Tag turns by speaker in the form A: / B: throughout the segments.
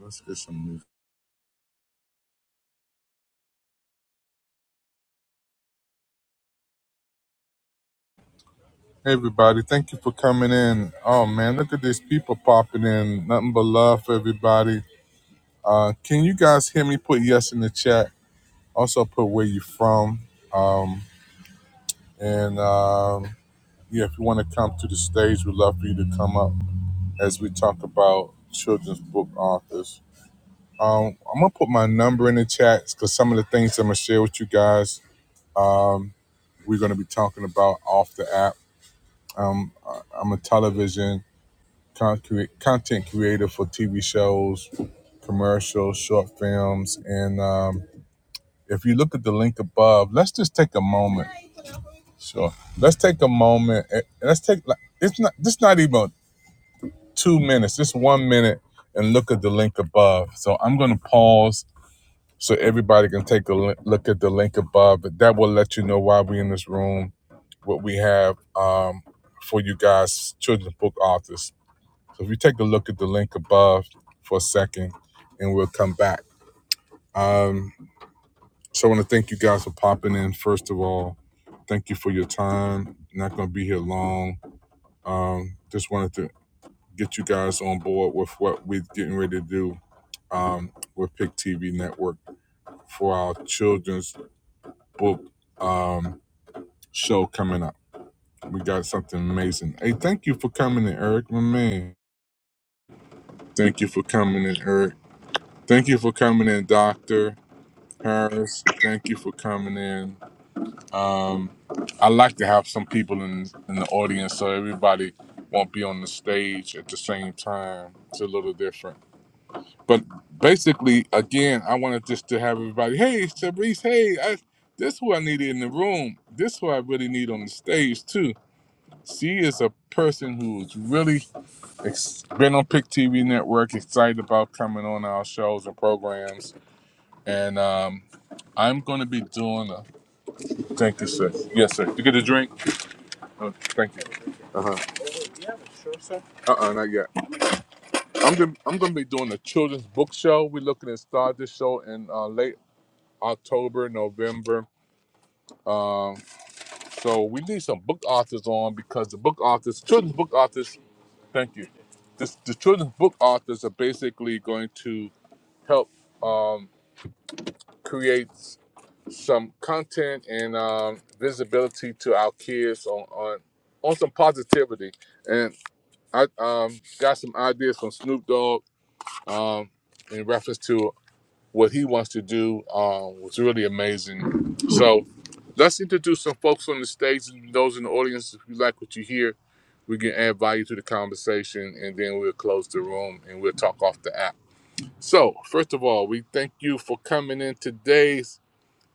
A: Let's get some music. Hey everybody, thank you for coming in. Oh man, look at these people popping in. Nothing but love for everybody. Uh, can you guys hear me? Put yes in the chat. Also put where you from. Um, and um, yeah, if you want to come to the stage, we'd love for you to come up as we talk about children's book authors. Um, I'm gonna put my number in the chat because some of the things I'm gonna share with you guys, um, we're gonna be talking about off the app. Um, I- I'm a television content content creator for TV shows, commercials, short films, and um, if you look at the link above, let's just take a moment. Sure, let's take a moment. And let's take like it's not this not even two minutes, just one minute, and look at the link above. So I'm gonna pause so everybody can take a li- look at the link above. But That will let you know why we are in this room, what we have um, for you guys, children's book authors. So if you take a look at the link above for a second, and we'll come back. Um, so I want to thank you guys for popping in. First of all, thank you for your time. Not going to be here long. Um, just wanted to get you guys on board with what we're getting ready to do um, with Pick TV Network for our children's book um, show coming up. We got something amazing. Hey, thank you for coming in, Eric, my man. Thank you for coming in, Eric. Thank you for coming in, Doctor. Paris, thank you for coming in. Um, I like to have some people in in the audience so everybody won't be on the stage at the same time. It's a little different. But basically, again, I wanted just to have everybody. Hey, Fabrice. Hey, I, this who I needed in the room. This who I really need on the stage too. She is a person who's really ex- been on Pick TV Network, excited about coming on our shows and programs, and um, I'm going to be doing. Thank you, sir. Yes, sir. You get a drink? Oh, thank you. Uh huh. Uh uh, not yet. I'm gonna I'm gonna be doing a children's book show. We're looking to start this show in uh, late October, November. Um, so we need some book authors on because the book authors, children's book authors. Thank you. This, the children's book authors are basically going to help um, create s- some content and um, visibility to our kids on, on on some positivity. and. I um, got some ideas from Snoop Dogg um, in reference to what he wants to do. Um, was really amazing. So let's introduce some folks on the stage and those in the audience. If you like what you hear, we can add value to the conversation, and then we'll close the room and we'll talk off the app. So first of all, we thank you for coming in today,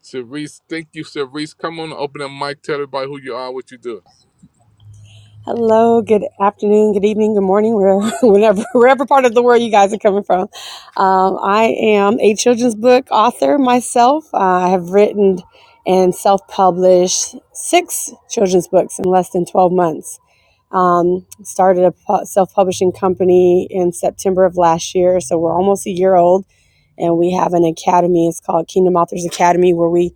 A: Cerise. Thank you, Cerise. Come on, open the mic. Tell everybody who you are, what you do.
B: Hello, good afternoon, good evening, good morning, where, whenever, wherever part of the world you guys are coming from. Um, I am a children's book author myself. Uh, I have written and self published six children's books in less than 12 months. Um, started a pu- self publishing company in September of last year, so we're almost a year old. And we have an academy, it's called Kingdom Authors Academy, where we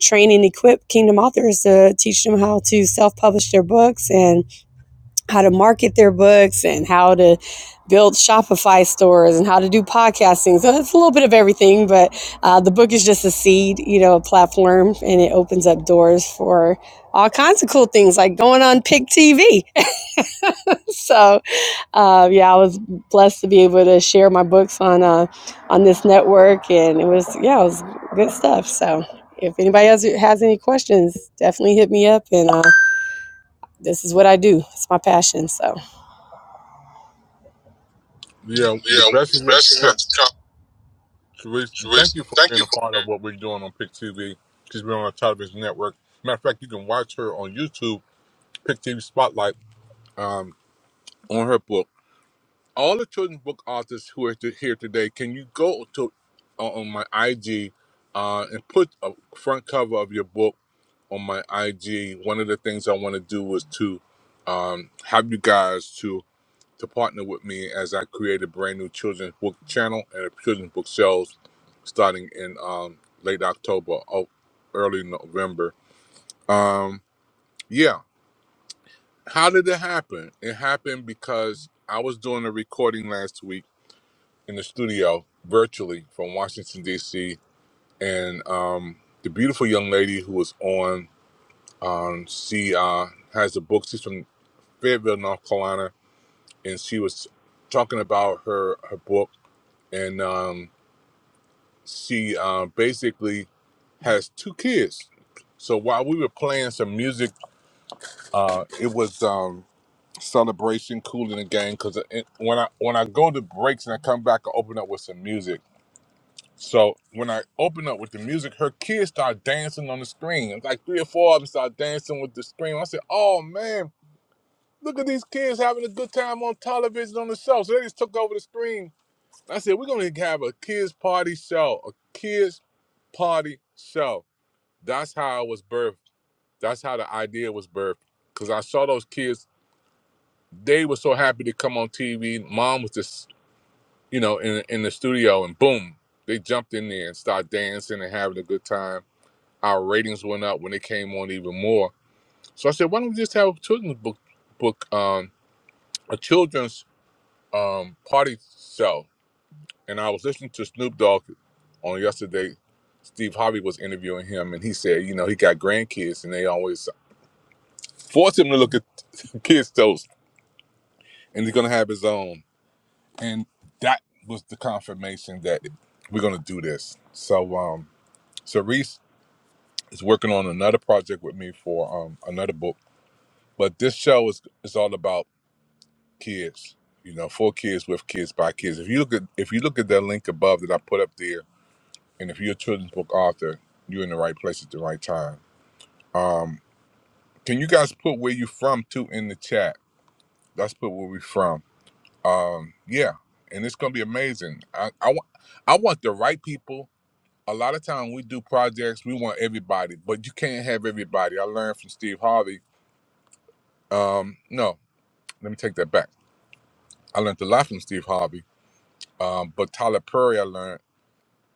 B: train and equip Kingdom authors to teach them how to self publish their books and how to market their books and how to build Shopify stores and how to do podcasting. So it's a little bit of everything, but uh, the book is just a seed, you know, a platform, and it opens up doors for all kinds of cool things like going on Pick TV. so uh, yeah, I was blessed to be able to share my books on uh, on this network, and it was yeah, it was good stuff. So if anybody else has any questions, definitely hit me up, and uh, this is what I do. It's my passion. So.
A: Yeah, the best is yet to come. Sharice, and thank you for being a part of what we're doing on Pick TV. She's been on our television network. Matter of fact, you can watch her on YouTube, Pick TV Spotlight, um, on her book. All the children's book authors who are to- here today, can you go to uh, on my IG uh, and put a front cover of your book on my IG? One of the things I want to do is to um, have you guys to to partner with me as I create a brand new children's book channel and a children's book sales starting in um, late October, or early November. Um, yeah. How did it happen? It happened because I was doing a recording last week in the studio virtually from Washington, D.C. And um, the beautiful young lady who was on, um, she uh, has a book. She's from Fayetteville, North Carolina. And she was talking about her, her book. And um, she um, basically has two kids. So while we were playing some music, uh, it was um, celebration, cool in the game. Because when I when I go to breaks and I come back, I open up with some music. So when I open up with the music, her kids start dancing on the screen. It's Like three or four of them start dancing with the screen. I said, "Oh man, look at these kids having a good time on television on the show." So they just took over the screen. I said, "We're gonna have a kids party show, a kids party show." That's how I was birthed. That's how the idea was birthed. Cause I saw those kids, they were so happy to come on TV. Mom was just, you know, in in the studio and boom, they jumped in there and started dancing and having a good time. Our ratings went up when they came on even more. So I said, why don't we just have a children's book book um a children's um party show? And I was listening to Snoop Dogg on yesterday. Steve Harvey was interviewing him and he said, you know, he got grandkids and they always force him to look at kids' toast, and he's gonna have his own. And that was the confirmation that we're gonna do this. So, um, so Reese is working on another project with me for um another book, but this show is is all about kids. You know, for kids, with kids, by kids. If you look at if you look at that link above that I put up there, and if you're a children's book author, you're in the right place at the right time. Um, can you guys put where you from too in the chat? Let's put where we from um yeah and it's gonna be amazing i i, wa- I want the right people a lot of time we do projects we want everybody but you can't have everybody i learned from steve harvey um no let me take that back i learned a lot from steve harvey um but tyler perry i learned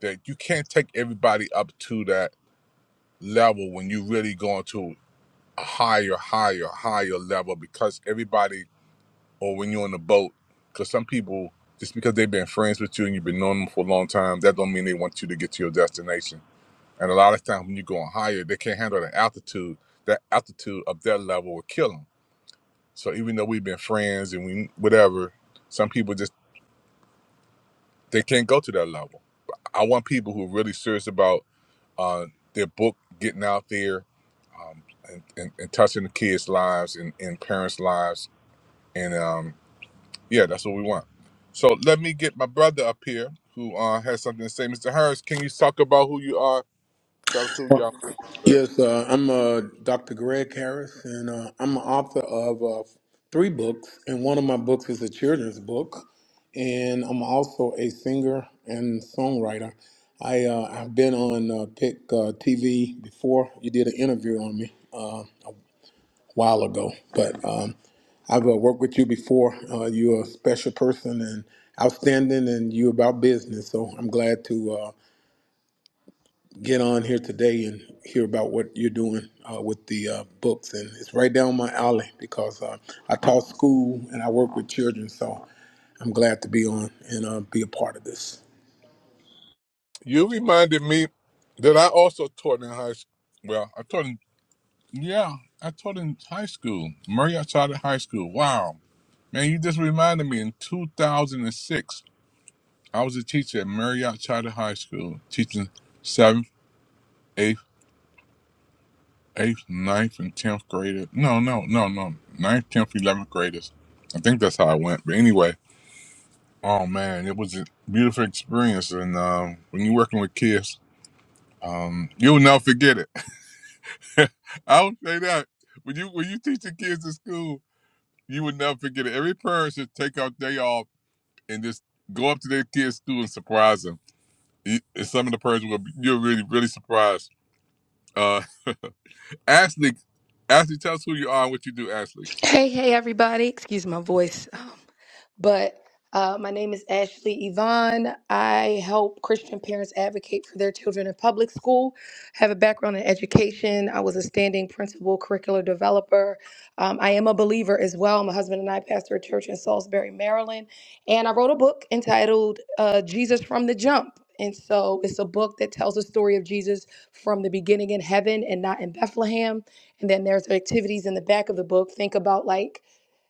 A: that you can't take everybody up to that level when you really going to a higher higher higher level because everybody or when you're on the boat because some people just because they've been friends with you and you've been knowing them for a long time that don't mean they want you to get to your destination and a lot of times when you're going higher they can't handle the altitude that altitude of their level will kill them so even though we've been friends and we whatever some people just they can't go to that level i want people who are really serious about uh, their book getting out there um, and, and, and touching the kids lives and, and parents lives and. um, Yeah, that's what we want. So let me get my brother up here who uh, has something to say. Mr. Harris, can you talk about who you are? Tell us who you are, sir.
C: Yes, uh, I'm uh, Dr. Greg Harris, and uh, I'm an author of uh, three books, and one of my books is a children's book, and I'm also a singer and songwriter. I uh, I've been on uh, Pick uh, TV before. You did an interview on me uh, a while ago, but um, I've uh, worked with you before. Uh, you're a special person and outstanding, and you're about business. So I'm glad to. Uh, get on here today and hear about what you're doing uh, with the uh, books. And it's right down my alley because uh, I taught school and I work with children, so I'm glad to be on and uh, be a part of this.
A: You reminded me that I also taught in high school. Well, I taught in, yeah, I taught in high school, Marriott Charter High School. Wow. Man, you just reminded me in 2006, I was a teacher at Marriott Charter High School, teaching 7th, 8th, eighth, ninth, and tenth graders. No, no, no, no. Ninth, tenth, eleventh graders. I think that's how I went. But anyway, oh man, it was a beautiful experience. And um, when you're working with kids, um, you'll never forget it. I would say that when you when you teach the kids in school, you would never forget it. Every parent should take out day off and just go up to their kids' school and surprise them. You- And some of the parents will be, you're really really surprised. Uh, Ashley, Ashley, tell us who you are and what you do, Ashley.
D: Hey, hey, everybody. Excuse my voice. Um, but uh, my name is Ashley Yvonne. I help Christian parents advocate for their children in public school. have a background in education. I was a standing principal, curricular developer. Um, I am a believer as well. My husband and I pastor a church in Salisbury, Maryland. And I wrote a book entitled uh, Jesus from the Jump. And so it's a book that tells the story of Jesus from the beginning in heaven and not in Bethlehem and then there's activities in the back of the book. Think about like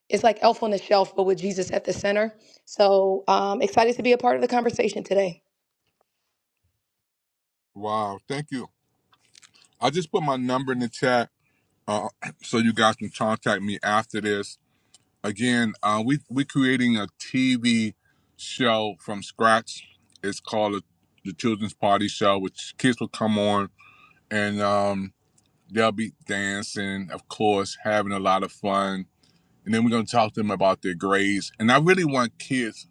D: it's like Elf on the Shelf, but with Jesus at the center. So um, excited to be a part of the conversation today.
A: Wow, thank you. I'll just put my number in the chat uh, so you guys can contact me after this. Again, uh, we we're creating a TV show from scratch. It's called the the Children's Party Show, which kids will come on and um, they'll be dancing, of course, having a lot of fun. And then we're going to talk to them about their grades. And I really want kids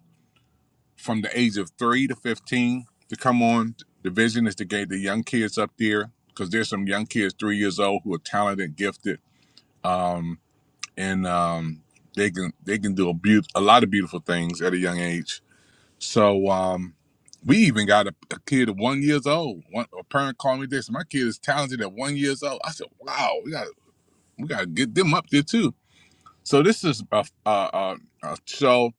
A: from the age of three to 15 to come on. The vision is to get the young kids up there because there's some young kids three years old who are talented, gifted um, and um, they can they can do a beau- a lot of beautiful things at a young age. So um, we even got a, a kid at one years old. One, a parent called me this. My kid is talented at one years old. I said, "Wow, we got we got to get them up there too." So this is a, a, a, a show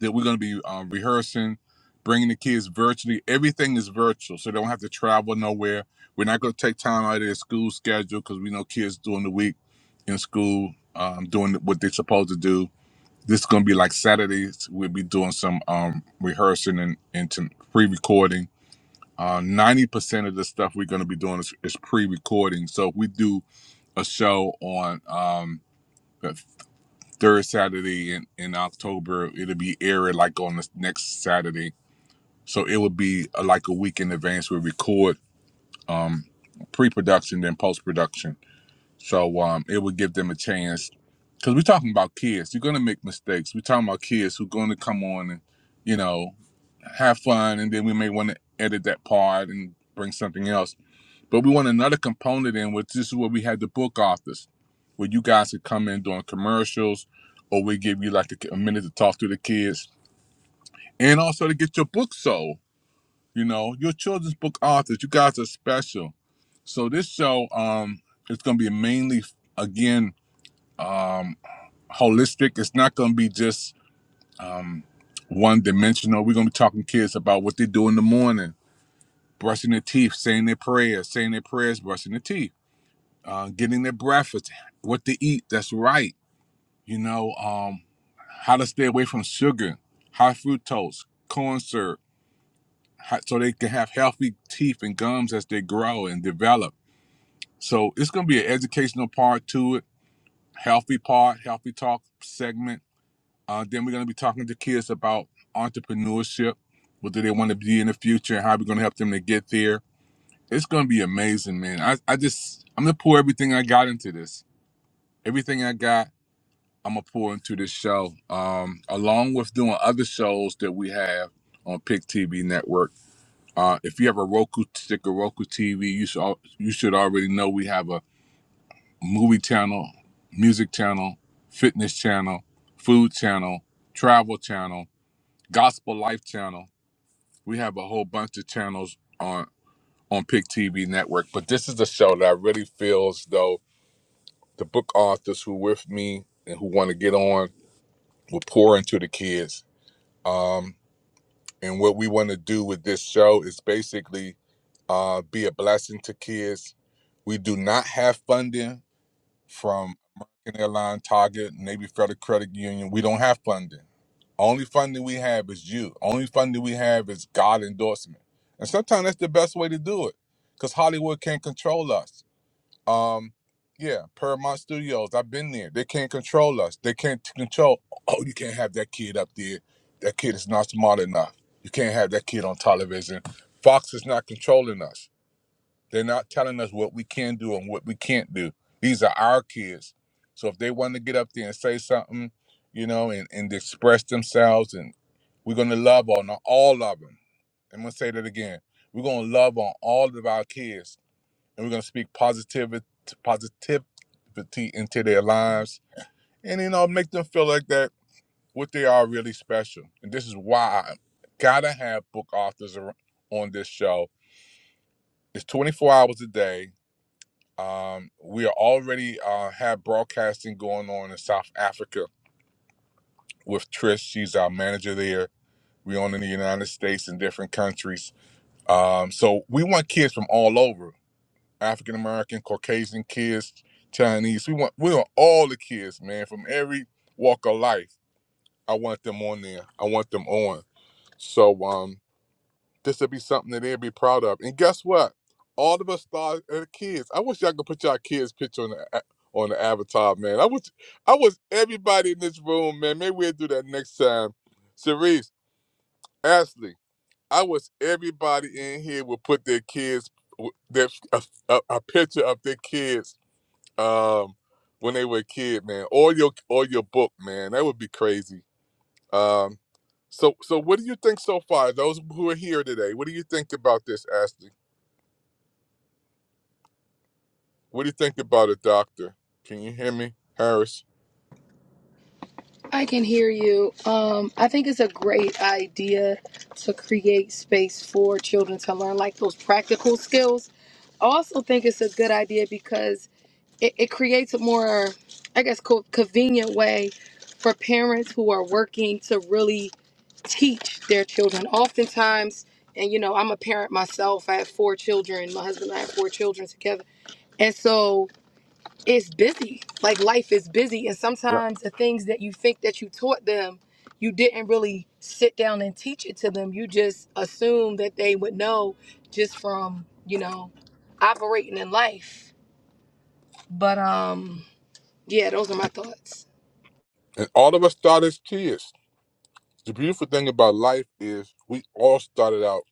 A: that we're going to be um, rehearsing, bringing the kids virtually. Everything is virtual, so they don't have to travel nowhere. We're not going to take time out of their school schedule because we know kids during the week in school um, doing what they're supposed to do. This is going to be like Saturdays. We'll be doing some um, rehearsing and, and some pre-recording. Uh, Ninety percent of the stuff we're going to be doing is, is pre-recording. So if we do a show on um, third Saturday in, in October. It'll be aired like on the next Saturday. So it would be uh, like a week in advance. We record um, pre production, then post production. So um, it would give them a chance because we're talking about kids. You're going to make mistakes. We're talking about kids who are going to come on and, you know, have fun. And then we may want to edit that part and bring something else. But we want another component in which this is where we had the book authors, where you guys could come in doing commercials, or we give you like a, a minute to talk to the kids, and also to get your book sold. You know, your children's book authors, you guys are special. So this show, um, it's gonna be mainly again um, holistic. It's not gonna be just um, one dimensional. We're gonna be talking to kids about what they do in the morning, brushing their teeth, saying their prayers, saying their prayers, brushing their teeth uh, getting their breakfast, what to eat that's right, you know, um, how to stay away from sugar, high fructose, corn syrup, how, so they can have healthy teeth and gums as they grow and develop. So it's going to be an educational part to it, healthy part, healthy talk segment. Uh, then we're going to be talking to kids about entrepreneurship, what do they want to be in the future, and how we're going to help them to get there. It's going to be amazing, man. I, I just, I'm going to pour everything I got into this. Everything I got I'm gonna pour into this show, um, along with doing other shows that we have on Pick TV Network. Uh, if you have a Roku stick or Roku TV, you should al- you should already know we have a movie channel, music channel, fitness channel, food channel, travel channel, gospel life channel. We have a whole bunch of channels on on Pick TV Network. But this is a show that I really feel as though the book authors who with me and who want to get on will pour into the kids Um, and what we want to do with this show is basically uh, be a blessing to kids. We do not have funding from American Airlines, Target, Navy Federal Credit Union. We don't have funding. Only funding we have is you. Only funding we have is God endorsement. And sometimes that's the best way to do it because Hollywood can't control us. Um, yeah, Paramount Studios. I've been there. They can't control us. They can't control. Oh, you can't have that kid up there. That kid is not smart enough. You can't have that kid on television. Fox is not controlling us. They're not telling us what we can do and what we can't do. These are our kids. So if they want to get up there and say something, you know, and, and express themselves, and we're gonna love on all of them. I'm gonna say that again. We're gonna love on all of our kids and we're gonna speak positivity positivity into their lives and you know make them feel like that what they are really special and this is why i gotta have book authors on this show it's 24 hours a day um, we are already uh, have broadcasting going on in south africa with trish she's our manager there we on in the united states and different countries um, so we want kids from all over African American, Caucasian kids, Chinese. We want we want all the kids, man, from every walk of life. I want them on there. I want them on. So um, this would be something that they'd be proud of. And guess what? All of us started at the kids. I wish y'all could put y'all kids' picture on the a- on the avatar, man. I wish I wish everybody in this room, man. Maybe we'll do that next time. Cerise, Ashley, I wish everybody in here would put their kids w- their a, a a picture of their kids um when they were a kid, man, or your or your book, man. That would be crazy. Um so so what do you think so far? Those who are here today, what do you think about this, Ashley? What do you think about a doctor? Can you hear me, Harris?
D: I can hear you. Um, I think it's a great idea to create space for children to learn like those practical skills. I also think it's a good idea because it, it creates a more i guess co- convenient way for parents who are working to really teach their children oftentimes and you know i'm a parent myself i have four children my husband and i have four children together and so it's busy like life is busy and
A: Yeah.
D: sometimes the things that you think that you taught them you didn't really sit down and teach it to them you just assume that they would know just from you know operating in life but um yeah, those are my thoughts.
A: And all of us start as kids. The beautiful thing about life is we all started out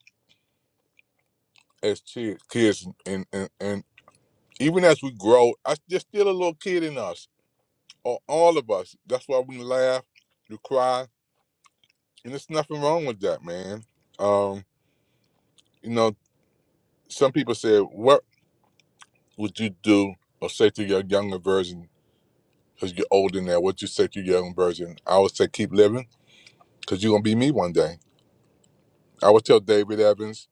A: as kids kids and and, and even as we grow, I, there's still a little kid in us, or all of us. That's why we laugh, you cry, and there's nothing wrong with that, man. Um, you know, some people say, "What would you do or say to your younger version?" Because you're older now, what you say to your young version? I would say, "Keep living," because you're gonna be me one day. I would tell David Evans,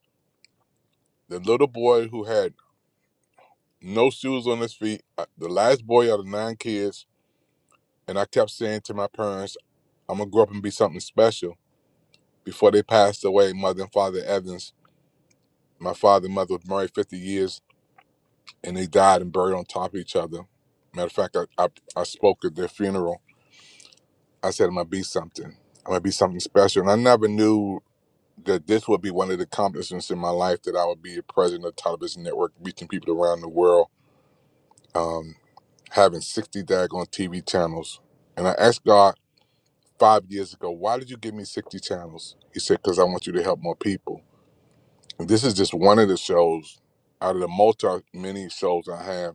A: the little boy who had no shoes on his feet, uh, the last boy out of nine kids, and I kept saying to my parents, "I'm gonna grow up and be something special." Before they passed away, mother and father Evans, my father and mother was married 50 years and they died and buried on top of each other. Matter of fact, I, I, I spoke at their funeral. I said, I'm going to be something. I'm going to be something special. And I never knew that this would be one of the accomplishments in my life that I would be the president of Television Network, reaching people around the world, um, having 60 daggone TV channels. And I asked God five years ago, why did you give me 60 channels? He said, because I want you to help more people. And this is just one of the shows out of the multi many shows I have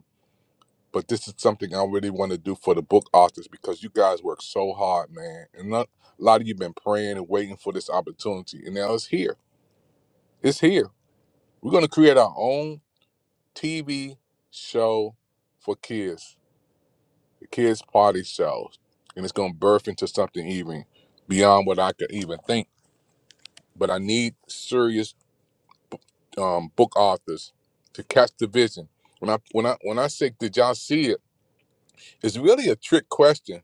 A: but this is something I really want to do for the book authors because you guys work so hard, man. And not, a lot of you been praying and waiting for this opportunity, and now it's here. It's here. We're gonna create our own TV show for kids, the kids' party shows, and it's gonna birth into something even beyond what I could even think. But I need serious um, book authors to catch the vision. When I when I when I say, did y'all see it? It's really a trick question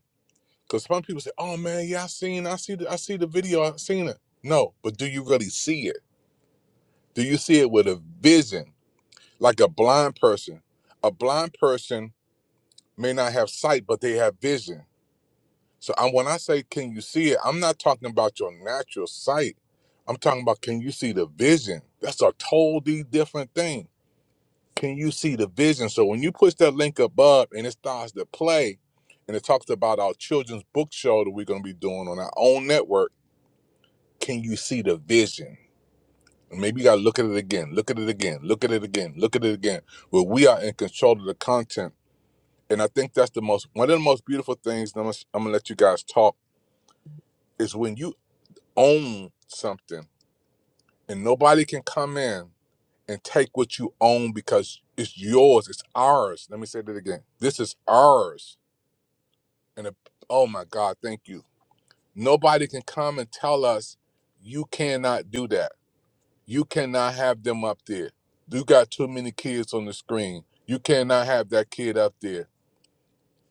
A: Because some people say, "Oh man, yeah, I seen, I see, the, I see the video, I seen it." No, but do you really see it? Do you see it with a vision, like a blind person? A blind person may not have sight, but they have vision. So I, when I say, "Can you see it?" I'm not talking about your natural sight. I'm talking about can you see the vision? That's a totally different thing. Can you see the vision? So when you push that link above and it starts to play, and it talks about our children's book show that we're going to be doing on our own network Can you see the vision? Maybe you gotta look at it again, look at it again, look at it again, look at it again. Where we are in control of the content. And I think that's the most one of the most beautiful things. and I'm gonna, I'm gonna let you guys talk is when you own something and nobody can come in and take what you own because it's yours, it's ours. Let me say that again. This is ours. And it- oh my God, thank you. Nobody can come and tell us you cannot do that You cannot have them up there. You got too many kids on the screen. You cannot have that kid up there.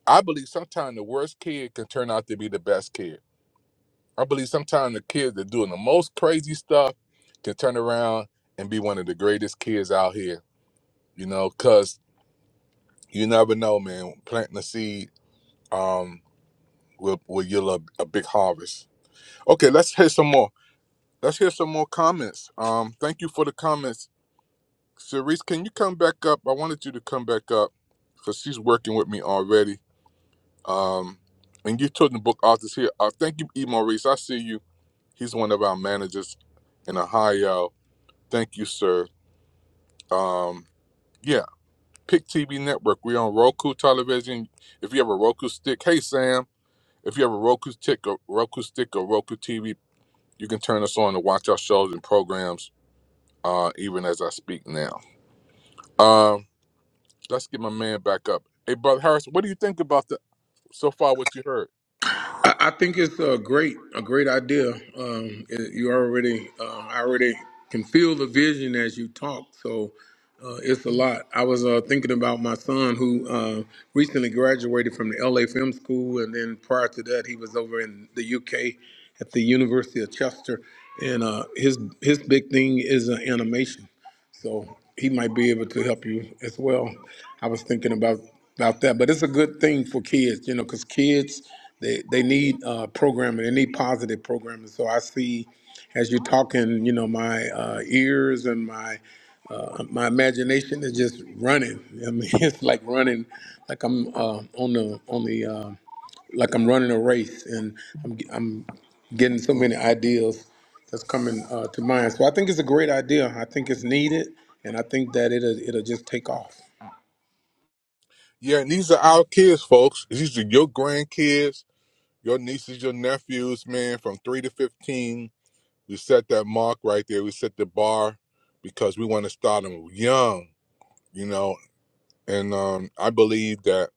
A: I believe sometimes the worst kid can turn out to be the best kid. I believe sometimes the kids that doing the most crazy stuff can turn around and be one of the greatest kids out here. You know, cause you never know, man. Planting a seed um will will yield a, a big harvest. Okay, let's hear some more. Let's hear some more comments. Um, thank you for the comments Cerise, can you come back up? I wanted you to come back up because she's working with me already. Um, and you told the book authors here. Uh, thank you, E. Maurice. I see you. He's one of our managers in Ohio. Thank you, sir. Um, yeah, Pick TV Network. We're on Roku television. If you have a Roku stick, hey Sam. If you have a Roku stick, or Roku stick or Roku TV, you can turn us on to watch our shows and programs. Uh, even as I speak now. Um. Let's get my man back up. Hey, brother Harrison, what do you think about the so far what you heard?
C: I, I think it's a great, a great idea. Um, it- you already, uh, I already can feel the vision as you talk. So uh, it's a lot. I was uh, thinking about my son who uh, recently graduated from the LA Film School, and then prior to that, he was over in the UK at the University of Chester, and uh, his his big thing is uh, animation. So he might be able to help you as well. I was thinking about about that, but it's a good thing for kids, you know, because kids. They they need uh, programming. They need positive programming. So I see, as you're talking, you know, my uh, ears and my uh, my imagination is just running. I mean, it's like running, like I'm uh, on the on the uh, like I'm running a race, and I'm I'm getting so many ideas that's coming uh, to mind. So I think it's a great idea. I think it's needed, and I think that it'll it'll just take off.
A: Yeah, and these are our kids, folks. These are your grandkids, your nieces, your nephews, man, from three to fifteen. We set that mark right there. We set the bar because we want to start them young, you know. And um, I believe that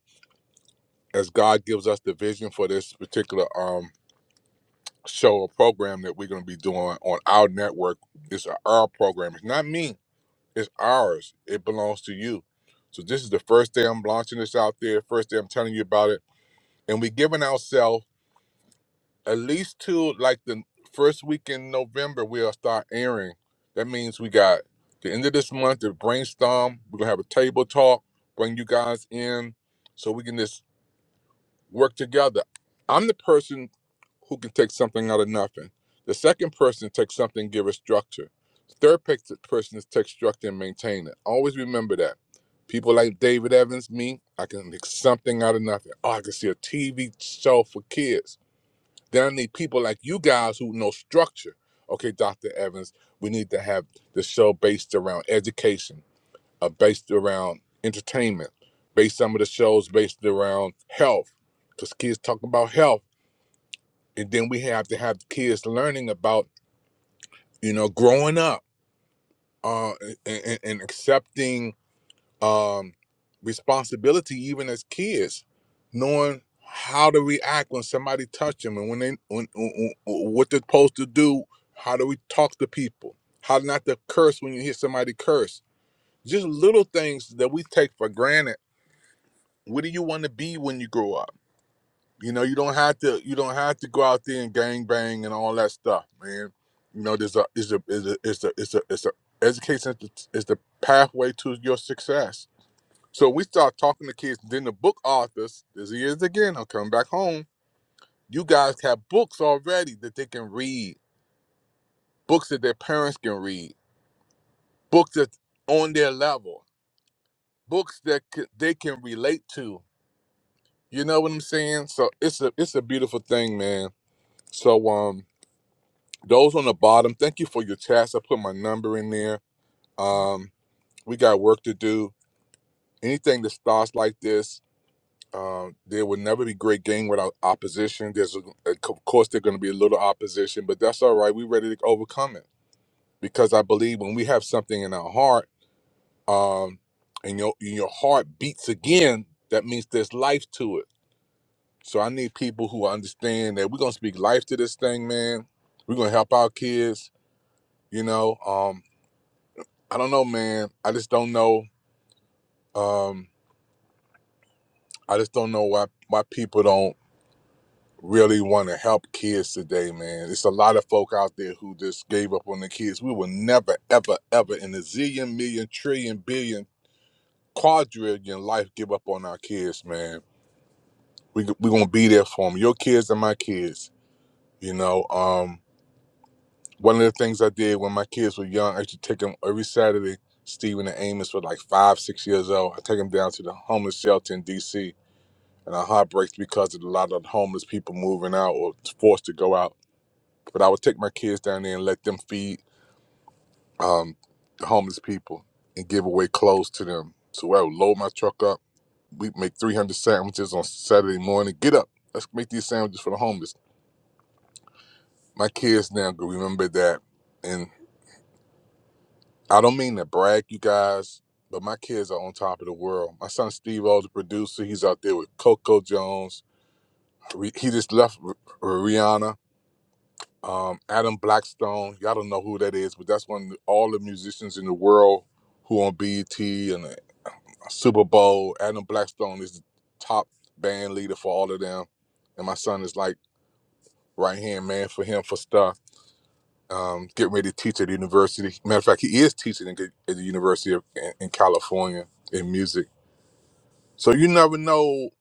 A: as God gives us the vision for this particular um show or program that we're going to be doing on our network, it's our program. It's not me. It's ours. It belongs to you. So this is the first day I'm launching this out there. First day I'm telling you about it. And we're giving ourselves at least till like the first week in November, we'll start airing. That means we got the end of this month to brainstorm. We're gonna have a table talk, bring you guys in so we can just work together. I'm the person who can take something out of nothing. The second person takes something, and give it structure. The third pe- person is take structure and maintain it. Always remember that. People like David Evans, me, I can make something out of nothing. Oh, I can see a TV show for kids. Then I need people like you guys who know structure. Okay, Dr. Evans, we need to have the show based around education, uh, based around entertainment, based some of the shows based around health, because kids talk about health and then we have to have kids learning about you know growing up uh and, and accepting um responsibility even as kids knowing how to react when somebody touch them and when they when, when what they're supposed to do how do we talk to people how not to curse when you hear somebody curse just little things that we take for granted what do you want to be when you grow up You know, you don't have to you don't have to go out there and gang bang and all that stuff, man. You know, there's a is a is a it's a it's a it's a education is the, is the pathway to your success. So we start talking to kids. Then the book authors, as he is again, I'm coming back home. You guys have books already that they can read, books that their parents can read, books that's on their level, books that c- they can relate to. You know what I'm saying? So it's a it's a beautiful thing, man. So um Those on the bottom, thank you for your chats. I put my number in there. Um, we got work to do. Anything that starts like this, um, there will never be great game without opposition. There's, a, of course, there's going to be a little opposition, but that's all right. We're ready to overcome it because I believe when we have something in our heart, um, and your and your heart beats again, that means there's life to it. So I need people who understand that we're gonna speak life to this thing, man. We're gonna help our kids. You know, um, I don't know, man. I just don't know. Um, I just don't know why why people don't really want to help kids today, man. It's a lot of folk out there who just gave up on the kids. We will never, ever, ever in a zillion, million, trillion, billion, quadrillion life give up on our kids, man. We we gonna be there for them. Your kids and my kids. You know, um, one of the things I did when my kids were young, I used to take them every Saturday. Stephen and Amos were like five, six years old. I take them down to the homeless shelter in D.C and our heart breaks because of a lot of the homeless people moving out or forced to go out. But I would take my kids down there and let them feed um, the homeless people and give away clothes to them. So I would load my truck up. We make 300 sandwiches on Saturday morning. Get up, let's make these sandwiches for the homeless. My kids now go remember that, and I don't mean to brag, you guys. But my kids are on top of the world. My son Steve O's the producer. He's out there with Coco Jones. He just left Rihanna. um, Adam Blackstone. Y'all don't know who that is, but that's one of the- all the musicians in the world who on BET and the Super Bowl. Adam Blackstone is the top band leader for all of them, and my son is like right hand man for him for stuff. Um, getting ready to teach at the university. Matter of fact, he is teaching in- at the University of in, in California in music. So you never know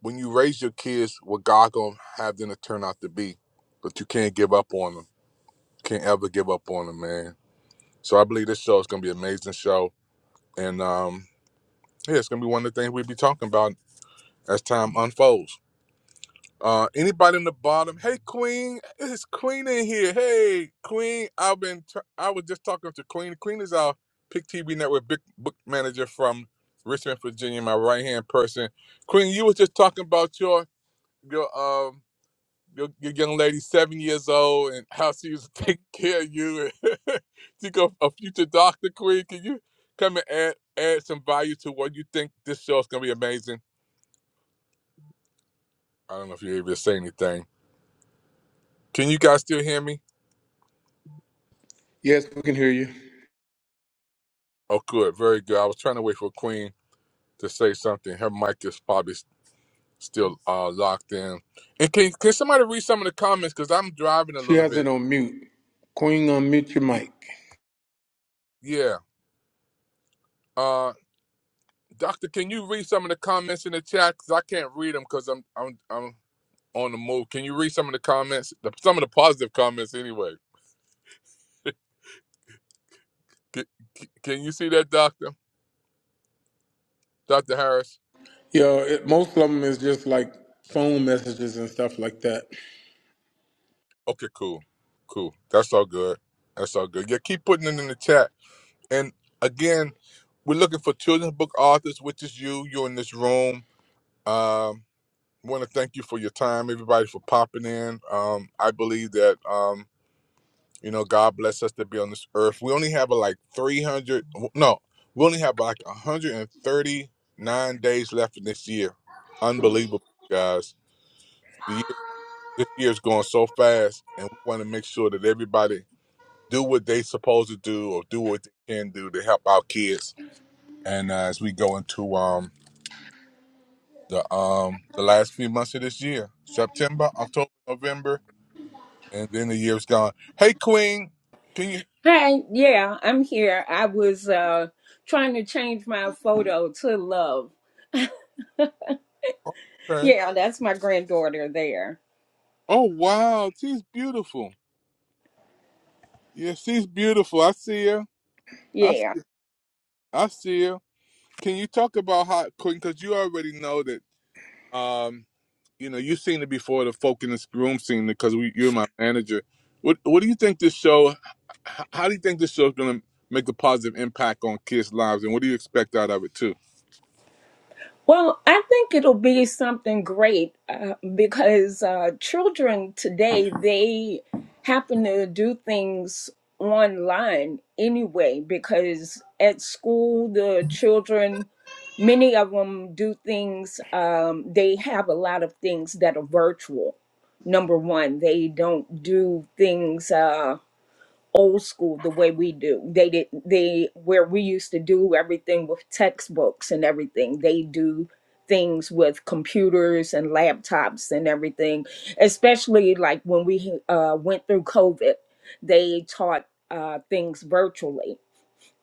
A: when you raise your kids what God gonna have them to turn out to be, but you can't give up on them. Can't ever give up on them, man So I believe this show is going to be an amazing show. And um, yeah, it's going to be one of the things we'll be talking about as time unfolds. Uh, anybody in the bottom? Hey, Queen, it's Queen in here. Hey, Queen, I've been, t- I was just talking to Queen. Queen is our Pick TV Network big book manager from Richmond, Virginia, my right hand person. Queen, you were just talking about your your um your, your young lady seven years old and how she was taking care of you and think of a future doctor queen can you come and add add some value to what you think this show is going to be amazing i don't know if you're able to say anything can you guys still hear me
C: Yes, we can hear you.
A: oh good very good i was trying to wait for queen to say something her mic is probably s- still uh, locked in and can, can somebody read some of the comments because i'm driving a
C: She
A: little
C: has
A: bit
C: it on mute. Queen, unmute your
A: Ye-
C: mic.
A: yeah uh doctor can you read some of the comments in the chat because i can't read them because i'm i'm i'm on the move. Can you read some of the comments? The, some of the positive comments, anyway. Can, can you see that, Doctor? Doctor Harris?
C: Yeah, it, most of them is just like phone messages and stuff like that.
A: Okay, cool, cool. That's all good. That's all good. Yeah, keep putting it in the chat. And again, we're looking for children's book authors, which is you. You're in this room. Um, want to thank you for your time, everybody, for popping in. Um, I believe that. um, You know, God bless us to be on this earth. We only have uh, like 300, no, we only have like 139 days left in this year. Unbelievable, guys. The year, this year is going so fast, and we want to make sure that everybody do what they supposed to do or do what they can do to help our kids. And uh, as we go into um the um the last few months of this year, September, October, November, and then the year's gone. Hey, Queen, can you?
E: Hi, yeah, I'm here. I was uh trying to change my photo to love.
A: oh, Okay.
E: Yeah, that's my granddaughter there.
A: Oh wow, she's beautiful. Yeah, she's beautiful. I see her. I
E: Yeah.
A: see, I see her. Can you talk about how Quinn? Because you already know that. Um, you know, you've seen it before. The folk in this room seen it because we, you're my manager. What What do you think this show? h- How do you think this show's going to make a positive impact on kids' lives, and what do you expect out of it too?
E: Well, I think it'll be something great uh, because uh, children today they happen to do things online anyway. Because at school, the children, many of them do things. Um, they have a lot of things that are virtual. Number one, they don't do things. Uh, old school the way we do they did they where we used to do everything with textbooks and everything they do things with computers and laptops and everything especially like when we uh, went through covid they taught uh, things virtually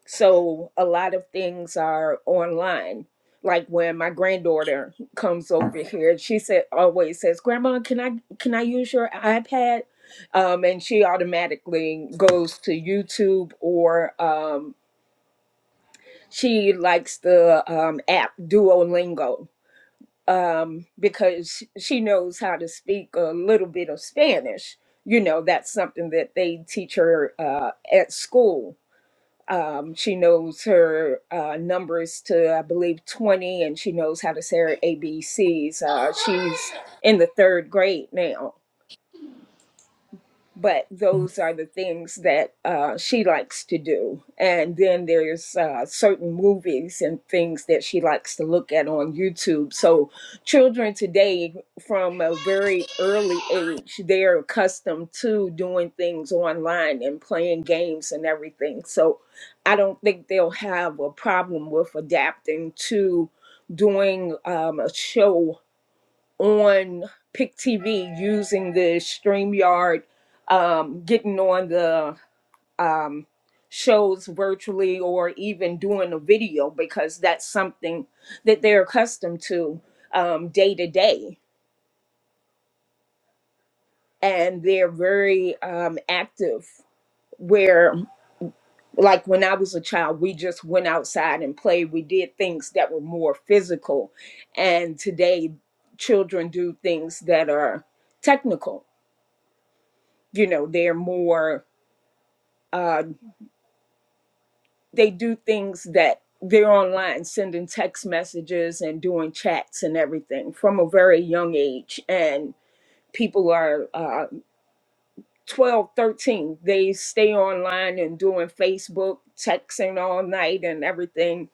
E: so a lot of things are online. Like when my granddaughter comes over here, she said always says, "Grandma, can I can I use your iPad?" Um, and she automatically goes to YouTube or um, she likes the um, app Duolingo um, because sh- she knows how to speak a little bit of Spanish. You know, that's something that they teach her uh, at school um, she knows her uh, numbers to, I believe, 20, and she knows how to say her ABCs. Uh, she's in the third grade now but those are the things that uh, she likes to do. And then there's uh, certain movies and things that she likes to look at on YouTube. So children today, from a very early age, they're accustomed to doing things online and playing games and everything. So I don't think they'll have a problem with adapting to doing um, a show on Pick TV using the StreamYard, um, getting on the um, shows virtually or even doing a video because that's something that they're accustomed to um, day to day. And they're very um, active. Where, like when I was a child, we just went outside and played. We did things that were more physical. And today, children do things that are technical you know they're more uh, they do things that they're online sending text messages and doing chats and everything from a very young age and people are uh, 12 13 they stay online and doing facebook texting all night and everything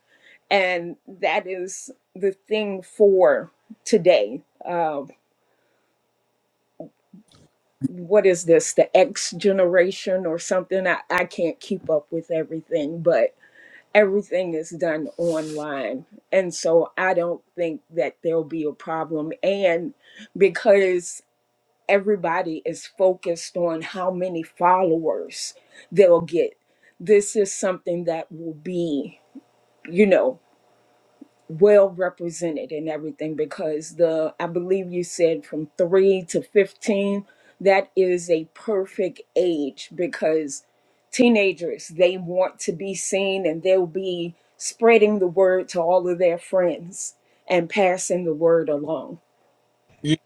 E: and that is the thing for today uh, what is this the x generation or something I, I can't keep up with everything but everything is done online. And so I don't think that there'll be a problem. And because everybody is focused on how many followers they'll get, this is something that will be, you know, well represented in everything because the I believe you said from 3 to 15 that is a perfect age because teenagers they want to be seen and they'll be spreading the word to all of their friends and passing the word along
A: Ye-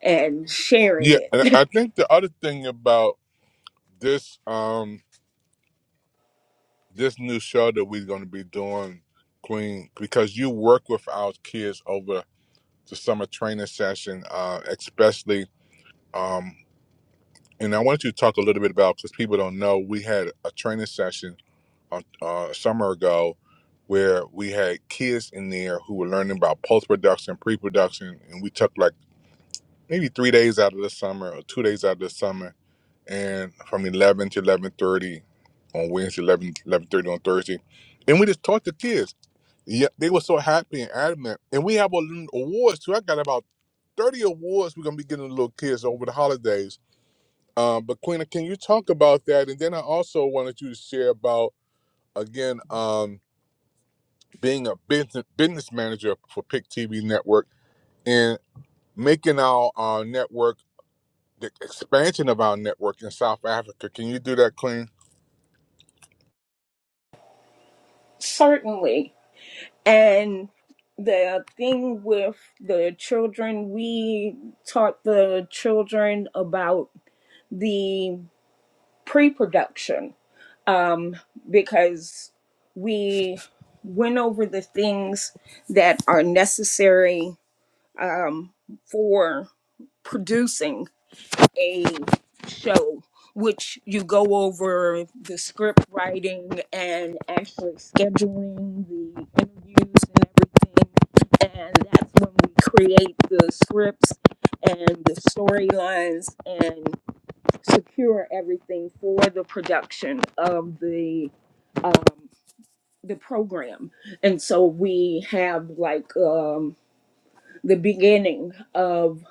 E: and sharing
A: Yeah, and I
E: it
A: think the other thing about this, um, this new show that we're going to be doing, Queen, because you work with our kids over the summer training session, uh, especially. Um, and I wanted you to talk a little bit about because people don't know we had a training session on uh, a summer ago where we had kids in there who were learning about post production, pre production, and we took like maybe three days out of the summer or two days out of the summer, and from eleven to eleven thirty on Wednesday, eleven eleven thirty on Thursday, and we just taught the kids Yeah, they were so happy and adamant. And we have a l- awards too. I got about 30 awards we're gonna be getting to little kids over the holidays. Um, but Queena, can you talk about that? And then I also wanted you to share about again um being a business business manager for Pick TV Network and making our, our network the expansion of our network in South Africa. Can you do that, Queen?
E: certainly and the thing with the children we taught the children about the. pre-production um, because we went over the things that are necessary um, for producing a show which you go over the script writing and actually scheduling the interviews and everything and that's when we create the scripts and the storylines and secure everything for the production of the um, the program, and so we have like um, the beginning of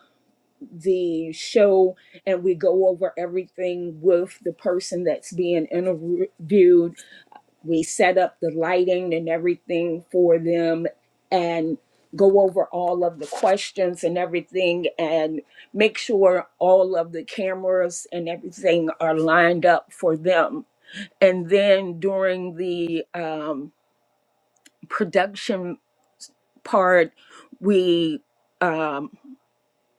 E: the show, and we go over everything with the person that's being interviewed we set up the lighting and everything for them and go over all of the questions and everything and make sure all of the cameras and everything are lined up for them and then during the um, production part we um,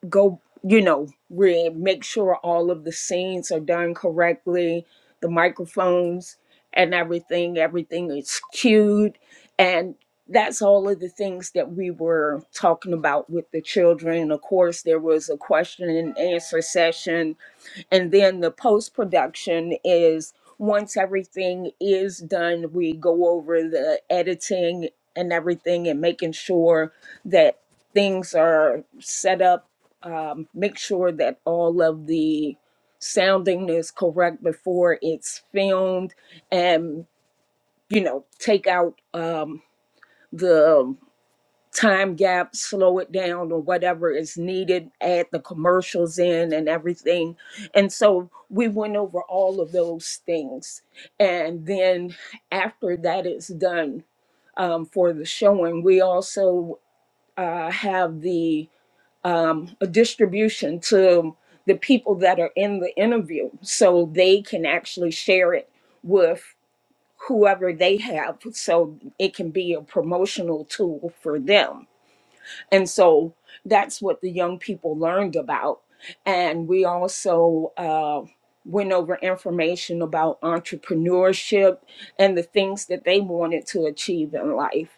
E: go you know re- make sure all of the scenes are done correctly the microphones and everything everything is cued and that's all of the things that we were talking about with the children of course there was a question and answer session and then the post production is once everything is done we go over the editing and everything and making sure that things are set up um, make sure that all of the sounding is correct before it's filmed and you know take out um, the time gap, slow it down or whatever is needed, add the commercials in and everything. And so we went over all of those things. And then after that is done um, for the showing, we also uh, have the um, a distribution to the people that are in the interview so they can actually share it with whoever they have so it can be a promotional tool for them and so that's what the young people learned about. And we also uh, went over information about entrepreneurship and the things that they wanted to achieve in life.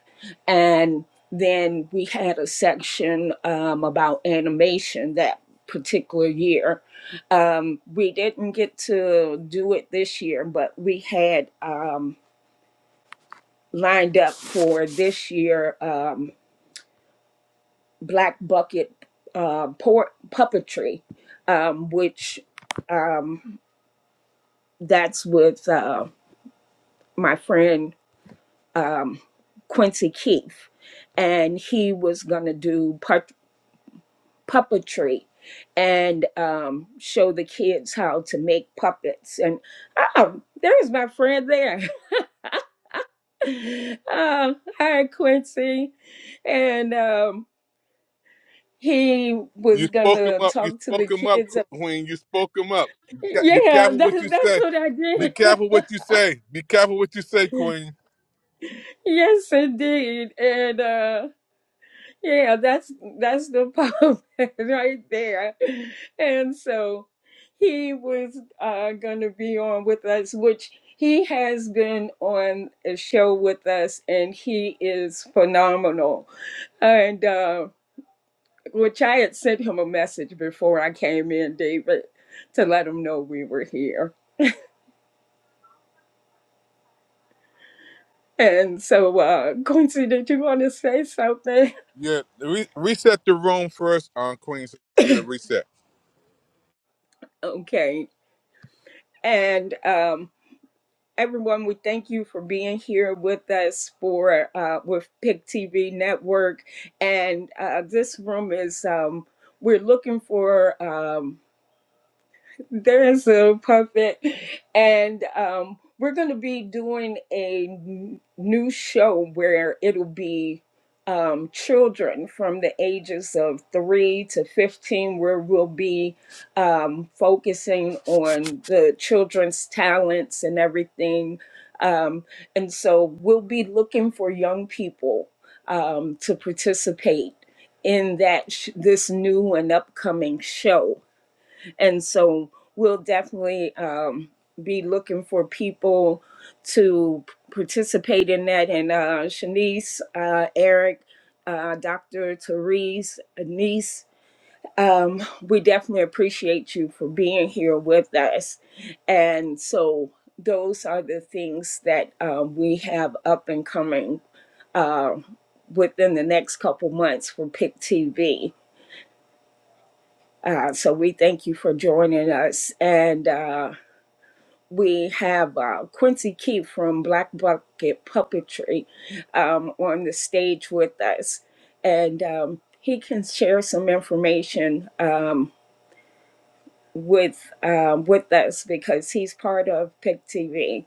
E: And then we had a section um, about animation that particular year. Um, we didn't get to do it this year, but we had um, lined up for this year. Um, black bucket uh, por- puppetry, um, which um, that's with uh, my friend Quincy Keith, and he was gonna do pu- puppetry and um, show the kids how to make puppets. And oh, there's my friend there. um, hi, Quincy, and. Um, he was
A: You spoke him
E: gonna
A: up. You
E: talk to the
A: spoke him up,
E: kids.
A: Queen. You spoke him up. Be ca- be
E: Yeah,
A: careful what
E: that,
A: you
E: that's
A: say.
E: what I
A: Be
E: did.
A: careful what you say. Be careful what you say, Queen.
E: Yes, indeed. And uh yeah, that's that's the poem right there. And so he was uh gonna be on with us, which he has been on a show with us and he is phenomenal. And uh which I had sent him a message before I came in, David, to let him know we were here. And so uh Quincy, did you want to say something?
A: Yeah, re- reset the room first, on Queen. So you to reset.
E: Okay. And um Everyone, we thank you for being here with us for uh, with Pick TV Network, and uh, this room is um, we're looking for. Um, there is a puppet, and um, we're going to be doing a n- new show where it'll be um, children from the ages of three to fifteen, where we'll be um, focusing on the children's talents and everything. Um, and so we'll be looking for young people um, to participate in that sh- this new and upcoming show and so we'll definitely um, be looking for people to participate in that. And uh, Shanice, uh, Eric, uh, Dr. Therese, Anise, um, we definitely appreciate you for being here with us. And so those are the things that um, we have up and coming uh, within the next couple months for PIC TV. Uh, so we thank you for joining us. And uh, we have uh, Quincy Keith from Black Bucket Puppetry um, on the stage with us, and um, he can share some information um, with um, with us because he's part of Pick TV.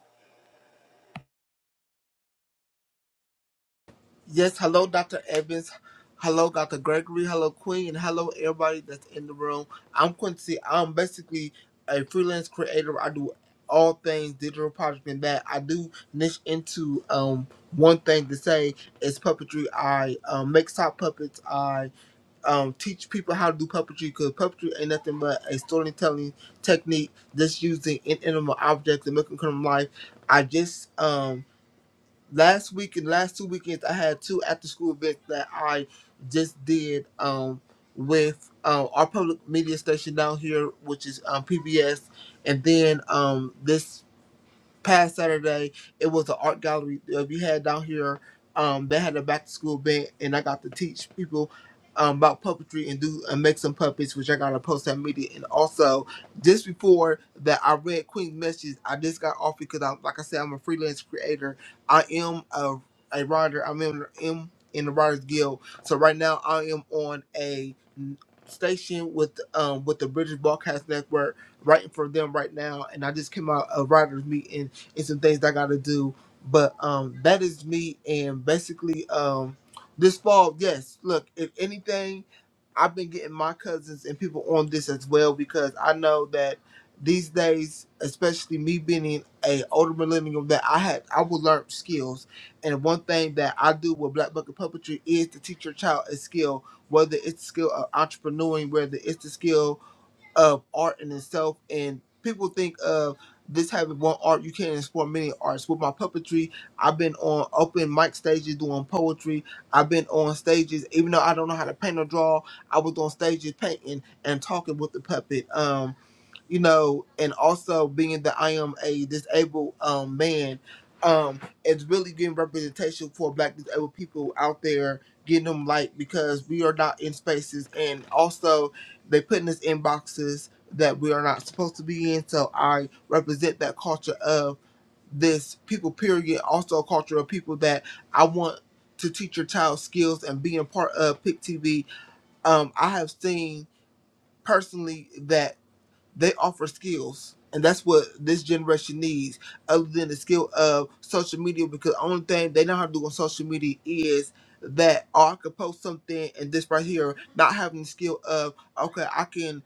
F: Yes, hello, Dr. Evans. Hello, Dr. Gregory. Hello, Queen. And hello, everybody that's in the room. I'm Quincy. I'm basically a freelance creator. I do all things digital project and that. I do niche into um one thing to say is puppetry. I um, make sock puppets. I um, teach people how to do puppetry because puppetry ain't nothing but a storytelling technique just using inanimate objects and making them come to life. I just um, last weekend, last two weekends, I had two after school events that I just did um, with uh, our public media station down here, which is um, PBS, and then um, this past Saturday, it was an art gallery that we had down here. Um, they had a back to school event, and I got to teach people um, about puppetry and do and make some puppets, which I got to post on media. And also, just before that, I read Queen's message. I just got off because i like I said, I'm a freelance creator. I am a a writer. I'm in, am in the Writers Guild. So right now, I am on a station with um with the British Broadcast Network writing for them right now, and I just came out a writers meeting and some things that I gotta do. But um, that is me, and basically, um, this fall, yes. Look, if anything, I've been getting my cousins and people on this as well because I know that these days, especially me being a older millennial, that I had I will learn skills. And one thing that I do with Black Bucket Puppetry is to teach your child a skill, whether it's the skill of entrepreneuring, whether it's the skill of art in itself and people think of this having one art you can't explore many arts with my puppetry i've been on open mic stages doing poetry i've been on stages even though i don't know how to paint or draw i was on stages painting and talking with the puppet Um, you know, and also being that I am a disabled um, man, um, it's really getting representation for Black disabled people out there, getting them light because we are not in spaces, and also they putting us in boxes that we are not supposed to be in. So I represent that culture of this people period, also a culture of people that I want to teach your child skills and being part of PIC TV. Um, I have seen personally that they offer skills and that's what this generation needs other than the skill of social media because the only thing they know how to do on social media is that oh, i could post something and this right here not having the skill of okay i can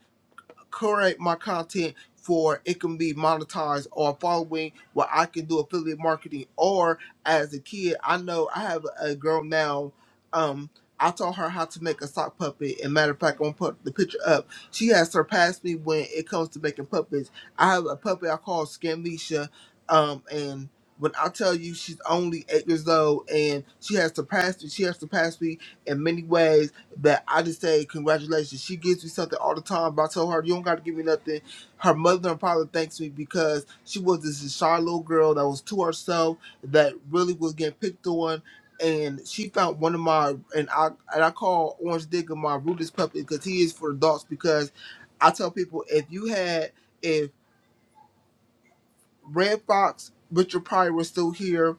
F: curate my content for it can be monetized or following where I can do affiliate marketing or as a kid I know I have a girl now um I taught her how to make a sock puppet and matter of fact I'm gonna put the picture up. She has surpassed me when it comes to making puppets. I have a puppet I call Scamlisha um and when I tell you she's only eight years old and she has surpassed me, she has surpassed me in many ways but I just say congratulations. She gives me something all the time. But I told her you don't got to give me nothing. Her mother probably thanks me because she was this shy little girl that was to herself that really was getting picked on. And she found one of my and I and I call Orange Digger my rudest puppy because he is for adults. Because I tell people if you had if Red Fox Richard Pryor was still here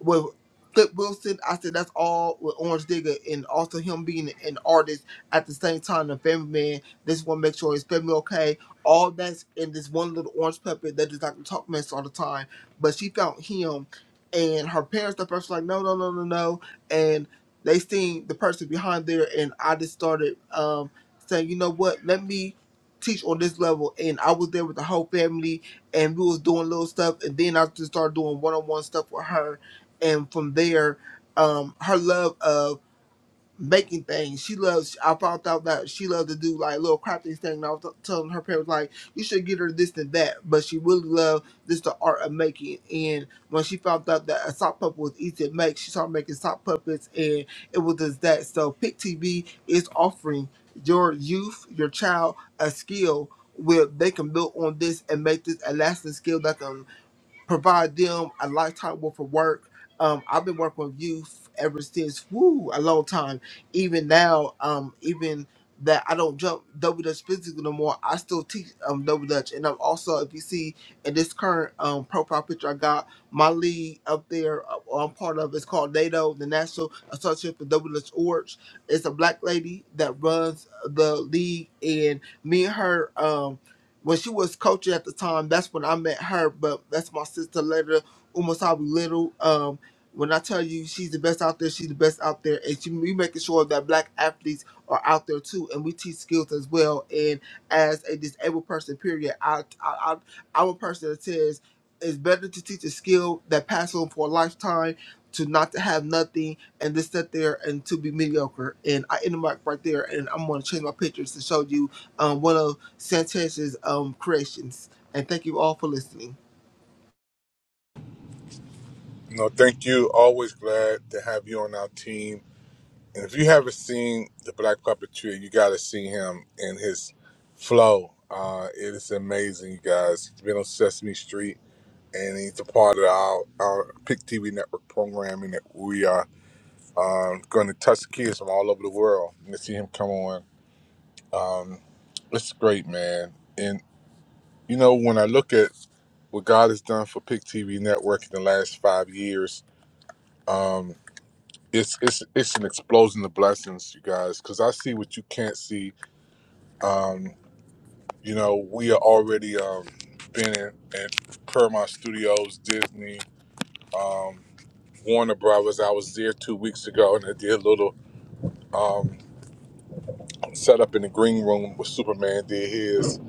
F: with Flip Wilson, I said that's all with Orange Digger and also him being an artist at the same time, a family man. This one make sure his family okay. All that's in this one little orange puppet that just like to talk mess all the time. But she found him and her parents the first were like, No, no, no, no, no and they seen the person behind there and I just started um saying, you know what, let me teach on this level and I was there with the whole family and we was doing little stuff and then I just started doing one on one stuff with her and from there, um, her love of making things. She loves. I found out that she loved to do like little crafting thing. And I was t- telling her parents like, you should get her this and that, but she really loved this the art of making. And when she found out that a sock puppet was easy to make, she started making sock puppets, and it was just that. So Pick TV is offering your youth, your child, a skill. Where they can build on this and make this a lasting skill that can provide them a lifetime worth of work. Um, I've been working with youth ever since woo a long time. Even now, um, even that I don't jump double dutch physical no more. I still teach um double dutch, and I'm also if you see in this current um profile picture I got my league up there. uh, I'm part of it's called NATO, the National Association for Double Dutch Orgs. It's a black lady that runs the league, and me and her. Um, when she was coaching at the time, that's when I met her. But that's my sister later, Umasabi Little. Um, when I tell you she's the best out there, she's the best out there, and she, we making sure that black athletes are out there too, and we teach skills as well. And as a disabled person, period, I, I, I, I'm a person that says it's better to teach a skill that passes on for a lifetime to not to have nothing and to sit there and to be mediocre. And I end the mic right there, and I'm going to change my pictures to show you um, one of Sanchez's um, creations. And thank you all for listening.
A: No, thank you. Always glad to have you on our team. And if you haven't seen the Black Puppeteer, you got to see him and his flow. Uh, it is amazing, you guys. He's been on Sesame Street, and he's a part of our, our Pick TV network programming that we are Um, going to touch kids from all over the world and to see him come on. Um, it's great, man. And you know, when I look at what God has done for Pick TV Network in the last five years, um, it's it's it's an explosion of blessings, you guys. Because I see what you can't see. Um, you know, we are already um, been in, in Paramount Studios, Disney, um, Warner Brothers. I was there two weeks ago and I did a little. Um, set up in the green room where Superman did his.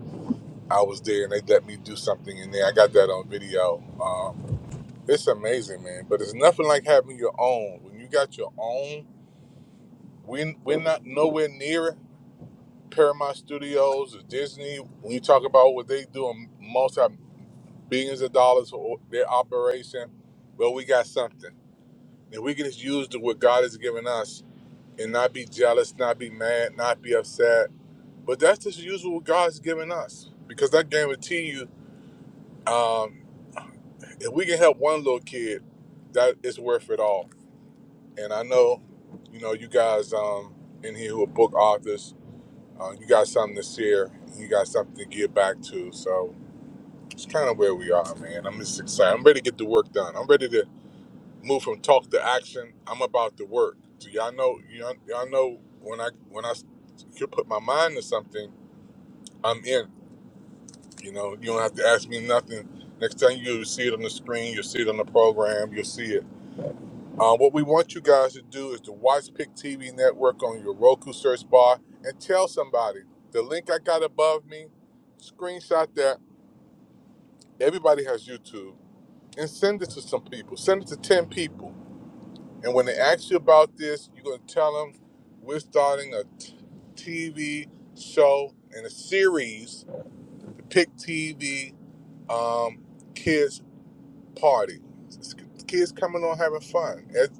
A: I was there and they let me do something in there. I got that on video. Um, it's amazing, man. But it's nothing like having your own. When you got your own, we, we're not nowhere near Paramount Studios or Disney. When you talk about what they do in multi billions of dollars for their operation, well, we got something. If we can just use the, what God has given us and not be jealous, not be mad, not be upset, But that's just usually what God's given us because I guarantee you, um, if we can help one little kid, that is worth it all. And I know, you know, you guys um, in here who are book authors, uh, you got something to share, and you got something to give back to. So it's kind of where we are, man. I'm just excited. I'm ready to get the work done. I'm ready to move from talk to action. I'm about the work. So y'all know, y'all, y'all know when I when I can put my mind to something, I'm in. You know, you don't have to ask me nothing. Next time you see it on the screen, you'll see it on the program, you'll see it. Uh, what we want you guys to do is to watch Pick TV Network on your Roku search bar and tell somebody the link I got above me, screenshot that. Everybody has YouTube and send it to some people. Send it to 10 people. And when they ask you about this, you're going to tell them we're starting a t- TV show and a series, the Pick TV um, Kids party. Kids coming on having fun, Ed-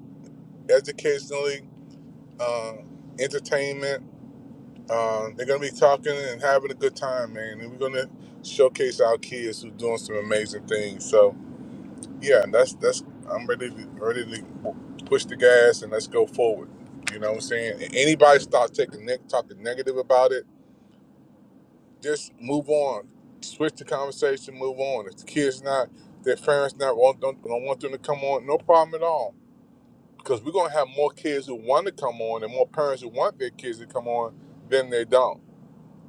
A: educationally, uh, entertainment. Uh, they're gonna be talking and having a good time, man. And we're gonna showcase our kids who doing some amazing things. So yeah, that's that's. I'm ready to ready to push the gas and let's go forward. You know what I'm saying? And anybody start taking ne- talking negative about it, just move on. Switch the conversation, move on. If the kids not, their parents not want don't, don't want them to come on, no problem at all because we're gonna have more kids who want to come on and more parents who want their kids to come on than they don't.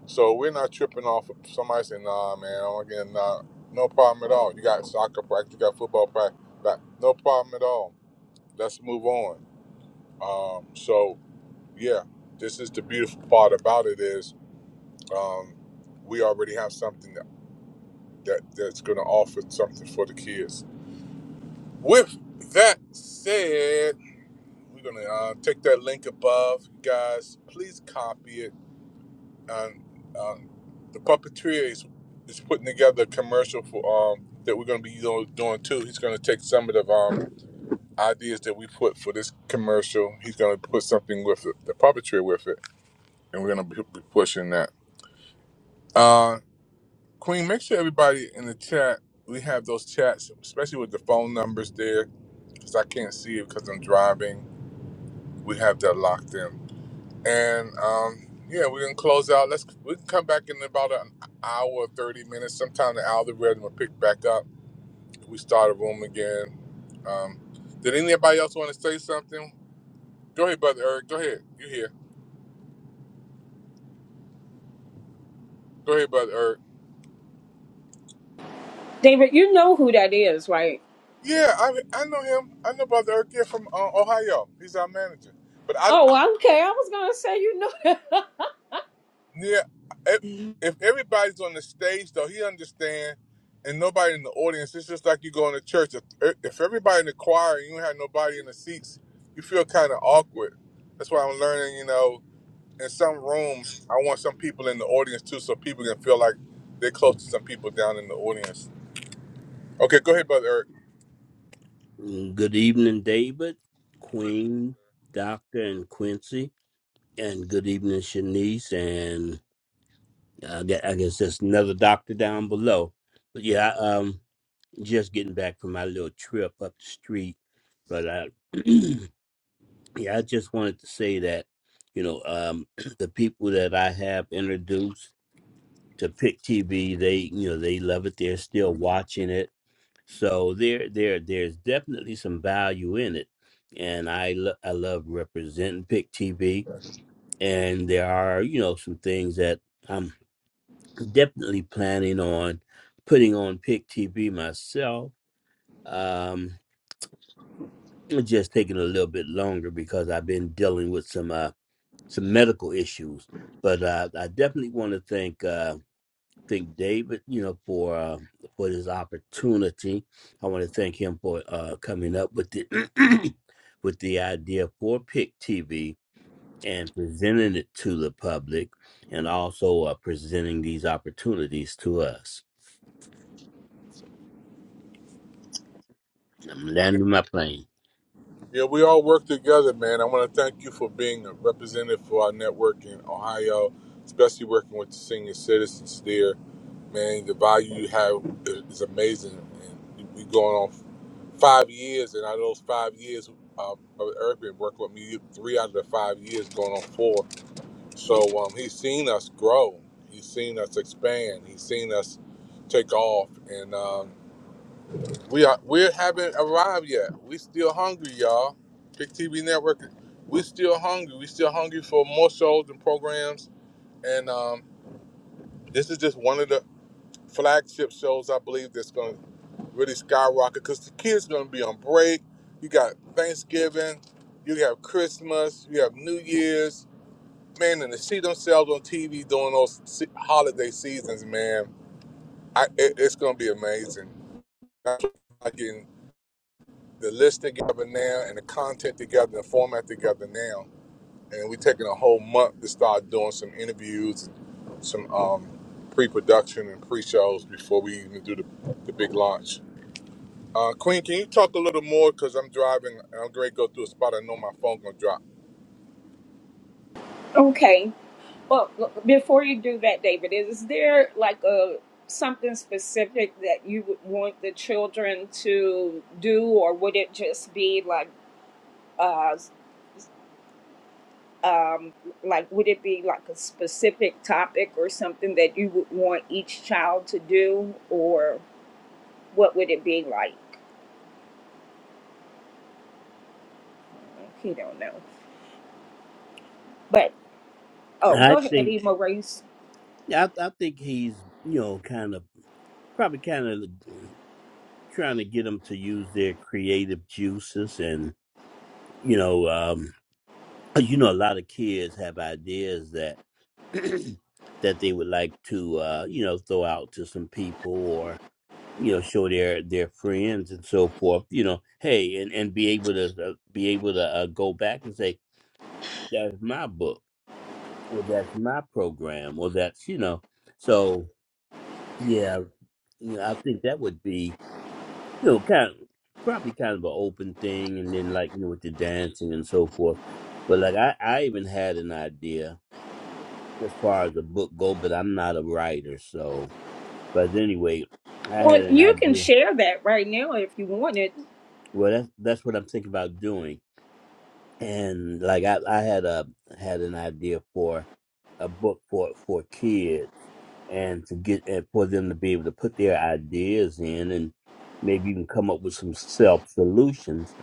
A: So we're not tripping off of somebody saying, "Nah, man, I'm again, nah, no problem at all. You got soccer practice, you got football practice, but no problem at all. Let's move on." Um, so yeah, this is the beautiful part about it is um, we already have something that, that that's gonna offer something for the kids. With that said, We're going to uh, take that link above. Guys, please copy it. And um, the puppeteer is, is putting together a commercial for um, that we're going to be doing too. He's going to take some of the um, ideas that we put for this commercial. He's going to put something with it, the puppeteer with it, and we're going to be, be pushing that. Uh, Queen, make sure everybody in the chat, we have those chats, especially with the phone numbers there, because I can't see it because I'm driving. We have that locked in. And um, yeah, we're gonna close out. Let's we can come back in about an hour or thirty minutes. Sometime the algorithm will pick back up. We start a room again. Um, did anybody else want to say something? Go ahead, brother Eric. Go ahead. You here? Go ahead, brother Eric.
E: David, you know who that is, right?
A: Yeah, I I know him. I know brother Eric here from uh, Ohio. He's our manager. But I
E: Oh, okay. I was gonna say you know.
A: Yeah, if, if everybody's on the stage, though, he understand, and nobody in the audience. It's just like you going to church. If, if everybody in the choir and you don't have nobody in the seats, you feel kind of awkward. That's why I'm learning. You know, in some rooms, I want some people in the audience too, so people can feel like they're close to some people down in the audience. Okay, go ahead, brother Eric.
G: Mm, Good evening, David, Queen, Doctor, and Quincy. And good evening, Shanice. And I guess, I guess there's another doctor down below. But yeah, I, um, just getting back from my little trip up the street. But I, yeah, I just wanted to say that, you know, um, the people that I have introduced to Pick TV, they, you know, they love it. They're still watching it So there, there, there's definitely some value in it, and I lo- I love representing Pick TV, and there are you know some things that I'm definitely planning on putting on Pick TV myself. Um, it's just taking a little bit longer because I've been dealing with some uh some medical issues, but uh, I definitely want to thank. Uh, thank David, you know, for uh, for this opportunity. I want to thank him for uh, coming up with the with the idea for Pick TV and presenting it to the public, and also uh, presenting these opportunities to us. I'm landing my plane.
A: Yeah, we all work together, man. I want to thank you for being a representative for our network in Ohio, especially working with the senior citizens there. Man, the value you have is amazing. And we going on five years, and out of those five years, uh, Brother Eric been working with me three out of the five years, going on four. So um, he's seen us grow. He's seen us expand. He's seen us take off, and um, we are we haven't arrived yet. We still hungry, y'all. Big TV Network. We still hungry. We still hungry for more shows and programs, and um, this is just one of the flagship shows I believe that's going to really skyrocket because the kids gonna be on break. You got Thanksgiving, you have Christmas, you have New Year's. Man, and to see themselves on TV during those se- holiday seasons, man, I, it, it's gonna be amazing. That's why I'm getting the list together now and the content together, the format together now, and we're taking a whole month to start doing some interviews, some um, pre-production and pre-shows before we even do the, the big launch. Uh, Queen, can you talk a little more? Because I'm driving and I'm going to go through a spot I know my phone going to drop.
E: Okay. Well, look, before you do that, David, is there like a something specific that you would want the children to do, or would it just be like, uh, um, like would it be like a specific topic or something that you would want each child to do, or what would it be like? You don't know, but oh, go
G: I
E: ahead,
G: think
E: Ema Race.
G: yeah, I, I think he's you know kind of probably kind of trying to get them to use their creative juices and you know um, Uh, you know a lot of kids have ideas that that they would like to uh you know throw out to some people or you know show their their friends and so forth you know hey and and be able to uh, be able to uh, go back and say that's my book or that's my program or that's you know so yeah you know i think that would be you know kind of probably kind of an open thing and then like you know with the dancing and so forth but like i i even had an idea as far as a book go, but I'm not a writer, so. But anyway, I had
E: Well,
G: an
E: you can
G: idea.
E: share that right now if you wanted.
G: Well, that's that's what I'm thinking about doing. and like I, I had a had an idea for a book for for kids and to get and for them to be able to put their ideas in and maybe even come up with some self solutions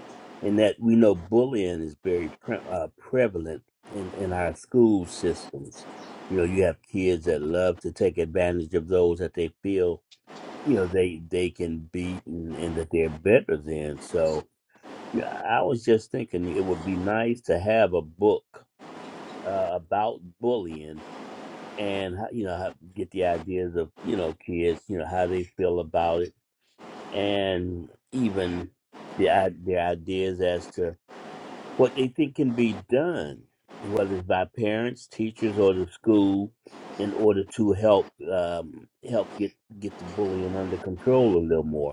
G: and that we know bullying is very pre- uh, prevalent in in our school systems you know you have kids that love to take advantage of those that they feel you know they they can beat and, and that they're better than so yeah, I was just thinking it would be nice to have a book uh, about bullying and how, you know how, get the ideas of you know kids, you know how they feel about it, and even the i- the ideas as to what they think can be done, whether it's by parents, teachers, or the school, in order to help um, help get get the bullying under control a little more.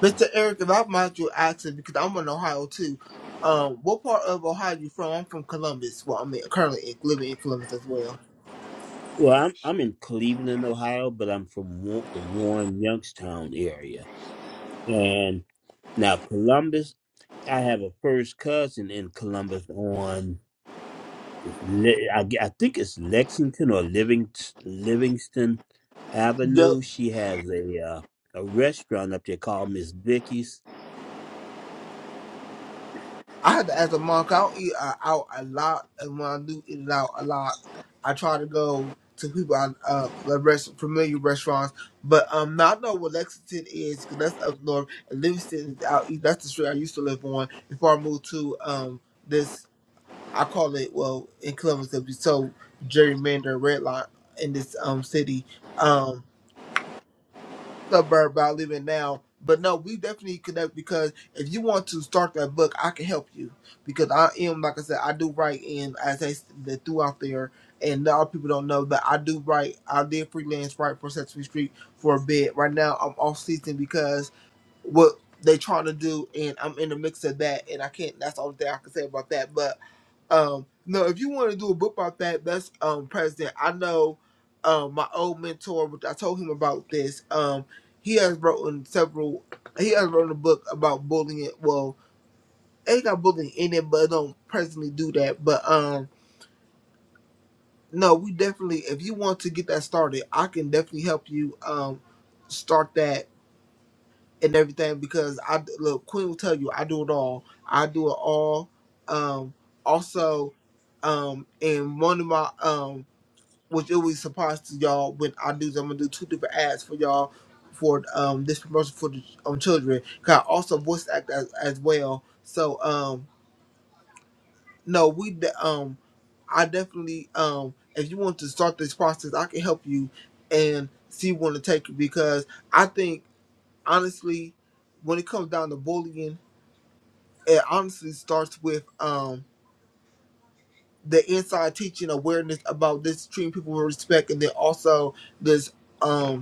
F: Mr. Eric, if I mind your accent, because I'm in Ohio too. Um, what part of Ohio you from? I'm from Columbus. Well, I mean, currently in, living in Columbus as well.
G: Well, I'm I'm in Cleveland, Ohio, but I'm from Wa- the Warren Youngstown area. And now Columbus, I have a first cousin in Columbus on it's Le- I, g- I think it's Lexington or Living, Livingston
F: Yep.
G: Avenue. She has a uh, a restaurant up there called Miss Vicky's.
F: I had to ask a monk. I don't eat uh, out a lot, and when I do eat it out a lot, I try to go to people I uh like rest, familiar restaurants. But um, now I know what Lexington is because that's up north, and Livingston is out east. That's the street I used to live on before I moved to um this. I call it well in Columbus it'd be so gerrymander red line in this um city um suburb I live in now. But no, we definitely connect because if you want to start that book, I can help you because I am like I said, I do write in as I the throughout there, and a lot of people don't know that I do write. I did freelance write for Sesame Street for a bit. Right now, I'm off season because what they trying to do, and I'm in the mix of that, and I can't. That's all that I can say about that. But um, no, if you want to do a book about that, that's um president. I know um my old mentor, which I told him about this. Um, he has written several. He has written a book about bullying. Well, ain't got bullying in it, but it don't presently do that. But um, no, we definitely. If you want to get that started, I can definitely help you um start that and everything because I look Queen will tell you I do it all. I do it all. Um, also, um, and one of my um which it was surprised to y'all when I do. I'm gonna do two different ads for y'all for um this promotion for the um children. Cause I also voice act as, as well. So um no we de- um I definitely um if you want to start this process I can help you and see where to take it because I think honestly when it comes down to bullying it honestly starts with um the inside teaching awareness about this treating people with respect and then also this um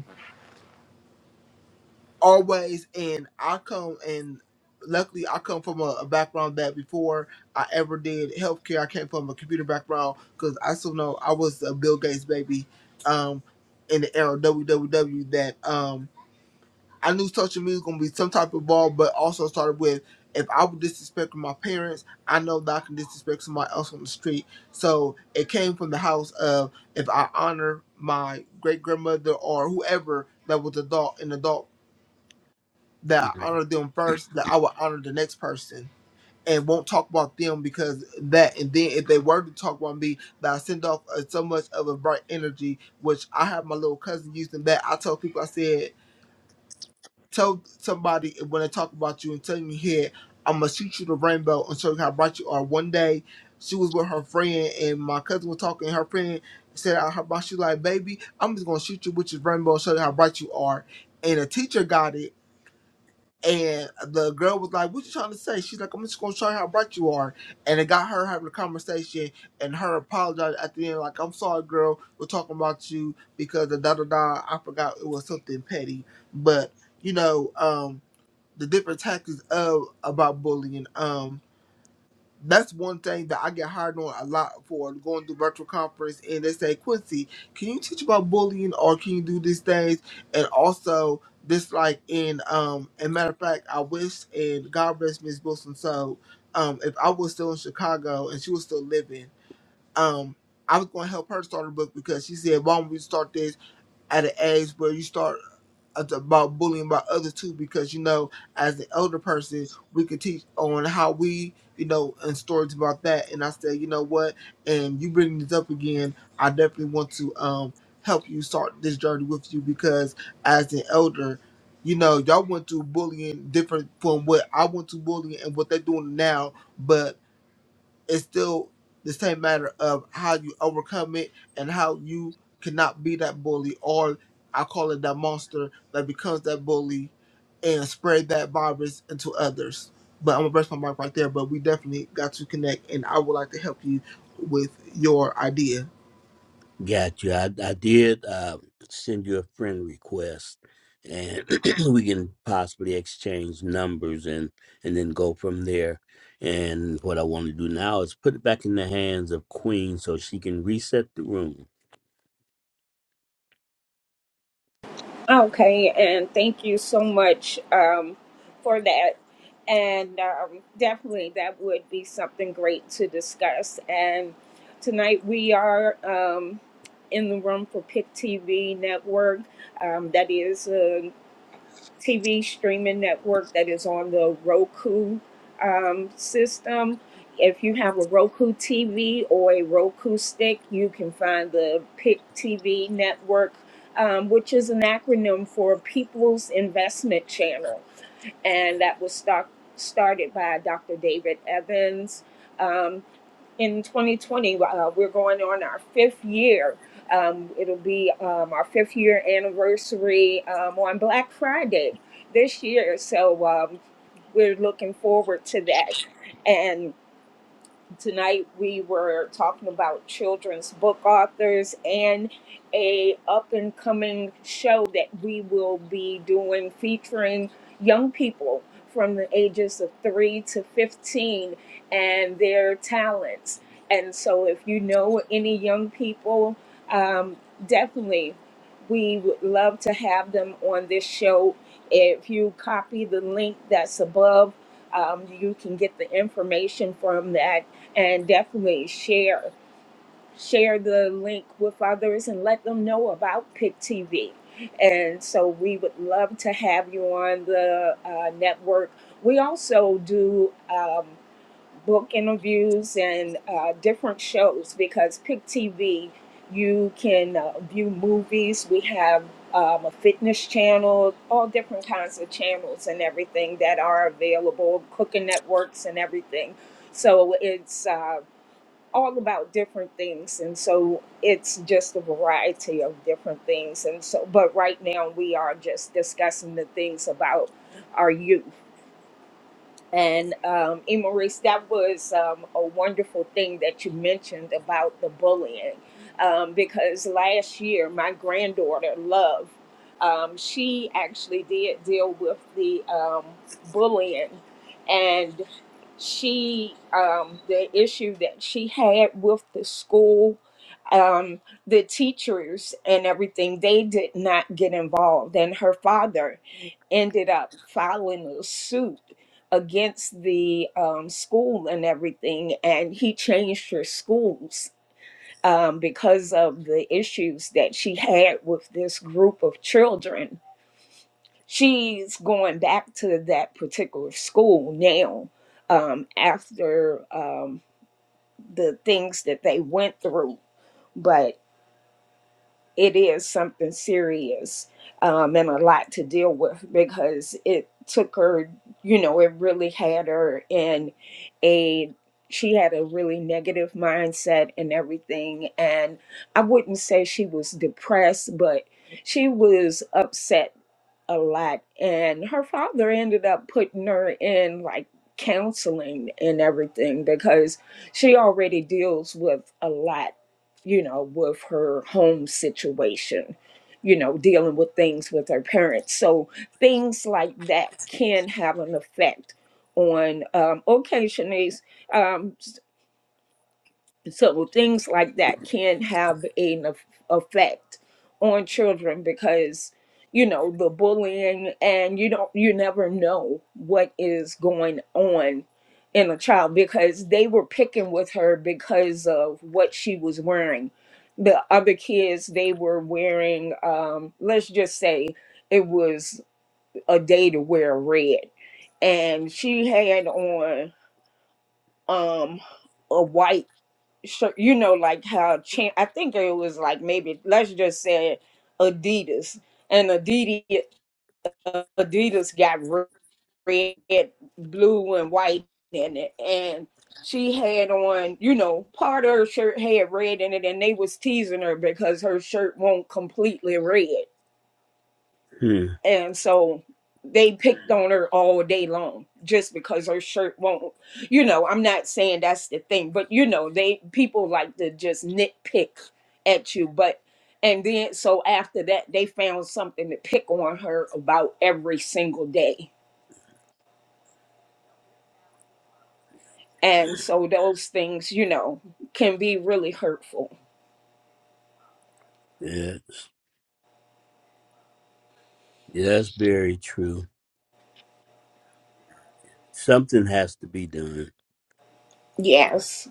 F: always and I come and luckily I come from a, a background that before I ever did healthcare, I came from a computer background because I still know I was a Bill Gates baby um, in the era of WWW that um, I knew social media was going to be some type of ball, but also started with if I would disrespect my parents, I know that I can disrespect somebody else on the street. So it came from the house of if I honor my great grandmother or whoever that was adult, an adult that I honor them first, that I will honor the next person and won't talk about them because that. And then if they were to talk about me, that I send off uh, so much of a bright energy, which I have my little cousin using that. I told people, I said, tell somebody when they talk about you and tell you here, I'm going to shoot you the rainbow and show you how bright you are. One day, she was with her friend and my cousin was talking. Her friend said, I heard about you like, baby, I'm just going to shoot you with your rainbow and show you how bright you are. And a teacher got it and the girl was like, What you trying to say? She's like, I'm just gonna show you how bright you are. And it got her having a conversation and her apologized at the end, like, I'm sorry, girl, we're talking about you because the da da da I forgot it was something petty. But, you know, um, the different tactics of about bullying. Um that's one thing that I get hired on a lot for going to virtual conference and they say, Quincy, can you teach about bullying or can you do these things? And also this like in um and matter of fact, I wish and God bless Miss Wilson. So um if I was still in Chicago and she was still living, um I was gonna help her start a book because she said, Why don't we start this at an age where you start about bullying by others too because you know as an elder person we could teach on how we you know and stories about that and i said you know what and you bring this up again i definitely want to um help you start this journey with you because as an elder you know y'all went through bullying different from what i went through bullying and what they're doing now but it's still the same matter of how you overcome it and how you cannot be that bully or I call it that monster that becomes that bully and spread that virus into others. But I'm gonna rest my mic right there. But we definitely got to connect, and I would like to help you with your idea.
G: Got you. I, I did uh, send you a friend request, and we can possibly exchange numbers and and then go from there. And what I want to do now is put it back in the hands of Queen so she can reset the room.
E: Okay, and thank you so much um, for that. And um, definitely, that would be something great to discuss. And tonight, we are um, in the room for PIC TV Network. Um, that is a TV streaming network that is on the Roku um, system. If you have a Roku TV or a Roku stick, you can find the PIC TV network, um, which is an acronym for People's Investment Channel. And that was start, started by Dr. David Evans. Um, in 2020. Uh, we're going on our fifth year. Um, it'll be um, our fifth year anniversary um, on Black Friday this year. So um, we're looking forward to that. And tonight we were talking about children's book authors and a up and coming show that we will be doing featuring young people from the ages of 3 to 15 and their talents and so if you know any young people um, definitely we would love to have them on this show if you copy the link that's above um, you can get the information from that and definitely share share the link with others and let them know about pick tv and so we would love to have you on the uh, network we also do Um, book interviews and uh, different shows because Pick TV, you can uh, view movies. We have um, a fitness channel, all different kinds of channels and everything that are available, cooking networks and everything. So it's uh, all about different things. And so it's just a variety of different things. And so, but right now we are just discussing the things about our youth and um, E. Maurice, that was um, a wonderful thing that you mentioned about the bullying. Um, because last year, my granddaughter, Love, um, she actually did deal with the um, bullying. And she, um, the issue that she had with the school, um, the teachers, and everything, they did not get involved. And her father, ended up filing a suit against the um, school and everything, and he changed her schools um, because of the issues that she had with this group of children. She's going back to that particular school now um, after um, the things that they went through. but. it is something serious um, and a lot to deal with because it took her, you know, it really had her in a, she had a really negative mindset and everything. And I wouldn't say she was depressed, but she was upset a lot and her father ended up putting her in like counseling and everything because she already deals with a lot you know with her home situation you know dealing with things with her parents so things like that can have an effect on um okay Shanice um, so things like that can have an eff- effect on children because you know the bullying and you don't you never know what is going on in a child because they were picking with her because of what she was wearing the other kids they were wearing um let's just say it was a day to wear red and she had on um a white so you know like how champ i think it was like maybe let's just say adidas and adidas adidas got re- red blue and white in it and she had on you know part of her shirt had red in it and they was teasing her because her shirt won't completely red
G: Hmm.
E: and so they picked on her all day long just because her shirt won't you know i'm not saying that's the thing but you know they people like to just nitpick at you but and then so after that they found something to pick on her about every single day and so those things you know can be really hurtful
G: Yeah, yeah, that's very true. Something has to be done,
E: yes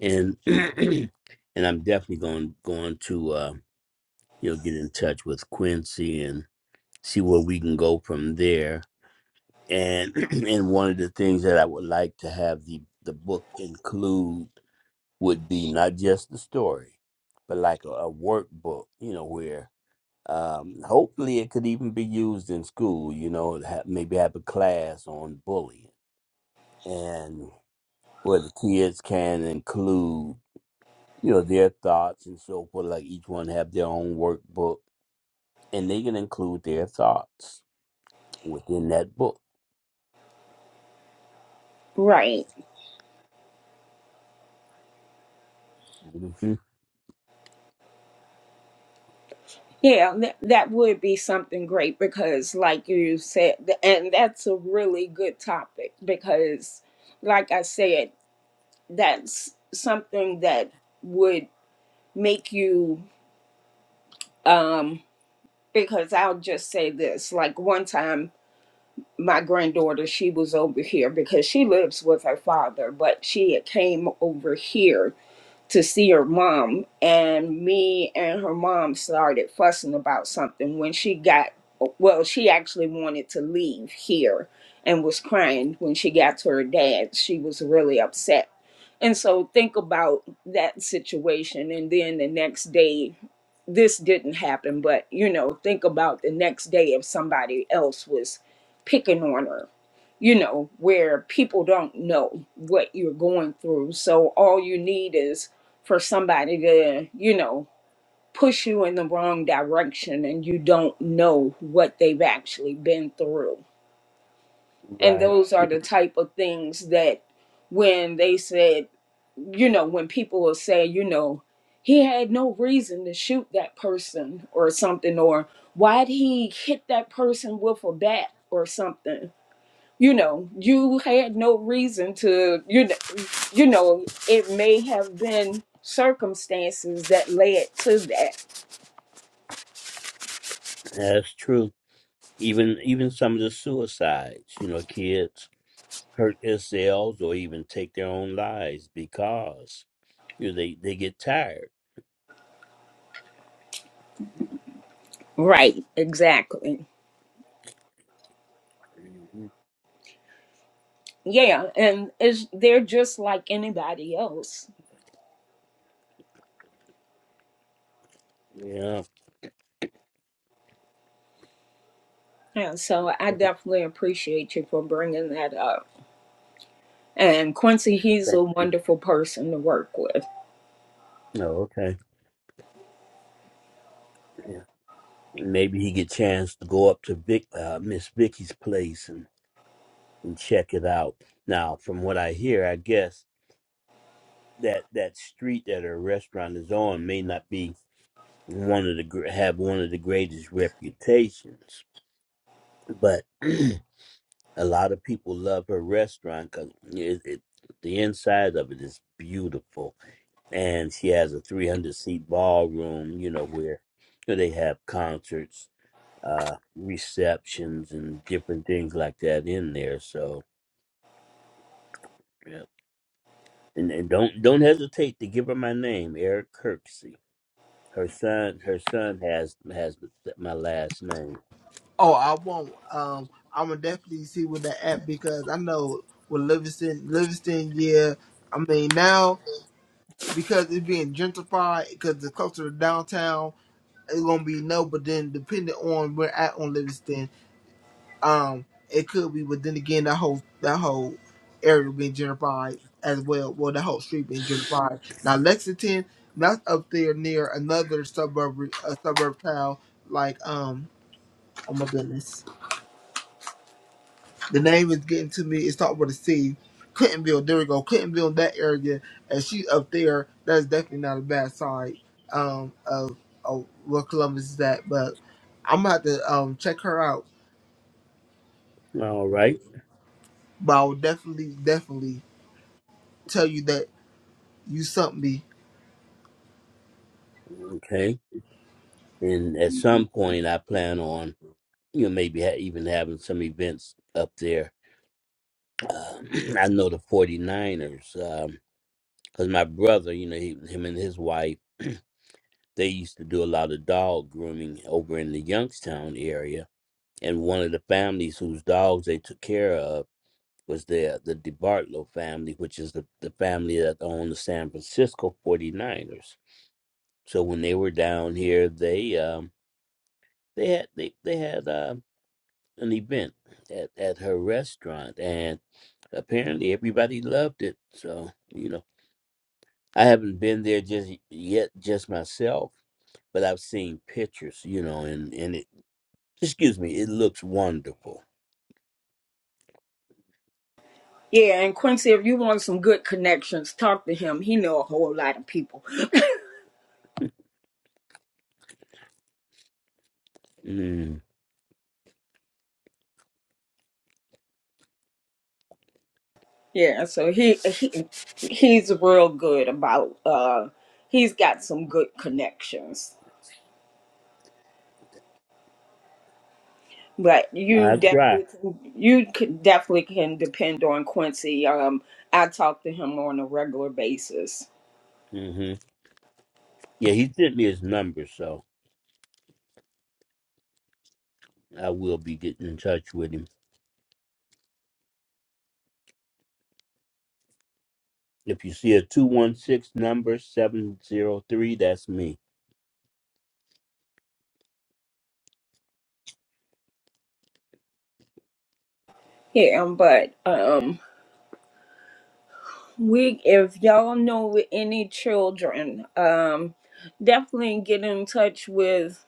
G: and and I'm definitely going going to uh, you know get in touch with Quincy and see where we can go from there and and one of the things that I would like to have the the book include would be not just the story, but like a, a workbook, you know, where um, hopefully it could even be used in school. You know, ha- maybe have a class on bullying, and where the kids can include you know their thoughts and so forth. Like each one have their own workbook, and they can include their thoughts within that book.
E: right
G: Mhm.
E: Yeah, that, that would be something great because, like you said, th- and that's a really good topic because, like I said, that's something that would make you, um, because I'll just say this like one time, my granddaughter, she was over here because she lives with her father, but she had came over here to see her mom and me and her mom started fussing about something when she got well she actually wanted to leave here and was crying when she got to her dad she was really upset and so think about that situation and then the next day this didn't happen, but you know, think about the next day if somebody else was picking on her, you know, where people don't know what you're going through. So all you need is for somebody to, you know, push you in the wrong direction and you don't know what they've actually been through. And
G: Right,
E: those are the type of things that when they said you know, when people will say, you know, he had no reason to shoot that person or something, or why'd he hit that person with a bat or something? You know, you had no reason to, you know, you know, it may have been circumstances that led to that.
G: that's true. Even even some of the suicides, you know, kids hurt themselves or even take their own lives because you know, they they get tired.
E: Right, exactly.
G: Mhm.
E: Yeah, and it's, they're just like anybody else.
G: Yeah.
E: And so I definitely appreciate you for bringing that up. And Quincy, he's
G: Thank
E: a
G: you.
E: wonderful person to work with.
G: Oh, okay. Yeah. Maybe he get chance to go up to Vic, uh, Miss Vicky's place and, and check it out. Now, from what I hear, I guess that that street that her restaurant is on may not be one of the gr- have one of the greatest reputations, but A lot of people love her restaurant because it, it, the inside of it is beautiful, and she has a 300 seat ballroom. You know where where they have concerts, uh, receptions, and different things like that in there. So, yeah. and, and don't don't hesitate to give her my name, Eric Kirksey. Her son, her son has has my last name.
F: Oh, I won't. Um, I'm gonna definitely see with that app because I know with Livingston, Livingston, yeah. I mean now because it's being gentrified because it's closer to downtown it's gonna be no, but then depending on where at on Livingston, um, it could be, but then again, that whole that whole area being gentrified as well. Well, the whole street being gentrified. Now Lexington, that's up there near another suburb, a suburb town like um, oh my goodness. The name is getting to me. It's talking about the Clintonville, there we go. Clintonville, that area, and she up there. That's definitely not a bad side um, of, of where Columbus is at. But I'm gonna have to um, check her out.
G: All right,
F: But I will definitely, definitely tell you that you sent me.
G: okay. And at some point, I plan on. you know, maybe ha- even having some events up there. Um, I know the 49ers, because my brother, you know, he, him and his wife, they used to do a lot of dog grooming over in the Youngstown area. And one of the families whose dogs they took care of was the, the DeBartolo family, which is the, the family that owned the San Francisco 49ers. So when they were down here, they um, they had they, they had uh, an event at, at her restaurant and apparently everybody loved it so you know i haven't been there just yet just myself but i've seen pictures you know and and it excuse me it looks wonderful
E: Yeah, and Quincy, if you want some good connections, talk to him. He know a whole lot of people.
G: mm,
E: Yeah, so he, he he's real good about uh he's got some good connections. But
G: i
E: you
G: try
E: definitely can- you could definitely can depend on Quincy. Um I talk to him on a regular basis.
G: hmm yeah he sent me his number so i will be getting in touch with him if you see a 216 number 703 that's me
E: Yeah, but um We, if y'all know with any children, um, definitely get in touch with.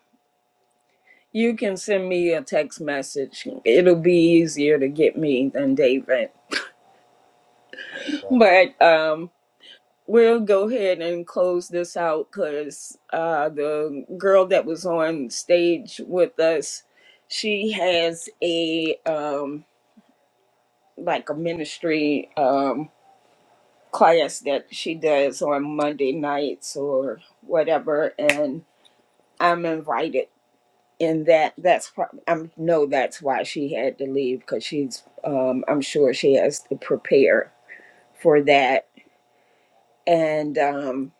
E: You can send me a text message. It'll be easier to get me than David.
G: All
E: But um, we'll go ahead and close this out because uh, the girl that was on stage with us, she has a um, like a ministry um, class that she does on Monday nights or whatever, and I'm invited, and that that's prob- I'm no, that's why she had to leave because she's um, I'm sure she has to prepare for that. And um,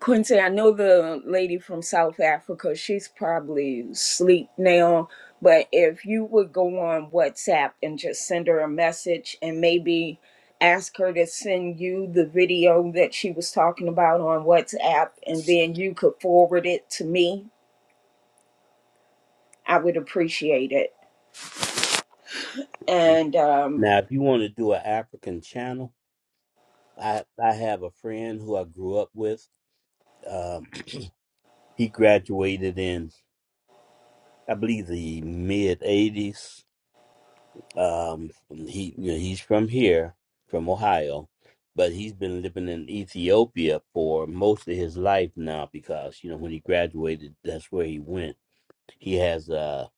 E: Quincy, I know the lady from South Africa. She's probably asleep now. But if you would go on WhatsApp and just send her a message, and maybe ask her to send you the video that she was talking about on WhatsApp, and then you could forward it to me. I would appreciate it
G: right.
E: and um,
G: now if you want to do an african channel I I have a friend who I grew up with. Um, he graduated in I believe the mid '80s. Um, he you know, he's from here, from Ohio, but he's been living in Ethiopia for most of his life now because you know when he graduated, that's where he went. He has uh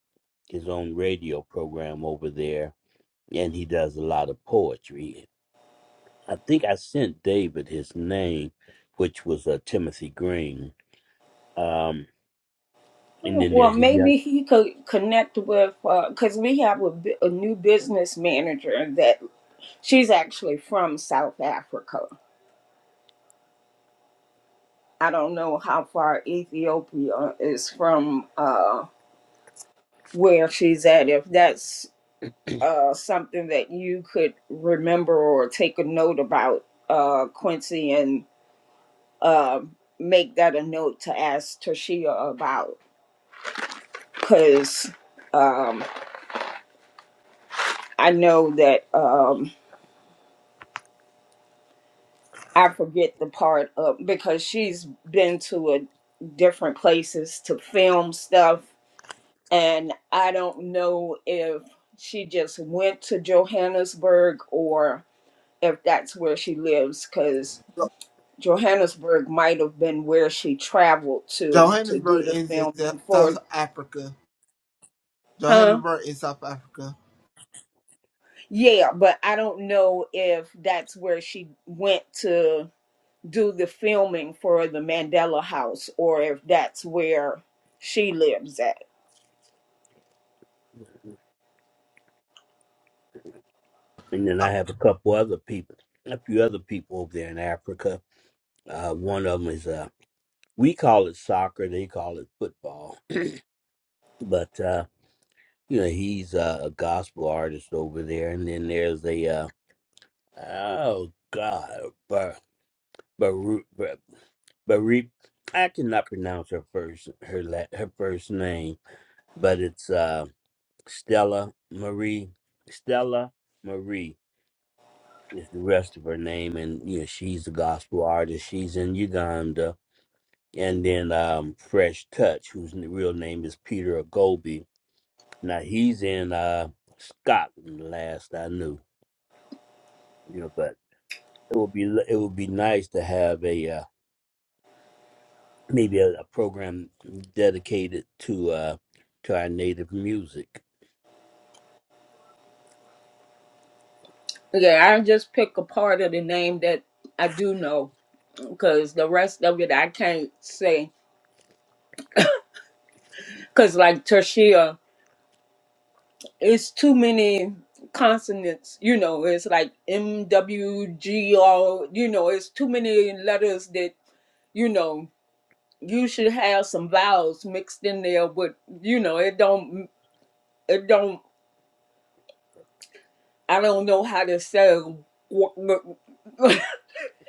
G: his own radio program over there, and he does a lot of poetry. I think I sent David his name, which was uh, Timothy Green. Um, And then
E: well,
G: there's a young,
E: maybe he could connect with because we have a, bu- a new business manager that she's actually from South Africa. I don't know how far Ethiopia is from uh, where she's at. If that's uh, something that you could remember or take a note about, uh, Quincy, and uh, make that a note to ask Tashia about, because um, I know that. Um, I forget the part of because she's been to a different places to film stuff and I don't know if she just went to Johannesburg or if that's where she lives cuz Johannesburg might have been where she traveled to to do
F: Johannesburg
E: the
F: is in
E: filming
F: South
E: for
F: Africa.
E: huh
F: Johannesburg in South Africa.
E: yeah but I don't know if that's where she went to do the filming for the Mandela House or if that's where she lives at.
G: and then I have a couple other people, a few other people over there in Africa. Uh, one of them is, uh, we call it soccer, they call it football. But, uh, you know, he's uh, a gospel artist over there. And then there's a, uh, oh God, Bar, Baru, Bar, Barip. I cannot pronounce her first her la, her first name, but it's uh, Stella Marie Stella Marie. is the rest of her name, and you know she's a gospel artist. She's in Uganda, and then um, Fresh Touch, whose n- real name is Peter Agobi. Now he's in uh, Scotland, last I knew. You know, but it would be l- it would be nice to have a uh, maybe a, a program dedicated to uh, to our native music.
E: Yeah, I just pick a part of the name that I do know because the rest of it I can't say. Because, like Tertia, it's too many consonants, you know, it's like M W G O, you know, it's too many letters that, you know, you should have some vowels mixed in there but you know, it don't. It don't I don't know how to say what.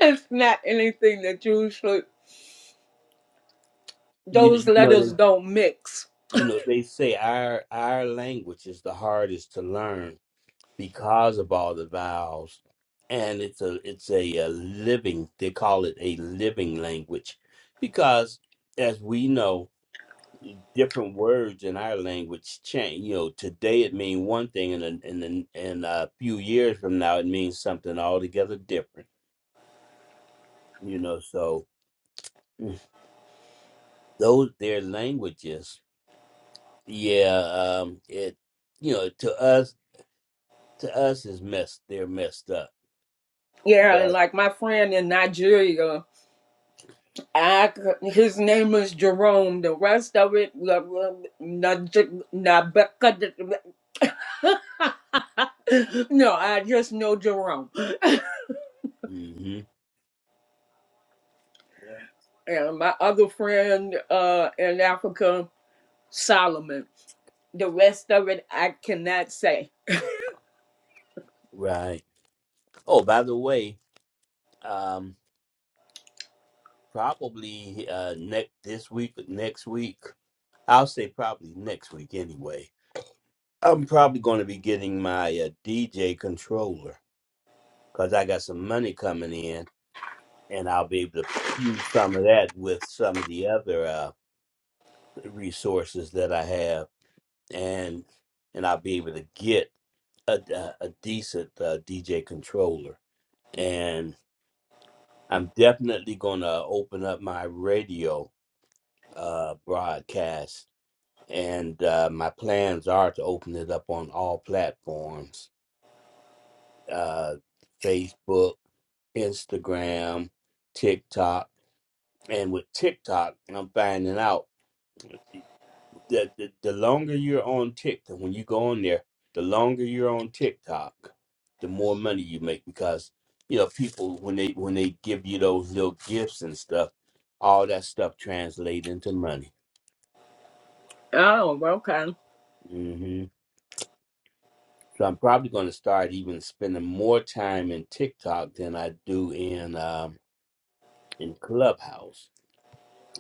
E: it's not anything that usually
G: You,
E: those
G: you know,
E: letters
G: they-
E: don't mix.
G: you know they say our our language is the hardest to learn because of all the vowels and it's a it's a, uh living they call it a living language because as we know different words in our language change you know today it means one thing and in and in in a few years from now it means something altogether different you know so Mm. those their languages yeah um it you know to us to us is messed they're messed up
E: Yeah, and
G: but
E: like my friend in Nigeria, I, c- his name is Jerome. The rest of it, no, I just know Jerome.
G: hmm
E: And my other friend uh, in Africa, Solomon. The rest of it, I cannot say.
G: right Oh, by the way, um, probably uh, next this week, next week. I'll say probably next week anyway. I'm probably going to be getting my uh, DJ controller because I got some money coming in, and I'll be able to use some of that with some of the other uh, resources that I have, and and I'll be able to get a, a, a decent uh, DJ controller. And I'm definitely going to open up my radio uh, broadcast, and uh, my plans are to open it up on all platforms: uh, Facebook, Instagram, TikTok. And with TikTok, I'm finding out that the, the longer you're on TikTok, when you go on there, the longer you're on TikTok, the more money you make because you know people when they when they give you those little gifts and stuff, all that stuff translates into money.
E: Oh, okay.
G: Mm-hmm. So I'm probably going to start even spending more time in TikTok than I do in um, in Clubhouse.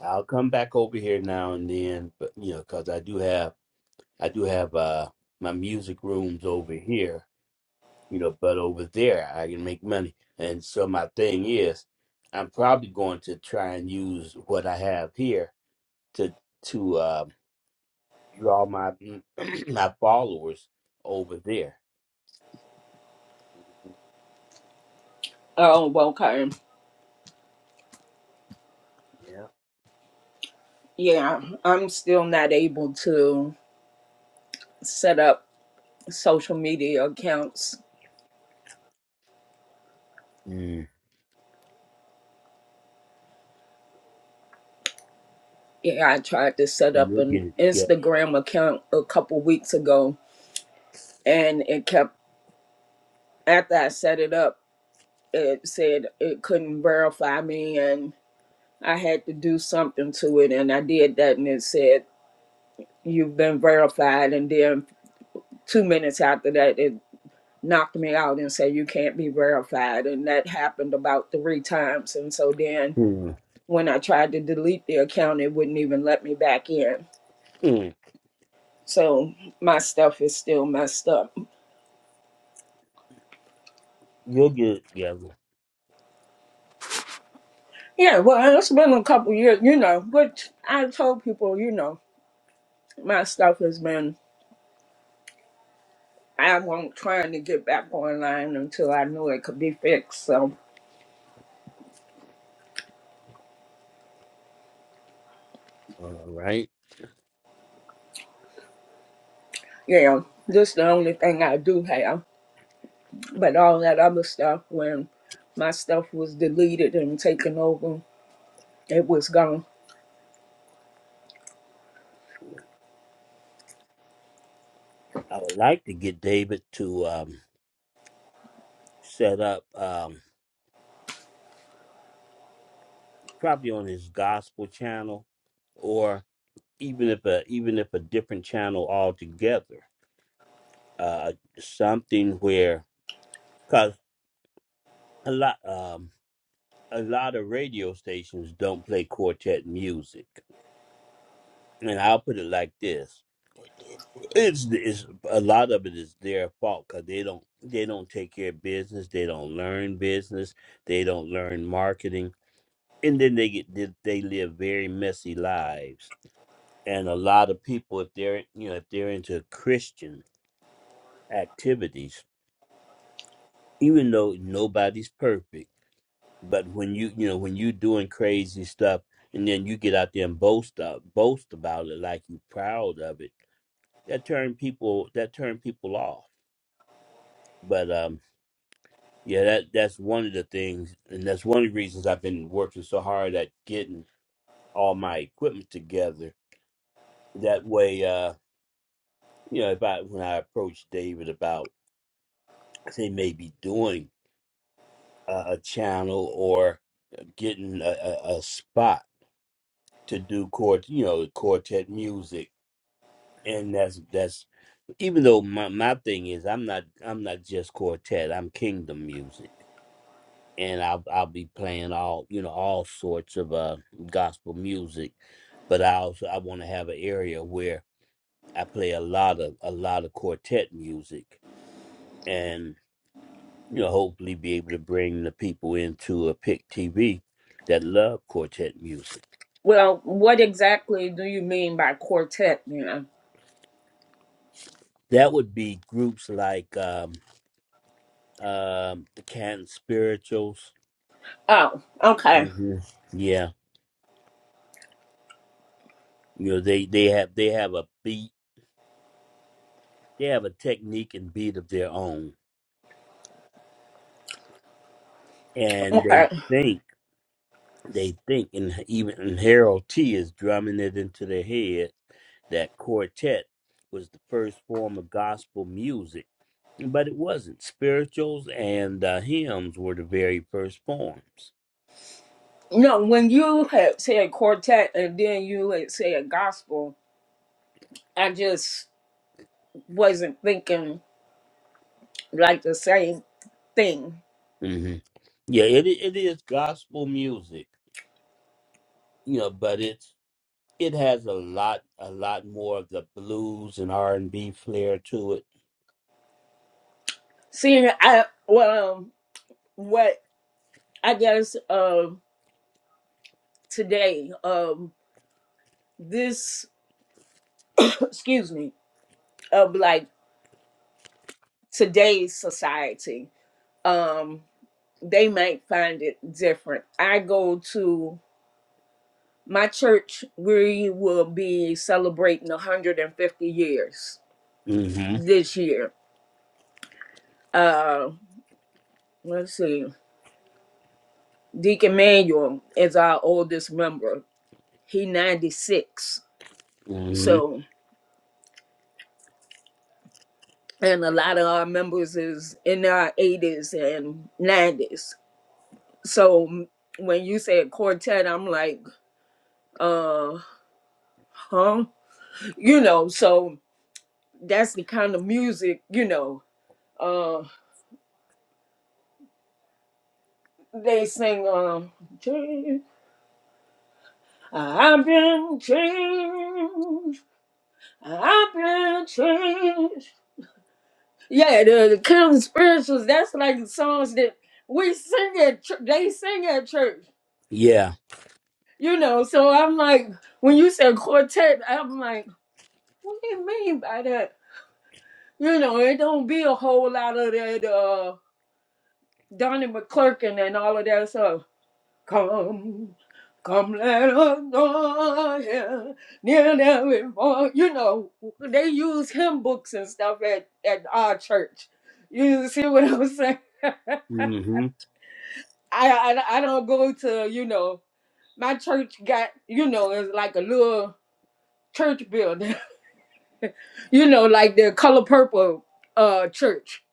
G: I'll come back over here now and then, but you know, because I do have I do have uh, my music rooms over here, you know, but over there I can make money. And so my thing is, I'm probably going to try and use what I have here to to uh, draw my my followers over there.
E: Oh, okay.
G: Yeah,
E: Yeah, I'm still not able to set up social media accounts.
G: mm,
E: Yeah, I tried to set up
G: you'll
E: an
G: get it
E: Instagram account a couple weeks ago and it kept, after I set it up, it said it couldn't verify me and I had to do something to it and I did that and it said, You've been verified. And then two minutes after that, it knocked me out and said, You can't be verified. And that happened about three times. And so then
G: together.
E: when I tried to delete the account, it wouldn't even let me back in.
G: Mm,
E: So my stuff is still messed up.
G: you'll get it together.
E: Yeah, well, it's been a couple years, you know. But I told people, you know, my stuff has been. I won't trying to get back online until I knew it could be fixed. So
G: All right.
E: yeah, this is the only thing I do have. But all that other stuff, when my stuff was deleted and taken over, it was gone.
G: I would like to get David to um, set up um, probably on his gospel channel, or even if a even if a different channel altogether. Uh, something where because a lot um, a lot of radio stations don't play quartet music. and I'll put it like this: it's, it's a lot of it is their fault because they don't they don't take care of business, they don't learn business, they don't learn marketing, and then they get they, they live very messy lives. And a lot of people, if they're you know if they're into Christian activities, even though nobody's perfect, but when you you know when you are doing crazy stuff. And then you get out there and boast up, boast about it like you are proud of it that turned people that turned people off. But um, yeah, that that's one of the things, and that's one of the reasons I've been working so hard at getting all my equipment together. That way, uh, you know, if I when I approach David about say maybe doing a, a channel or getting a, a, a spot to do court, you know, quartet music, and that's that's even though my, my thing is I'm not I'm not just quartet, I'm kingdom music and I'll I'll be playing all you know all sorts of uh gospel music, but I also I want to have an area where I play a lot of a lot of quartet music, and you know hopefully be able to bring the people into a pick TV that love quartet music.
E: Well, what exactly do you mean by quartet? You know?
G: That would be groups like um um the Canton Spirituals.
E: Oh, okay.
G: hmm Yeah, you know they they have they have a beat they have a technique and beat of their own, and they
E: Okay.
G: sing they think, and even and Harold T is drumming it into their head that quartet was the first form of gospel music, but it wasn't. Spirituals and uh, hymns were the very first forms.
E: No, when you had said quartet and then you had said gospel, I just wasn't thinking like the same thing.
G: hmm Yeah, it i- it is gospel music, you know, but it's it has a lot a lot more of the blues and R and B flair to it.
E: See, I well, um, what I guess um today um this excuse me of like today's society um they might find it different. I go to my church. We will be celebrating 150 years
G: hmm
E: this year Uh, let's see. Deacon Manuel is our oldest member. He 96.
G: hmm
E: So, and a lot of our members is in our 80s and 90s. So when you say a quartet, I'm like, uh, huh? You know, so that's the kind of music, you know. Uh, they sing, um, I've been changed. I've been changed. Yeah, the, the Kingdom spirituals, that's like songs that we sing at church. They sing at church,
G: Yeah.
E: you know. So I'm like, when you said quartet, I'm like, what do you mean by that? You know, it don't be a whole lot of that uh, Donnie McClurkin and all of that stuff. Come, come, let us know here, near there before. You know, they use hymn books and stuff at, at our church. You see what I'm saying?
G: hmm
E: I, I I don't go to you know my church got you know it's like a little church building you know like the color purple uh church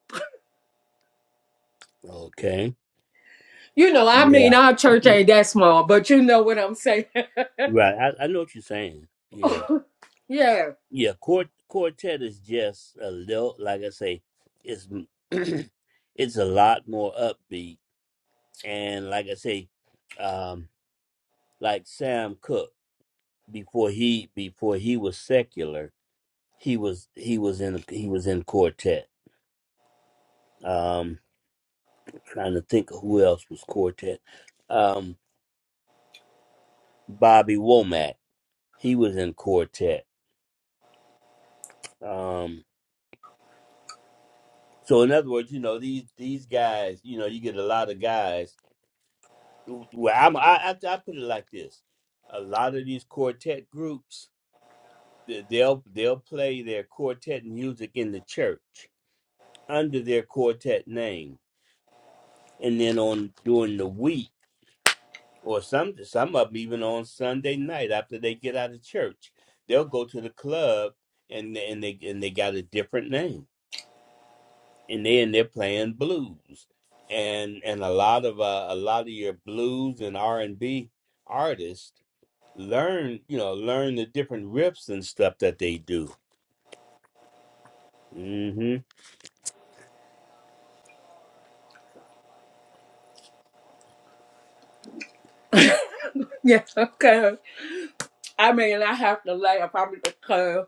G: Okay.
E: you know I mean
G: Yeah.
E: our church ain't that small but you know what I'm saying
G: Right. I, I know what you're saying. Yeah.
E: yeah
G: Yeah, quart- quartet is just a little, like I say, it's it's a lot more upbeat, and like I say, um, like Sam Cooke before he before he was secular, he was he was in he was in quartet. Um, trying to think of who else was quartet. Um, Bobby Womack, he was in quartet. Um, so in other words, you know these these guys, you know, you get a lot of guys well, I'm, I, I I put it like this: a lot of these quartet groups, they- they'll they'll play their quartet music in the church under their quartet name, and then on during the week, or some some of them even on Sunday night after they get out of church, they'll go to the club and and they and they got a different name, and then they're playing blues, and and a lot of uh, a lot of your blues and R and B artists learn, you know, learn the different riffs and stuff that they do. hmm
E: yeah okay I mean I have to laugh I mean because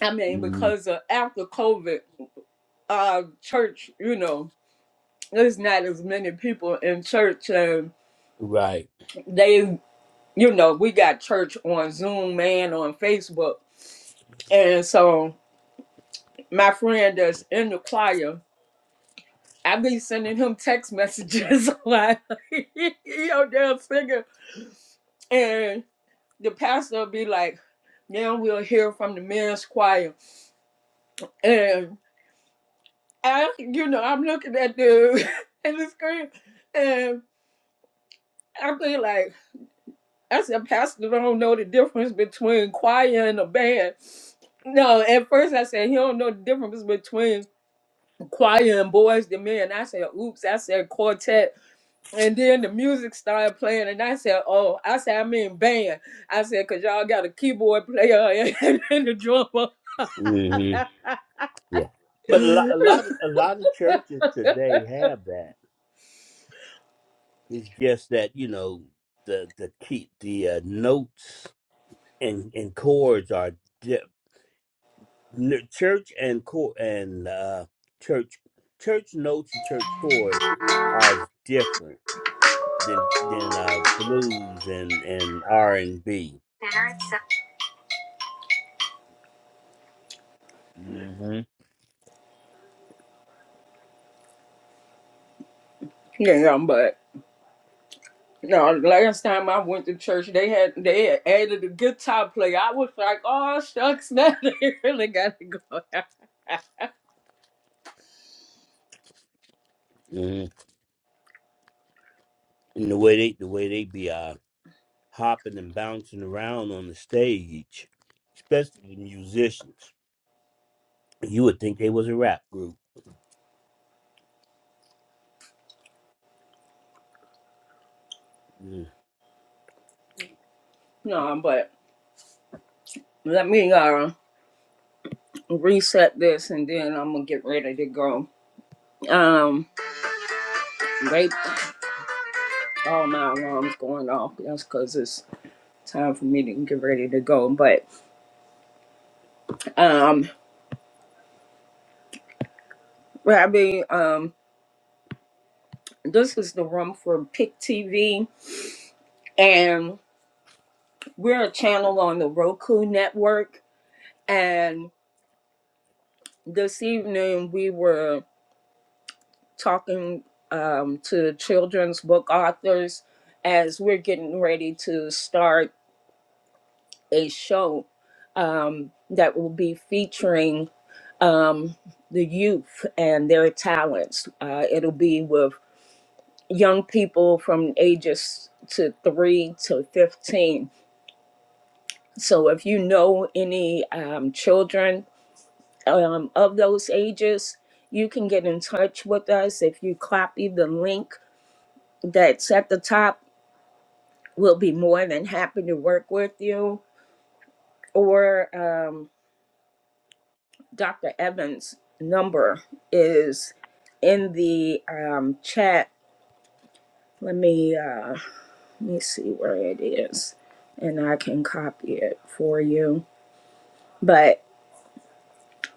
E: I mean
G: hmm
E: because uh, after COVID uh church you know there's not as many people in church and
G: Right.
E: they you know we got church on Zoom man on Facebook And so my friend that's in the choir, I be sending him text messages like, yo, damn singer. And the pastor be like, now we'll hear from the men's choir. And I, you know, I'm looking at the, at the screen and I be like, I said, pastor don't know the difference between choir and a band. No, at first I said, he don't know the difference between choir and boys to men. I said, oops, I said quartet And then the music started playing, and I said, "Oh, I said I mean band." I said, "Cause y'all got a keyboard player and, and a drummer."
G: hmm Yeah. But a lot, a lot, a lot of churches today have that. It's just that you know the the key, the uh, notes and and chords are di- n- church and chord and uh, church church notes and church chords are different than than uh, blues and and R and B. Mm-hmm.
E: yeah, but no. Last time I went to church, they had they had added a guitar player. I was like, "Oh shucks, now they really got to go."
G: Mm-hmm. and the way they the way they be uh, hopping and bouncing around on the stage, especially the musicians, you would think they was a rap group. Mm.
E: no, but let me uh reset this, and then I'm gonna get ready to go. Um, wait, all my alarms going off. That's cause it's time for me to get ready to go, but. Um, Rabbi, um, this is the room for Pick TV, and we're a channel on the Roku network. And this evening, we were talking um, to children's book authors as we're getting ready to start a show um, that will be featuring um, the youth and their talents. Uh, it'll be with young people from ages to 3 to 15 so if you know any um, children um, of those ages you can get in touch with us if you copy the link that's at the top we'll be more than happy to work with you or um, dr evans number is in the um, chat let me uh, let me see where it is and i can copy it for you But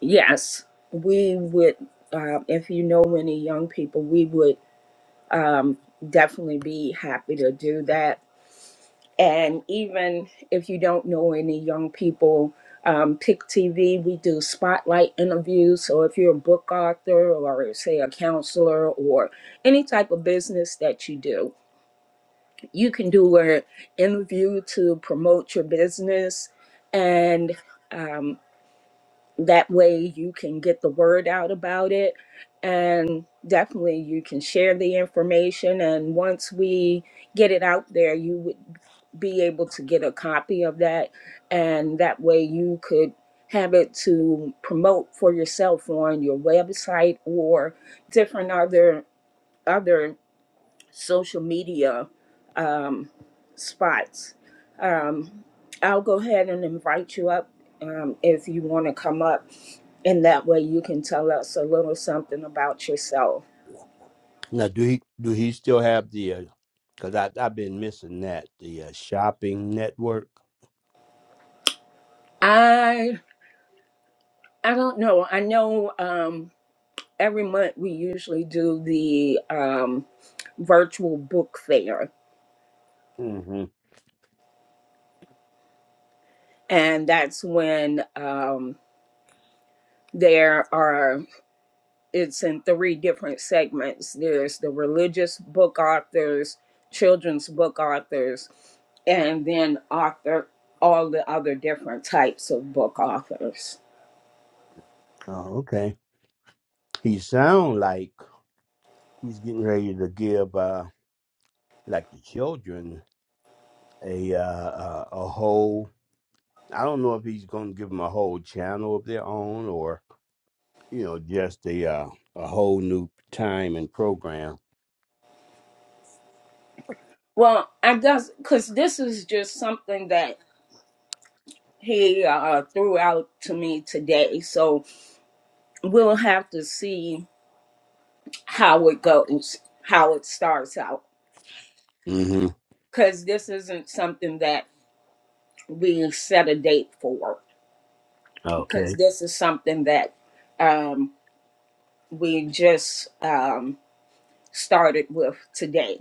E: yes, we would, um, if you know any young people, we would um, definitely be happy to do that. And even if you don't know any young people, um, Pick TV, we do spotlight interviews. So if you're a book author or, say, a counselor or any type of business that you do, you can do an interview to promote your business. And um, that way you can get the word out about it and definitely you can share the information and once we get it out there you would be able to get a copy of that and that way you could have it to promote for yourself on your website or different other other social media um, spots. Um, I'll go ahead and invite you up um, if you want to come up, and that way you can tell us a little something about yourself.
G: Now, do he do he still have the? Because I I've been missing that the uh, shopping network.
E: I I don't know. I know um, every month we usually do the um, virtual book fair,
G: hmm
E: and that's when um, there are. it's in three different segments there's the religious book authors children's book authors and then author all the other different types of book authors
G: Oh, okay. He sound like he's getting ready to give uh like the children a uh, uh a whole. I don't know if he's gonna give them a whole channel of their own you know, just a uh, a whole new time and program.
E: well i guess because this is just something that he uh, threw out to me today so we'll have to see how it goes how it starts out
G: hmm
E: because this isn't something that we set a date for because
G: Okay.
E: this is something that um, we just um, started with today.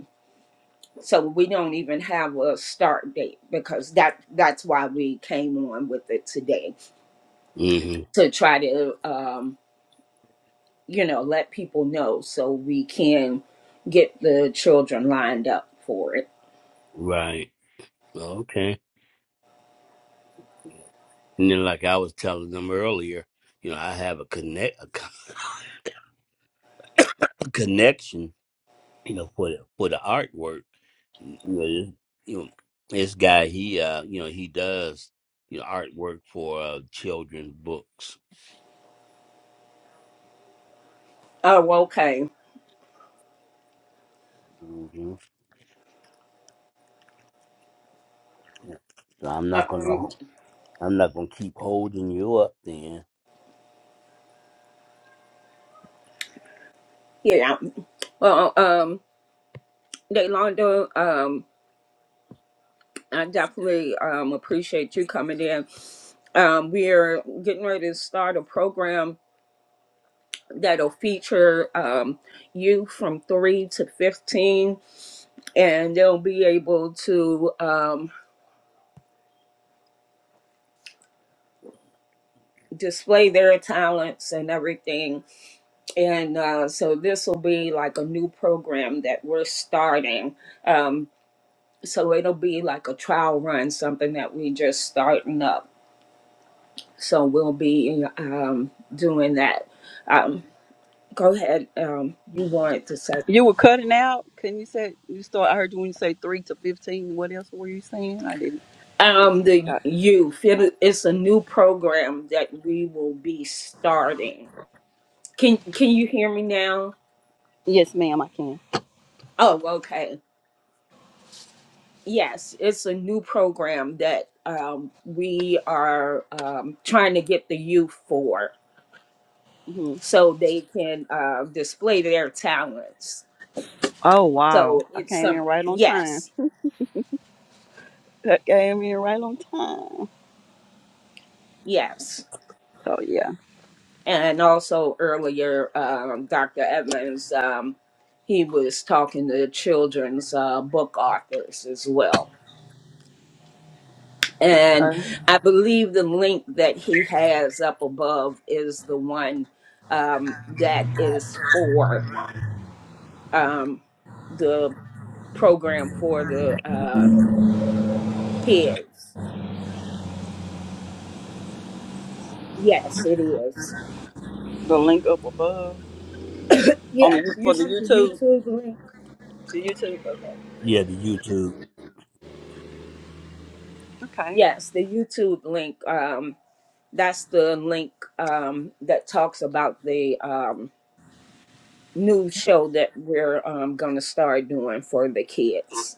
E: So we don't even have a start date because that that's why we came on with it today
G: hmm
E: to try to um, you know let people know so we can get the children lined up for it.
G: Right. Okay. And then, like I was telling them earlier, you know, I have a connect a, con- a connection, you know, for the, for the artwork. You know, this, you know, this guy, he, uh, you know, he does you know artwork for uh, children's books.
E: Oh, okay.
G: hmm So I'm not gonna,
E: Um,
G: I'm not gonna keep holding you up. Then,
E: yeah. Well, um, Delonda, um, I definitely um, appreciate you coming in. Um, we're getting ready to start a program that'll feature um, you from 3 to 15 and they'll be able to um, display their talents and everything and uh, so this will be like a new program that we're starting um, so it'll be like a trial run something that we just starting up so we'll be um, doing that um, go ahead um, you wanted to say
H: You were cutting out. Can you say you start? I heard you when you say three to fifteen. What else were you saying? I didn't.
E: Um, the
H: got-
E: youth. It, it's a new program that we will be starting. Can Can you hear me now?
H: yes, ma'am. I can.
E: Oh, okay. Yes, it's a new program that um, we are um, trying to get the youth for,
H: hmm
E: so they can uh, display their talents.
H: Oh wow!
E: So
H: I
E: it's
H: came in
E: some
H: right on time.
E: yes,
H: I came in right on time.
E: yes.
H: So yeah.
E: And also earlier, um, Dr. Edmonds, um, he was talking to children's uh, book authors as well. And
H: Okay.
E: I believe the link that he has up above is the one um, that is for um, the program for the uh, kids. Yes, it is.
H: The link up above on
E: Yes,
H: the
E: you
H: for the
E: see the
H: YouTube.
E: YouTube link.
H: The YouTube.
G: yeah, the YouTube.
H: Okay. Okay.
E: Yes, the YouTube link. Um, That's the link um, that talks about the um, new show that we're um, going to start doing for the kids.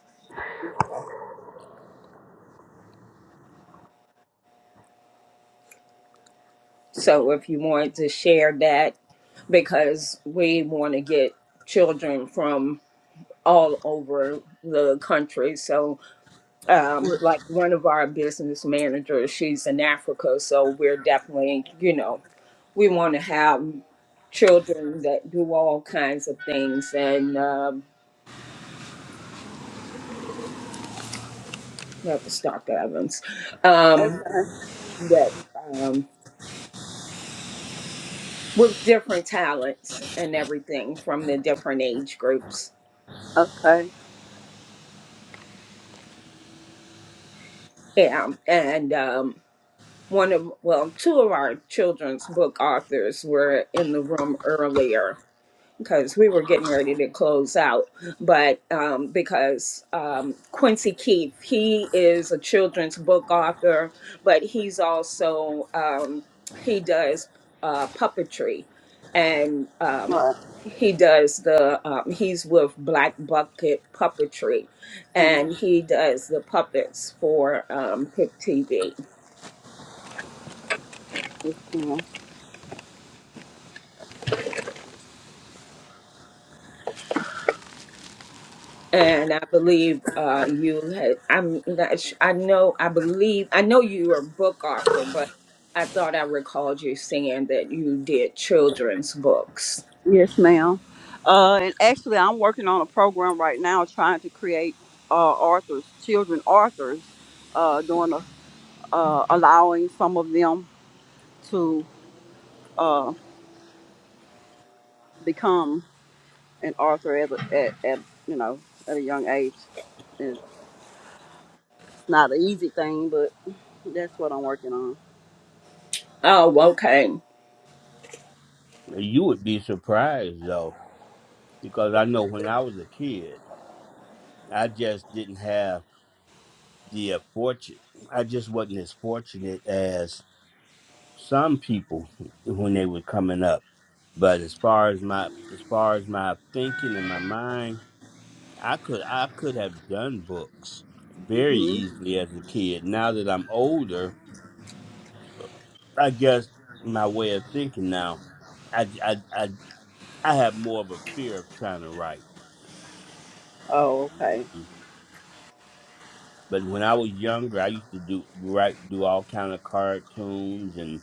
E: So if you wanted to share that, because we want to get children from all over the country. So, um,
H: Well,
E: like one of our business managers, she's in Africa. So we're definitely, you know, we want to have children that do all kinds of things. And uh, that was Dr. Evans, um,
H: Okay.
E: that um, with different talents and everything from the different age groups.
H: Okay.
E: Yeah, and um, one of well, two of our children's book authors were in the room earlier, because we were getting ready to close out. But um, because um, Quincy Keith, he is a children's book author, but he's also, um, he does uh, puppetry and um,
H: All right.
E: he does the, um, he's with Black Bucket Puppetry and he does the puppets for um, Pick TV
H: Mm-hmm.
E: and I believe uh, you had. I'm not. sh- I know. I believe. I know you are a book author, but I thought I recalled you saying that you did children's books.
H: Yes, ma'am. Uh, and actually, I'm working on a program right now trying to create uh, authors, children authors, uh, doing a, uh, allowing some of them to uh, become an author at, a- at, at you know at a young age. It's not an easy thing, but that's what I'm working on.
E: Oh, okay.
G: You would be surprised though, because I know when I was a kid, I just didn't have the uh, fortune. I just wasn't as fortunate as some people when they were coming up. But as far as my as far as my thinking and my mind, I could I could have done books very
H: hmm
G: easily as a kid. Now that I'm older, I guess my way of thinking now, I I I, I have more of a fear of trying to write.
H: Oh, okay.
G: But when I was younger, I used to do write do all kind of cartoons and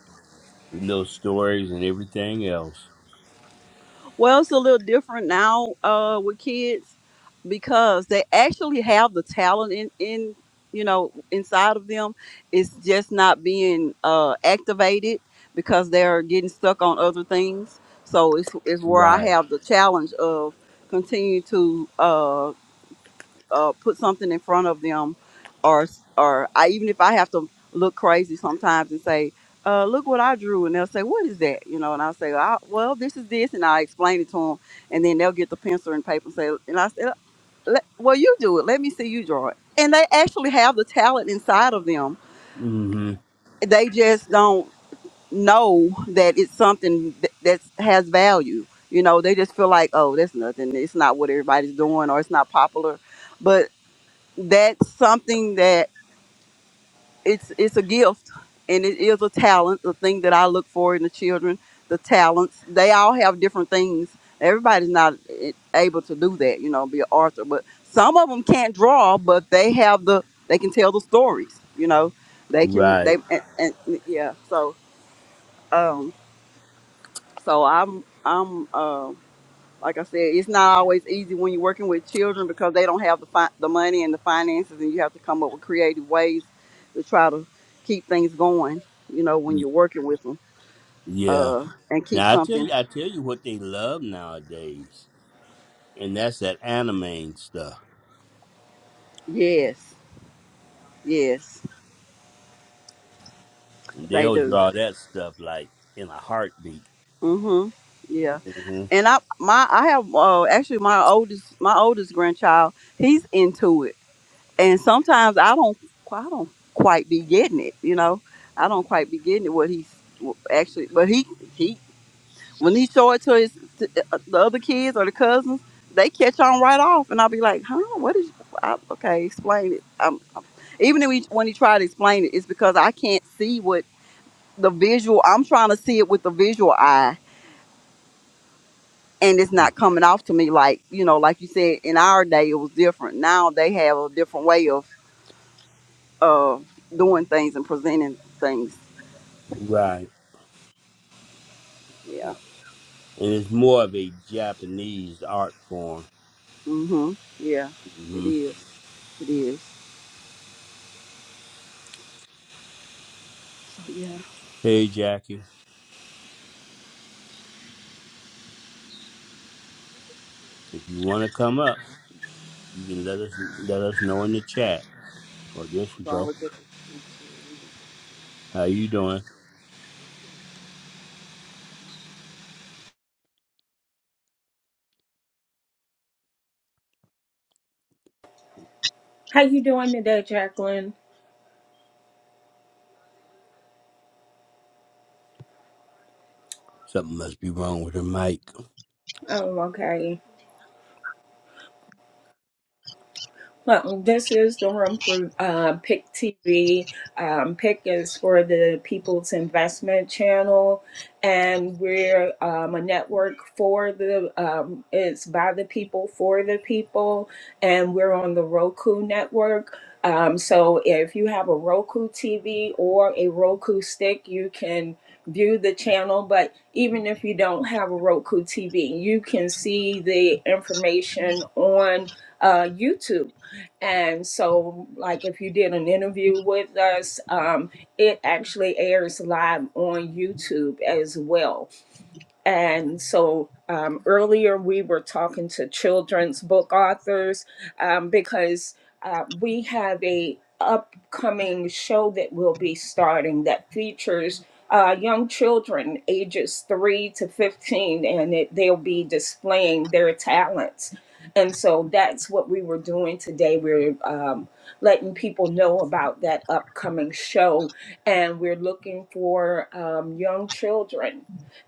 G: little stories and everything else.
H: Well, it's a little different now uh, with kids because they actually have the talent in, in you know inside of them. It's just not being uh, activated because they're getting stuck on other things. So it's, it's where I
G: Right.
H: have the challenge of continue to uh, uh, put something in front of them, or or I even if I have to look crazy sometimes and say, uh, "Look what I drew," and they'll say, "What is that?" You know, and I'll say, I, "Well, this is this," and I explain it to them, and then they'll get the pencil and paper and say, and I said, "Let- "Well, you do it. Let me see you draw it." And they actually have the talent inside of them.
G: mm Mhm.
H: They just don't know that it's something that that's, has value. You know, they just feel like, "Oh, that's nothing. It's not what everybody's doing, or it's not popular." that's something that it's it's a gift and it is a talent the thing that i look for in the children the talents they all have different things everybody's not eh, able to do that you know be an author but some of them can't draw but they have the they can tell the stories you know they can they
G: Right.
H: and, and yeah so um so i'm i'm um. Like I said, it's not always easy when you're working with children because they don't have the fi- the money and the finances, and you have to come up with creative ways to try to keep things going. You know, when
G: Y-
H: you're working with them,
G: Yeah.
H: uh, and keep
G: Now I tell
H: something.
G: you, I tell you what they love nowadays, and that's that anime and stuff.
H: Yes, yes, they
G: They'll
H: do.
G: draw that stuff like in a heartbeat.
H: Mhm. Yeah.
G: hmm
H: And I my I have uh, actually my oldest my oldest grandchild. He's into it, and sometimes I don't I don't quite be getting it. You know, I don't quite be getting it what he's actually, but he he when he show it to his to uh, the other kids or the cousins, they catch on right off, and I'll be like, "Huh? What is? I, okay, explain it." Um, even if he, when he tried to explain it, it's because I can't see what the visual. I'm trying to see it with the visual eye, and it's not coming off to me like you know, like you said. In our day, it was different. Now they have a different way of uh, doing things and presenting things.
G: Right.
H: Yeah.
G: Yeah. And it's more of a Japanese art form.
H: Mhm. Yeah. It
G: hmm
H: is. It is. Yeah.
G: Hey, Jackie, if you want to come up. You can let us let us know in the chat. Oh, there she
H: Don't
G: go.
H: look at
G: How you doing?
E: How you doing today, Jacqueline?
G: Something must be wrong with her mic.
E: Oh, okay. Well, this is the room for uh, Pick TV. Um, Pick is for the People's Investment Channel, and we're um, a network for the. Um, it's by the people for the people, and we're on the Roku network. Um, so if you have a Roku TV or a Roku stick, you can view the channel. But even if you don't have a Roku TV, you can see the information on uh, YouTube and so, like, if you did an interview with us, um, it actually airs live on YouTube as well. And so um, earlier we were talking to children's book authors um, because uh, we have a upcoming show that we'll be starting that features uh, young children ages 3 to 15 and it, they'll be displaying their talents. And so that's what we were doing today. We're um, letting people know about that upcoming show and we're looking for um, young children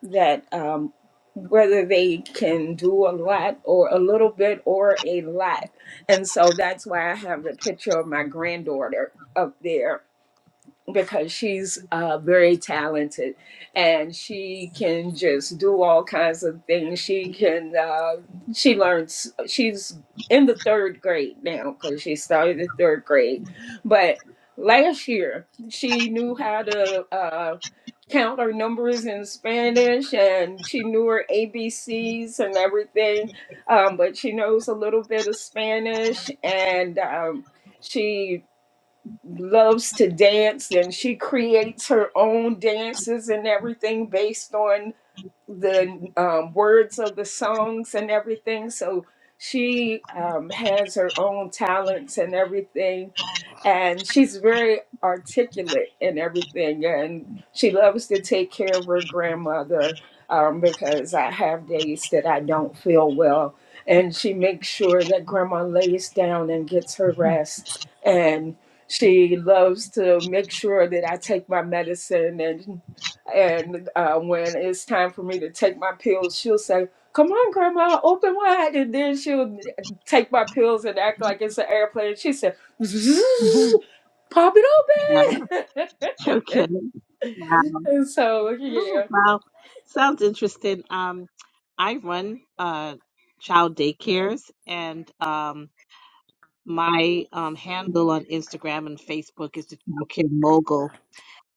E: that um, whether they can do a lot or a little bit or a lot. And so that's why I have the picture of my granddaughter up there because she's uh, very talented and she can just do all kinds of things. She can, uh, she learns, she's in the third grade now because she started the third grade. But last year, she knew how to uh, count her numbers in Spanish and she knew her ABCs and everything. Um, but she knows a little bit of Spanish and um, she loves to dance and she creates her own dances and everything based on the um, words of the songs and everything. So she um, has her own talents and everything. And she's very articulate in everything. And she loves to take care of her grandmother um, because I have days that I don't feel well. And she makes sure that grandma lays down and gets her rest. And she loves to make sure that I take my medicine and. And uh, when it's time for me to take my pills, she'll say, Come on, Grandma, open wide. And then she'll take my pills and act like it's an airplane. She said, "Zzz,
I: Mhm.
E: Pop
I: Yeah,
E: it open.
I: okay. Wow.
E: and so,
I: Oh,
E: yeah.
I: wow. Sounds interesting. Um, I run uh child daycares and um my um handle on Instagram and Facebook is the Child Care Mogul.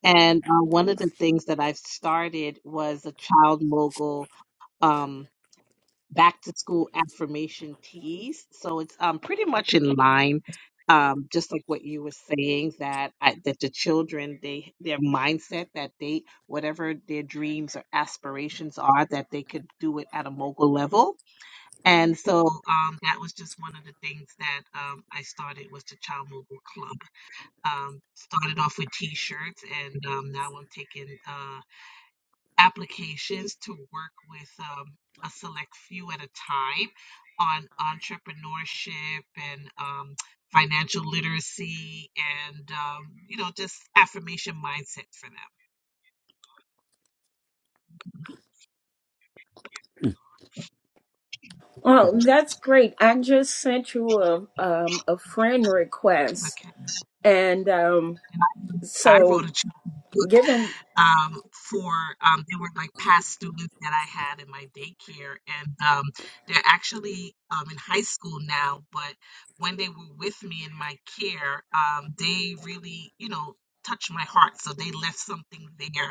I: And uh, one of the things that I've started was a Child Mogul um, back to school affirmation teas. So it's um pretty much in line, um, just like what you were saying that I, that the children they their mindset that they whatever their dreams or aspirations are that they could do it at a mogul level. And so um, that was just one of the things that um, I started was the Child Mogul Club. Um, started off with T-shirts, and um, now I'm taking. uh, applications to work with um, a select few at a time on entrepreneurship and um, financial literacy and um, you know just affirmation mindset for them.
E: Oh, that's great. I just sent you a um a friend request
I: Okay,
E: and um
I: I wrote
E: so
I: a children's book.
E: given
I: um, for um, they were like past students that I had in my daycare, and um, they're actually um, in high school now. But when they were with me in my care, um, they really, you know, touched my heart. So they left something there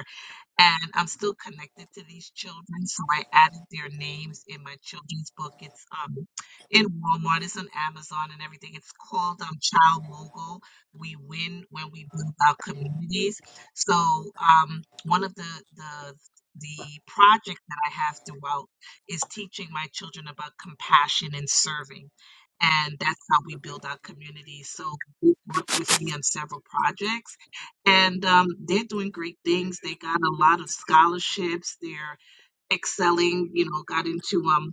I: and I'm still connected to these children, so I added their names in my children's book. It's um in Walmart, it's on Amazon and everything. It's called um Child Mogul. We win when we build our communities. So um one of the the the project that I have throughout is teaching my children about compassion and serving. And that's how we build our communities. So they worked with me on several projects and um, they're doing great things. They got a lot of scholarships. They're excelling. You know, got into um,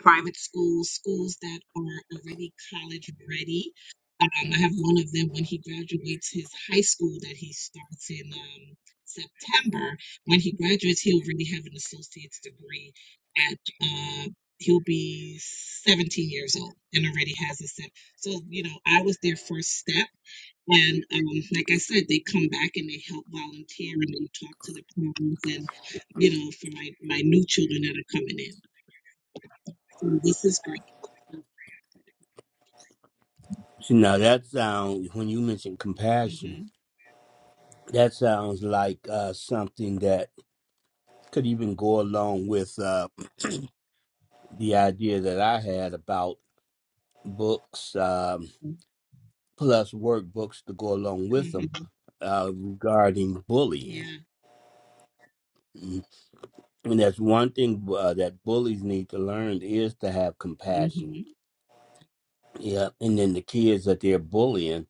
I: private schools, schools that are already college ready. Um, I have one of them when he graduates his high school that he starts in um, September. When he graduates, he'll already have an associate's degree. At uh, he'll be 17 years old and already has a set. So you know, I was their first step and um, like I said, they come back and they help volunteer and they talk to the parents and, you know, for my, my new children that are coming in. So this is great.
G: See now that sounds when you mention compassion,
I: hmm
G: that sounds like uh, something that could even go along with uh, the idea that I had about books um, plus workbooks to go along with
I: hmm
G: them uh, regarding bullying.
I: Yeah.
G: Mm. And that's one thing uh, that bullies need to learn is to have compassion
I: hmm
G: Yeah, and then the kids that they're bullying,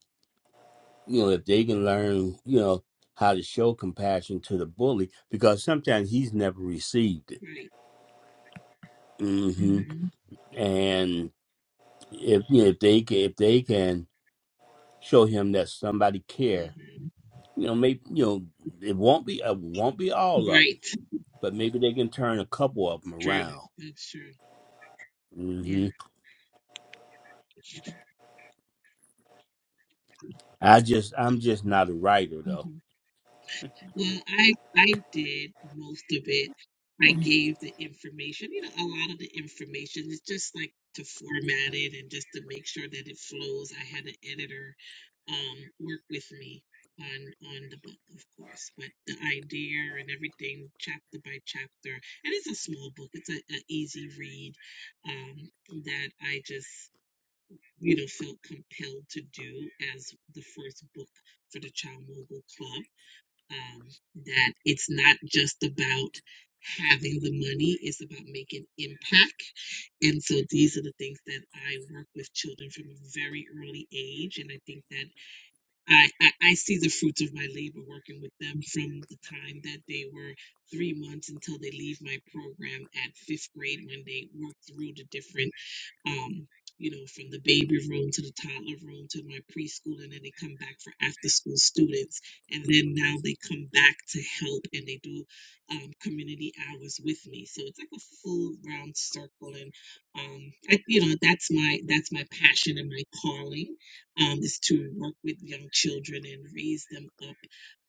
G: you know, if they can learn, you know, how to show compassion to the bully, because sometimes he's never received it.
I: Right.
G: hmm
I: hmm
G: And if you know, if they can, if they can show him that somebody care,
I: hmm
G: you know, maybe you know, it won't be it won't be all of
I: Right.
G: them,
I: That's
G: but maybe they can turn a couple of them
I: true.
G: around.
I: That's true. Yeah.
G: hmm I just I'm just not a writer
I: Mm-hmm.
G: though.
I: Well, I I did most of it. I gave the information, you know, a lot of the information is just like to format it and just to make sure that it flows. I had an editor um work with me on on the book, of course, but the idea and everything chapter by chapter. And it's a small book. It's a, a easy read um that I just you know felt compelled to do as the first book for the Child Mogul Club um, that it's not just about having the money it's about making impact and so these are the things that i work with children from a very early age and i think that I, I i see the fruits of my labor working with them from the time that they were three months until they leave my program at fifth grade when they work through the different um, you know, from the baby room to the toddler room to my preschool, and then they come back for after school students. And then now they come back to help and they do um, community hours with me. So it's like a full round circle. And, um, I, you know, that's my, that's my passion and my calling um, is to work with young children and raise them up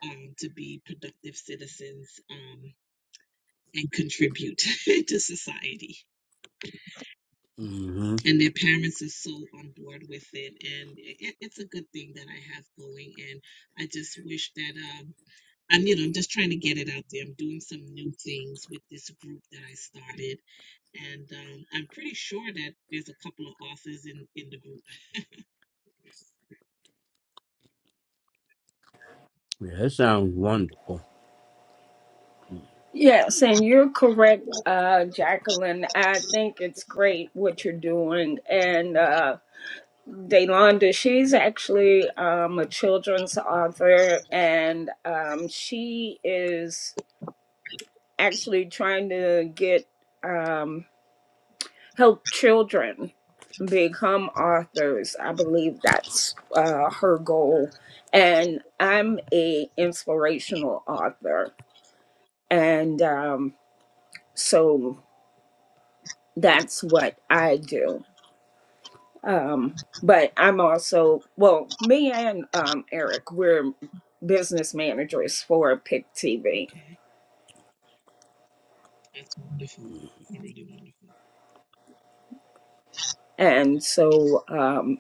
I: um, to be productive citizens um, and contribute to society
G: hmm
I: and their parents are so on board with it and it, it's a good thing that i have going and i just wish that um i'm you know i'm just trying to get it out there i'm doing some new things with this group that i started and um, i'm pretty sure that there's a couple of authors in in the group
G: Yeah, that sounds wonderful.
E: yes, and you're correct, uh Jacqueline. I think it's great what you're doing and uh Daylonda, she's actually um, a children's author, and um, she is actually trying to get um, help children become authors. I believe that's uh, her goal. And I'm a inspirational author, and um, so that's what I do. Um, but I'm also, well, me and um, Eric, we're business managers for Pick TV.
I: okay that's wonderful really
E: And so, um,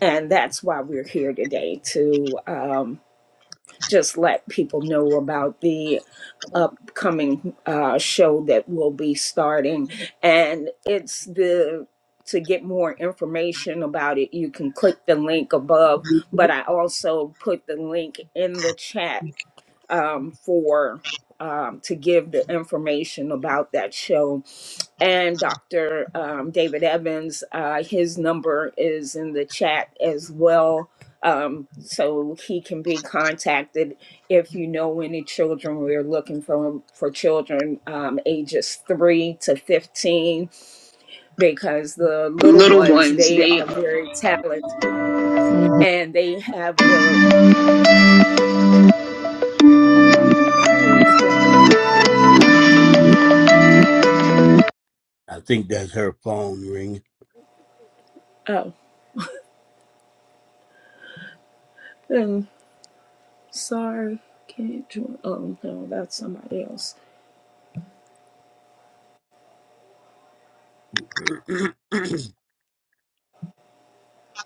E: and that's why we're here today to um, just let people know about the upcoming uh, show that will be starting. And it's the, to get more information about it, you can click the link above, but
I: wonderful
E: I also put the link in the chat
I: okay.
E: um, for um, to give the information about that show. And Dr. Um, David Evans, uh, his number is in the chat as well. Um, so he can be contacted if you know any children. We're looking for for children um, ages three to fifteen because the little
I: Little
E: ones
I: ones,
E: they
I: they
E: are very talented and they have the who is that?
G: I think that's her phone ringing.
E: Oh. hmm. Sorry, can't join. Oh, no, that's somebody else.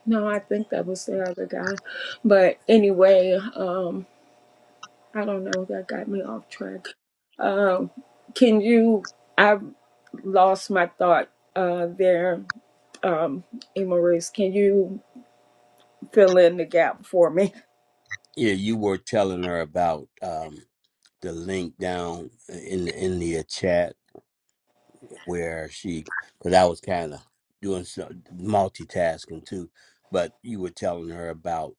E: No, I think that was the other guy. But anyway, um, I don't know, that got me off track. Um, can you, I lost my thought uh, there, um, Maurice. Can you fill in the gap for me?
G: yeah, you were telling her about um, the link down in the, in the chat where she, because I was kind of doing some multitasking too, but you were telling her about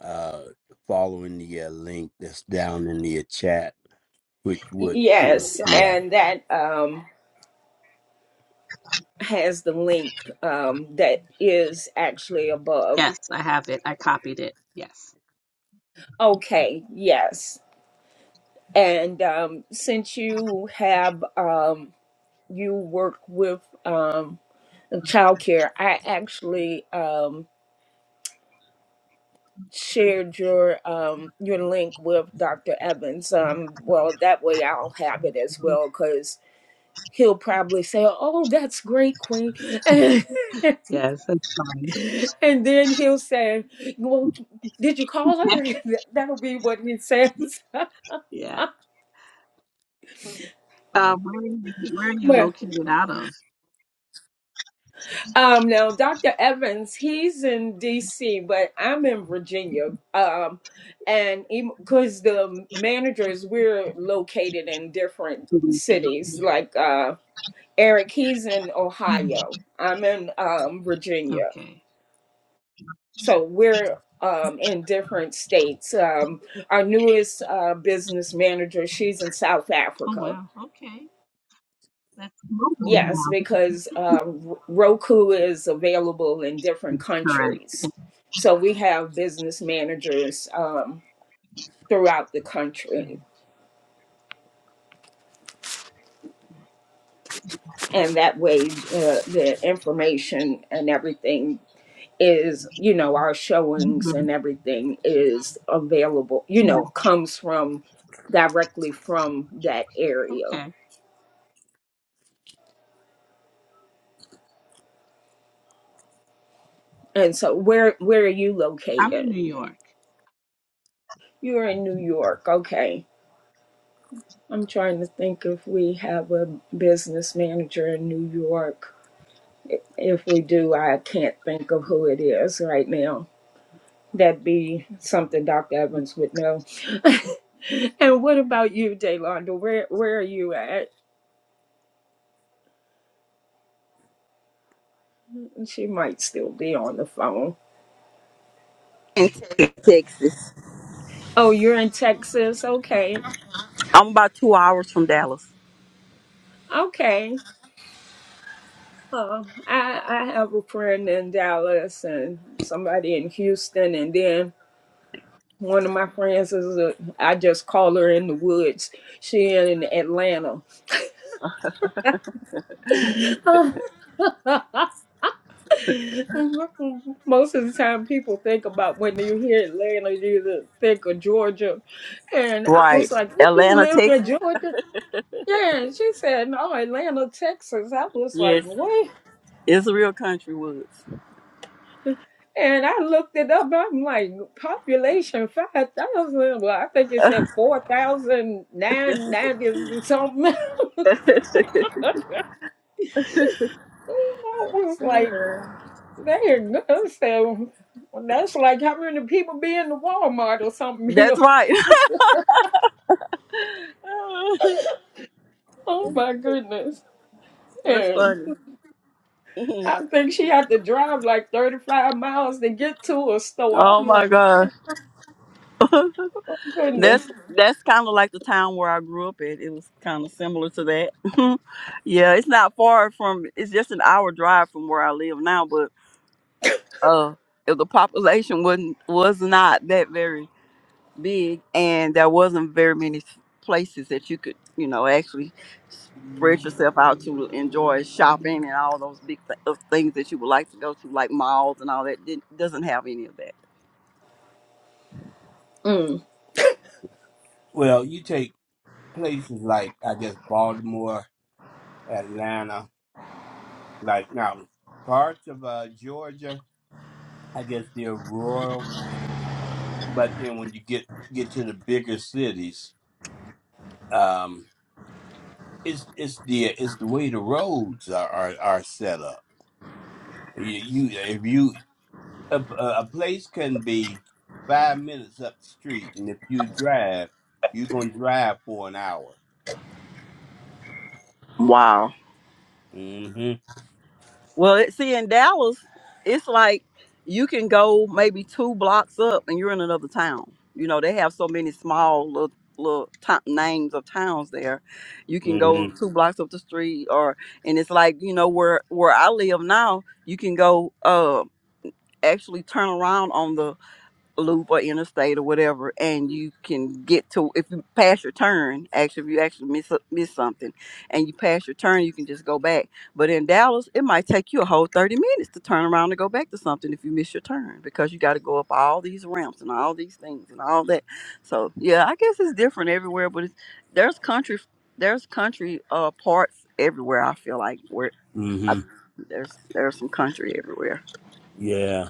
G: uh, following the uh, link that's down in the chat, which would, you know,
E: Yes,
G: yeah.
E: and that um, has the link um, that is actually above.
I: yes i have it i copied it yes
E: Okay, yes. And um, since you have um, you work with um, childcare, I actually um, shared your um, your link with Dr. Evans. Um, well, that way I'll have it as well because he'll probably say, "Oh, that's great, Queen," and,
I: yes that's fine
E: then he'll say, "Well, did you call her?" That'll be what he says.
I: yeah um where are you, where are you
E: But
I: located out of
E: Um, no, Dr. Evans, he's in DC, but I'm in Virginia. Um, and because the managers, we're located in different cities. Like uh, Eric, he's in Ohio. I'm in um, Virginia. So we're um, in different states. Um, our newest uh, business manager, she's in South
I: Oh
E: Africa.
I: wow. Okay. That's mobile
E: Yes,
I: now.
E: because
I: That's
E: um, Roku is available in different
I: correct.
E: countries.
I: Yeah.
E: So we have business managers um, throughout the country.
I: Mm.
E: And that way, uh, the information and everything is, you know, our showings
I: Mhm.
E: and everything is available, you
I: Yeah.
E: know, comes from directly from that area.
I: Okay.
E: And so, where where are you
I: I'm in
E: located?
I: New York.
E: You're in New York, okay? I'm trying to think if we have a business manager in New York. If we do, I can't think of who it is right now. That'd be something Dr. Evans would know. and what about you, Daylonda? Where where are you at? She might still be on the phone.
H: in Texas.
E: Oh, you're in Texas? Okay.
H: I'm about two hours from Dallas.
E: Okay. Uh, I, I have a friend in Dallas and somebody in Houston and then One of my friends is a, I just call her in the woods. She in Atlanta. Most of the time, people think about when you hear Atlanta, you either think of Georgia. And I was
H: Right.
E: like, "Did you
H: Atlanta,
E: live in
H: Texas.
E: Georgia?" Yeah, and she said, "No, Atlanta, Texas." I was like,
H: Yes.
E: "What?"
H: it's a real Country Woods.
E: And I looked it up. I'm like, population five thousand. Well, I think it said four thousand nine hundred ninety something.
H: That's
E: I was like, dang, that's, that's like how many people be in the Walmart or something here.
H: right. that's true.
E: Oh my goodness.
H: That's
E: And
H: funny. Mhm.
E: I think she had to drive like 35 miles to get to a store.
H: oh
E: I'm
H: my
E: like,
H: gosh.
E: oh
H: That's
E: goodness.
H: that's kind of like the town where I grew up at. It was kind of similar to that. yeah, it's not far from. It's just an hour drive from where I live now, but uh, if the population wasn't was not that very big and there wasn't very many s- places that you could you know actually spread yourself out to enjoy shopping and all those big th- uh, things that you would like to go to like malls and all that did doesn't have any of that
E: Mm.
G: Well, you take places like I guess Baltimore, Atlanta, like now parts of uh, Georgia. I guess the rural but then when you get get to the bigger cities, um, it's it's the it's the way the roads are are, are set up. You, you if you a, a place can be five minutes up the street, and if you drive, you're gonna drive for an hour.
H: Wow.
G: Mm-hmm.
H: Well, it, see, in Dallas, it's like you can go maybe two blocks up and you're in another town. You know, they have so many small little, little to names of towns there. You can go
G: Mm-hmm.
H: two blocks up the street, or and it's like you know where where I live now. You can go uh actually turn around on the loop or interstate or whatever, and you can get to if you pass your turn. Actually, if you actually miss miss something, and you pass your turn, you can just go back. But in Dallas, it might take you a whole thirty minutes to turn around and go back to something if you miss your turn because you got to go up all these ramps and all these things and all that. So yeah, I guess it's different everywhere, but it's, there's country there's country uh parts everywhere. I feel like where I,
G: Mm-hmm.
H: there's there's some country everywhere
G: Yeah.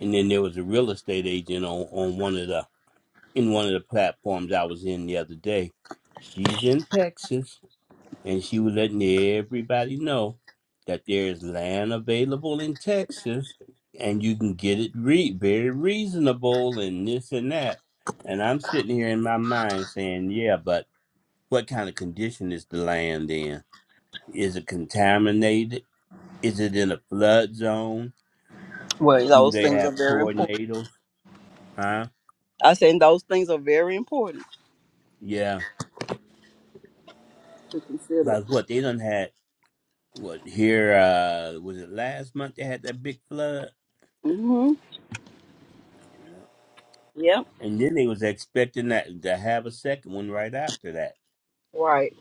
G: And then there was a real estate agent on on one of the in one of the platforms I was in the other day. She's in Texas and she was letting everybody know that there is land available in Texas and you can get it re- very reasonable and this and that. And I'm sitting here in my mind saying, yeah, but what kind of condition is the land in? Is it contaminated? Is it in a flood zone?
H: where
G: Do
H: those
G: they
H: things are very
G: have tornadoes? Huh?
H: I think those things are very important
G: Yeah.
H: to consider.
G: Like what they done had what here uh was it last month they had that big flood?
H: hmm Yep.
G: And then they was expecting that to have a second one right after that.
H: Right.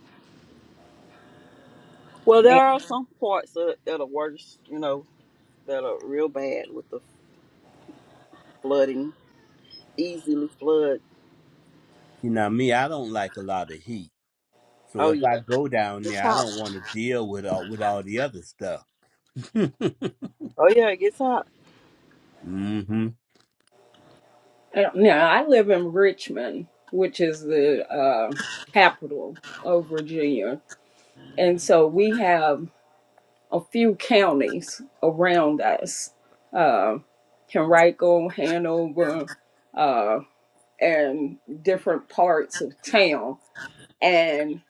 H: Well, there
E: And-
H: are some parts that, that are worse, you know, that are real bad with the flooding, easily flood.
G: You know me, I don't like a lot of heat. So
H: Oh
G: if
H: yeah,
G: I go down
H: it's
G: there, I
H: hot.
G: don't want to deal with all with all the other stuff. mm-hmm.
H: Oh yeah, it gets hot.
E: and Now, I live in Richmond, which is the uh, capital of Virginia. And so we have a few counties around us, uh, Henrico, Hanover, uh, and different parts of town. And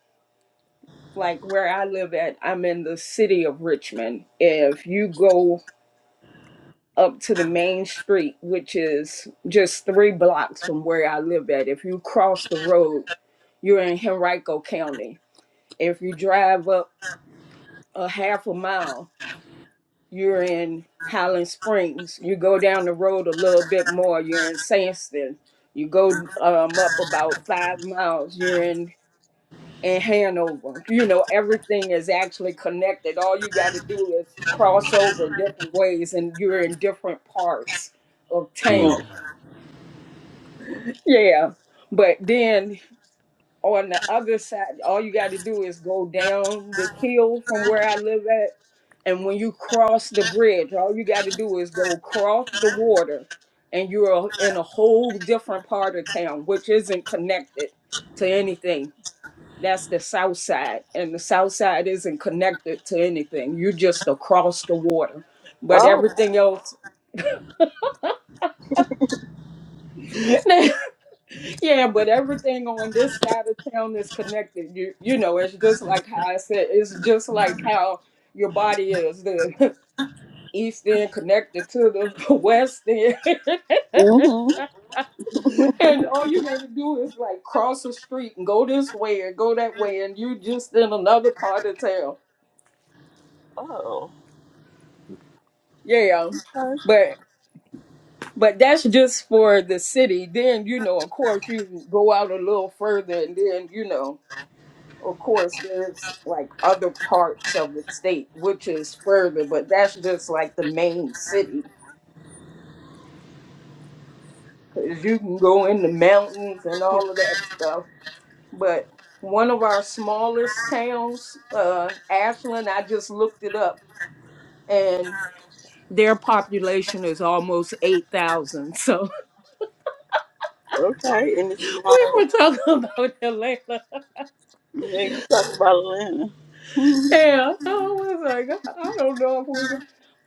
E: like where I live at, I'm in the city of Richmond. If you go up to the main street, which is just three blocks from where I live at, if you cross the road, you're in Henrico County. If you drive up a half a mile, you're in Highland Springs. You go down the road a little bit more, you're in Sandston. You go um, up about five miles, you're in in Hanover. You know, everything is actually connected. All you got to do is cross over different ways, and you're in different parts of
G: Hmm.
H: Mm.
E: town. Yeah. But then on the other side, all you got to do is go down the hill from where I live at. And when you cross the bridge, all you got to do is go cross the water, and you're in a whole different part of town, which isn't connected to anything. That's the south side, and the south side isn't connected to anything. You just across the water, but
H: Oh.
E: everything else, Yeah, but everything on this side of town is connected. You you know, it's just like how I said, it's just like how your body is. The east end connected to the west end.
H: hmm
E: And all you gotta do is like cross the street and go this way and go that way and you just in another part of town.
H: Oh.
E: Yeah.
H: Okay.
E: But but that's just for the city. Then, you know, of course you go out a little further and then, you know. Of course, there's like other parts of the state which is further, but that's just like the main city because you can go in the mountains and all of that stuff. But one of our smallest towns, uh, Ashland, I just looked it up and their population is almost 8,000. So
H: Okay. And it's
E: we
H: smaller.
E: were talking about Atlanta.
H: Yeah, you talking about Atlanta. Mhm.
E: Yeah, I was like, I I don't know if we.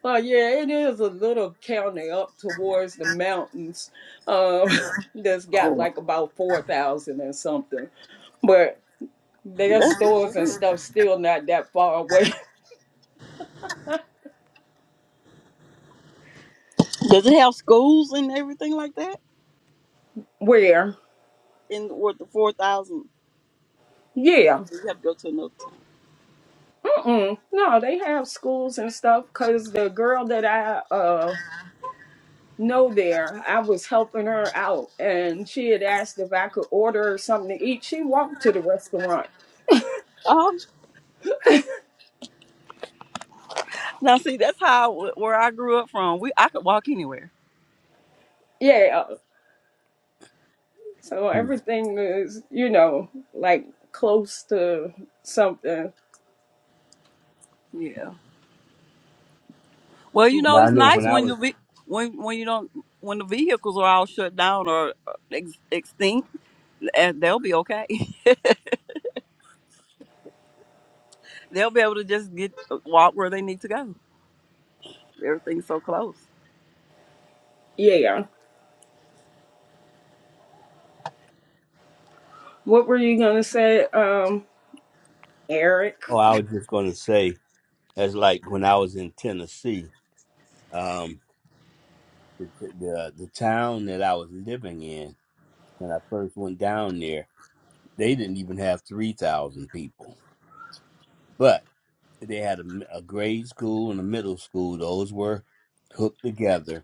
E: Uh, yeah, it is a little county up towards the mountains. Um, that's got
H: Oh,
E: like about four thousand or something, but their
H: that's
E: stores and
H: weird.
E: stuff still not that far away.
H: Does it have schools and everything like that?
E: Where?
H: In with the four thousand,
E: Yeah.
H: Like, you have to go to another.
E: Mm-mm. No, they have schools and stuff. Cause the girl that I uh know there, I was helping her out, and she had asked if I could order her something to eat. She walked to the restaurant.
H: Um, now see, that's how I w- where I grew up from. We I could walk anywhere.
E: Yeah. uh, So
G: Hmm.
E: everything is, you know, like close to something.
H: Yeah. Well, you
E: But
G: Now
H: know,
G: I
H: it's
G: know
H: nice
G: when I
H: when
G: was
H: you ve- when when you don't when the vehicles are all shut down or uh, ex- extinct, and they'll be okay. they'll be able to just get uh, walk where they need to go. Everything's so close.
E: Yeah. What were you gonna say, um, Eric?
G: oh, I was just gonna say that's like when I was in Tennessee, um the the, the town that I was living in when I first went down there, they didn't even have three thousand people. but. They had a a grade school and a middle school. Those were hooked together,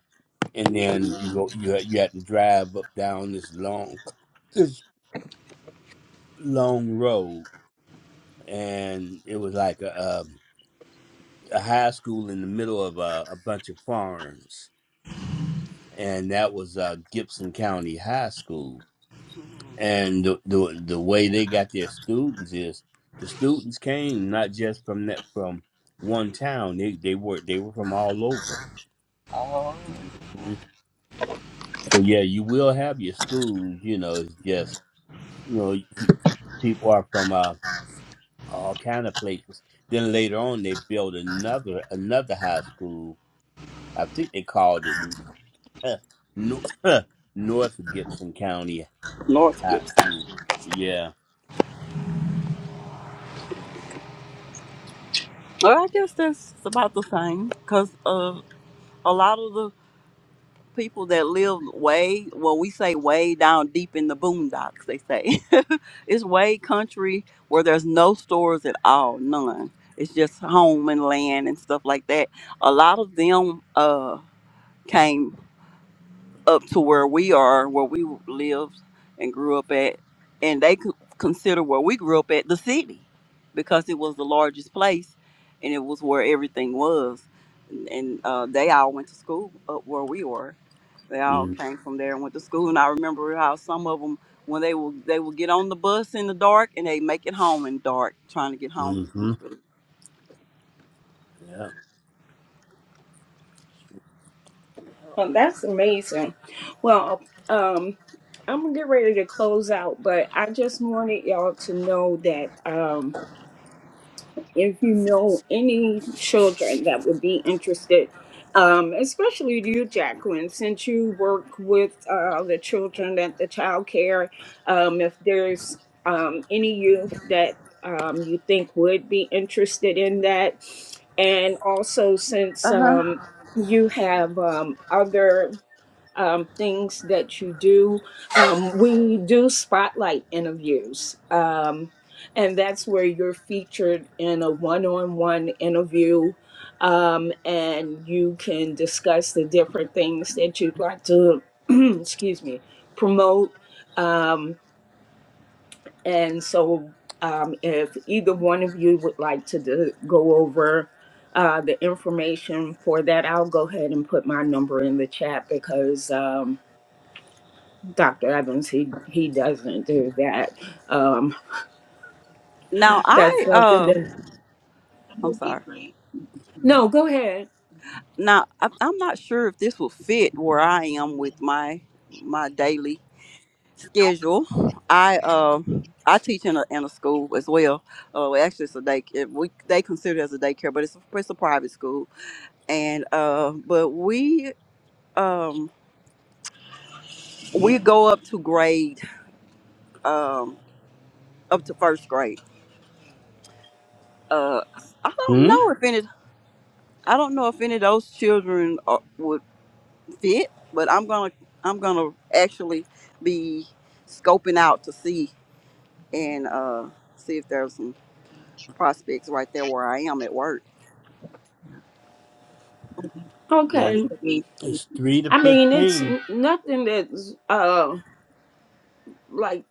G: and then you
H: Mhm.
G: go you had- you had to drive up down this long this long road, and it was like a um a high school in the middle of a, a bunch of farms, and that was uh, Gibson County High School. And the, the the way they got their students is the students came not just from that from one town. They they were they were from all over. So yeah, you will have your schools. You know, it's just you know people are from uh, all kind of places. Then later on, they built another another high school. I think they called it North, North Gibson County
H: Lord
G: High
H: forgives.
G: School. Yeah.
H: Well, I guess that's about the same because uh, a lot of the people that live way well we say way down deep in the boondocks they say it's way country where there's no stores at all none it's just home and land and stuff like that a lot of them uh came up to where we are, where we lived and grew up at, and they could consider where we grew up at the city because it was the largest place and it was where everything was. And uh, they all went to school up where we were. They all
G: Mm,
H: came from there and went to school. And I remember how some of them, when they will, they would get on the bus in the dark and they make it home in dark, trying to get home.
G: Mm-hmm. Yeah.
E: Oh, that's amazing. Well, um, I'm gonna get ready to close out, but I just wanted y'all to know that. Um, um, if you know any children that would be interested, um, especially you, Jacqueline, since you work with uh, the children at the child care, um, if there's um, any youth that um, you think would be interested in that, and also since
H: Uh huh.
E: um, you have um, other um, things that you do. Um, we do spotlight interviews, um, and that's where you're featured in a one on one interview. Um, and you can discuss the different things that you'd like to, excuse me, promote. Um, and so, um, if either one of you would like to do, go over uh, the information for that, I'll go ahead and put my number in the chat because. Um, Dr. Evans, he, he doesn't do that. Um,
H: Now
E: that's
H: I,
E: something
H: uh,
E: that.
I: That
H: I'm
I: would be
H: sorry.
I: great.
E: No, go ahead.
H: now I, i'm not sure if this will fit where i am with my my daily schedule i um i teach in a, in a school as well uh well, actually it's a day it, we they consider it as a daycare but it's a, it's a private school and uh but we um we go up to grade um up to first grade uh i don't
G: Hmm.
H: know if any i don't know if any of those children fit, but I'm gonna I'm gonna actually be scoping out to see
I: Mhm.
H: and uh, see if there's some
I: Yeah.
H: prospects right there where I am at work.
I: Sure. Well, that-
G: Well,
I: That's
E: Okay.
I: the age group.
G: it's three to
E: I mean, it's
G: fifteen,
E: n- nothing that's uh, like,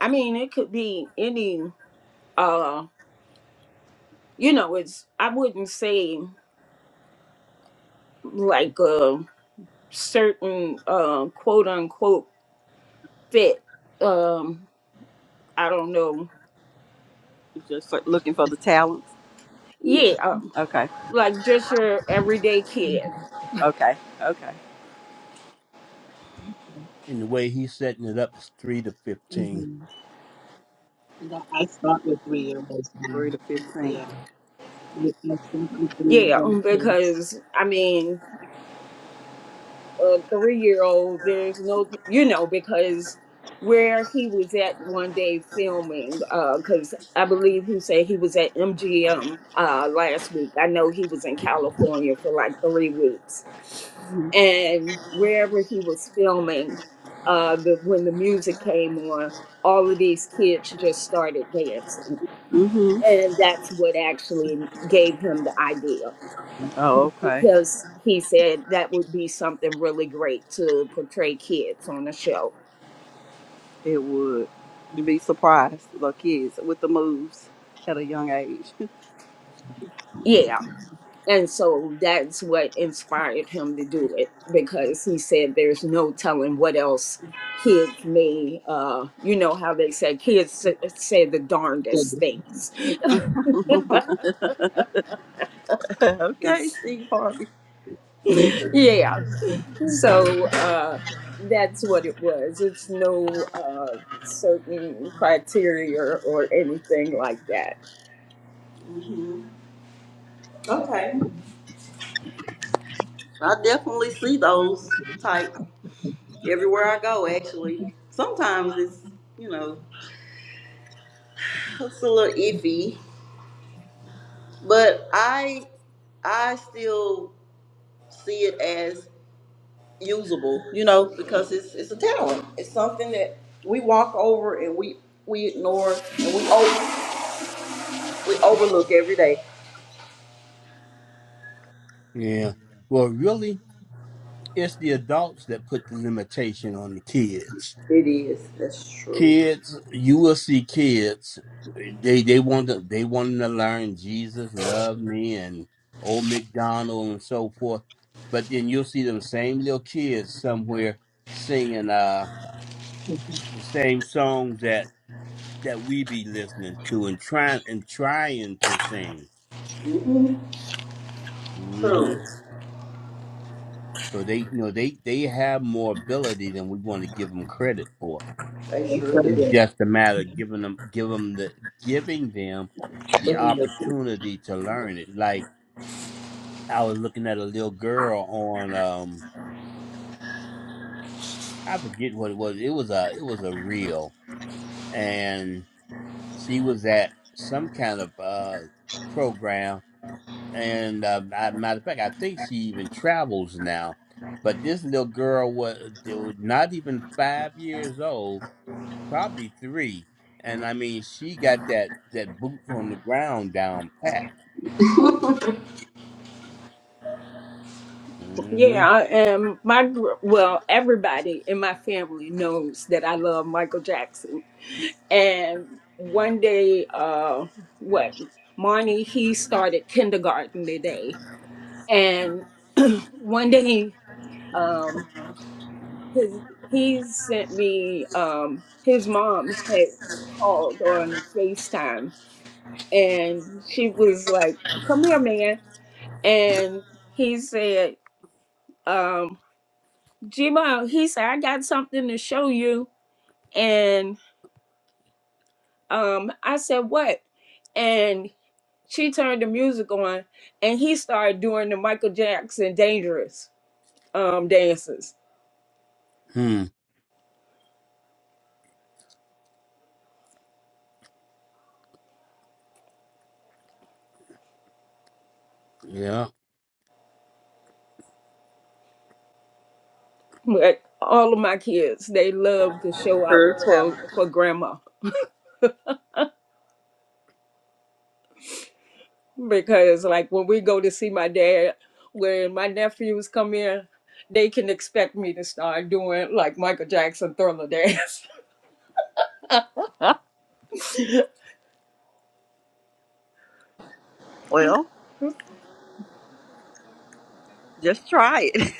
E: I mean, it could be any, uh, you know, it's, I wouldn't say like a certain uh, quote unquote fit. Um, I don't know.
H: Just for, looking for the talents.
E: Yeah. Um,
H: Okay,
E: like just your everyday kid.
H: okay, okay.
G: and the way he's setting it up is three to fifteen.
I: Mm-hmm. That I start with three year olds now.
H: Three to fifteen.
I: Yeah. I, I start with three year
E: Yeah.
I: old
E: um,
I: kids.
E: Because, I mean, a three year old, there's no, you know, because where he was at one day filming, because I believe he said he was at MGM uh, last week. I know he was in California for like three weeks.
H: Mm-hmm.
E: And wherever he was filming, uh, the, when the music came on, all of these kids just started dancing.
H: Mm-hmm.
E: And that's what actually gave him the idea
H: Oh, okay.
E: because he said that would be something really great to portray kids on a show.
H: It would. You'd be surprised, the kids with the moves at a young age.
E: Yeah. And so that's what inspired him to do it because he said there's no telling what else kids may, uh, you know, how they say kids s- say the darndest things.
H: okay, Steve Harvey.
E: yeah. So uh, that's what it was. It's no uh, certain criteria or anything like that.
H: hmm Okay, I definitely see those type. everywhere I go, actually. Sometimes it's, you know, it's a little iffy, but I I still see it as usable, you know, because it's it's a talent. It's something that we walk over and we we ignore and we over, we overlook every day.
G: Yeah. Well, really, it's the adults that put the limitation on the kids
H: It is. That's true.
G: kids you will see kids they they want to they wanting to learn jesus love me and old mcdonald and so forth but then you'll see them same little kids somewhere singing uh the same songs that that we be listening to and trying and trying to sing
H: hmm
G: hmm
H: True.
G: so they you know they they have more ability than we want to give them credit for
H: They sure do.
G: It's just a matter of giving them, give 'em the, giving them the opportunity to learn it. Like I was looking at a little girl on, um, I forget what it was. It was a, it was a reel, and she was at some kind of uh program. And uh, I, matter of fact, I think she even travels now. But this little girl was, they was not even five years old probably three. And I mean, she got that that boots on the ground down pat. Mm-hmm.
E: Yeah, I am. My gr- well, everybody in my family knows that I love Michael Jackson. And one day, uh, what Marnie he started kindergarten today, and one day, um, his he sent me um his mom had called on Facetime, and she was like, "Come here, man," and he said. um, Gmo, he said, I got something to show you. And um, I said, What? And she turned the music on and he started doing the Michael Jackson dangerous um dances.
G: Hmm. Yeah.
E: But all of my kids, they love to show out
H: Her
E: for,
H: talent.
E: for grandma. Because like when we go to see my dad, when my nephews come in, they can expect me to start doing like Michael Jackson thriller dance.
H: Well, just try it.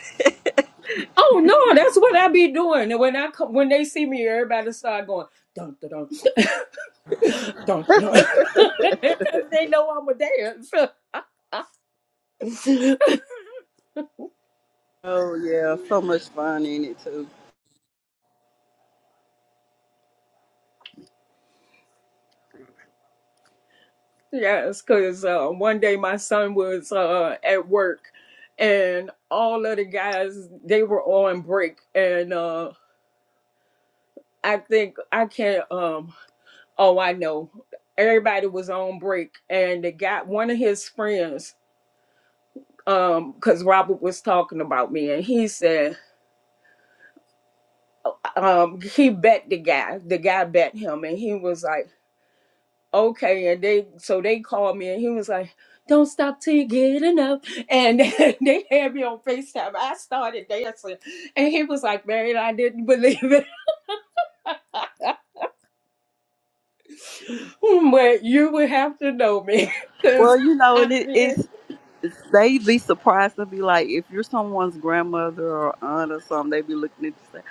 E: Oh no, that's what I be doing. And when I come, when they see me, everybody start going dun dun dun dun dun because they know I'm a dancer.
H: oh yeah, so much fun in it too.
E: yes, because uh, one day my son was uh, at work, and all of the guys they were on break, and uh, I think I can't. Um, oh, I know. Everybody was on break, and the guy, one of his friends, um, because Robert was talking about me, and he said. um he bet the guy the guy bet him and he was like okay and they so they called me and he was like don't stop till you get enough and they had me on facetime i started dancing and he was like man i didn't believe it but you would have to know me
H: Well,
E: because
H: you know,
E: i'm
H: and it, it's they'd be surprised to be like, if you're someone's grandmother or aunt or something, they'd be looking at you say,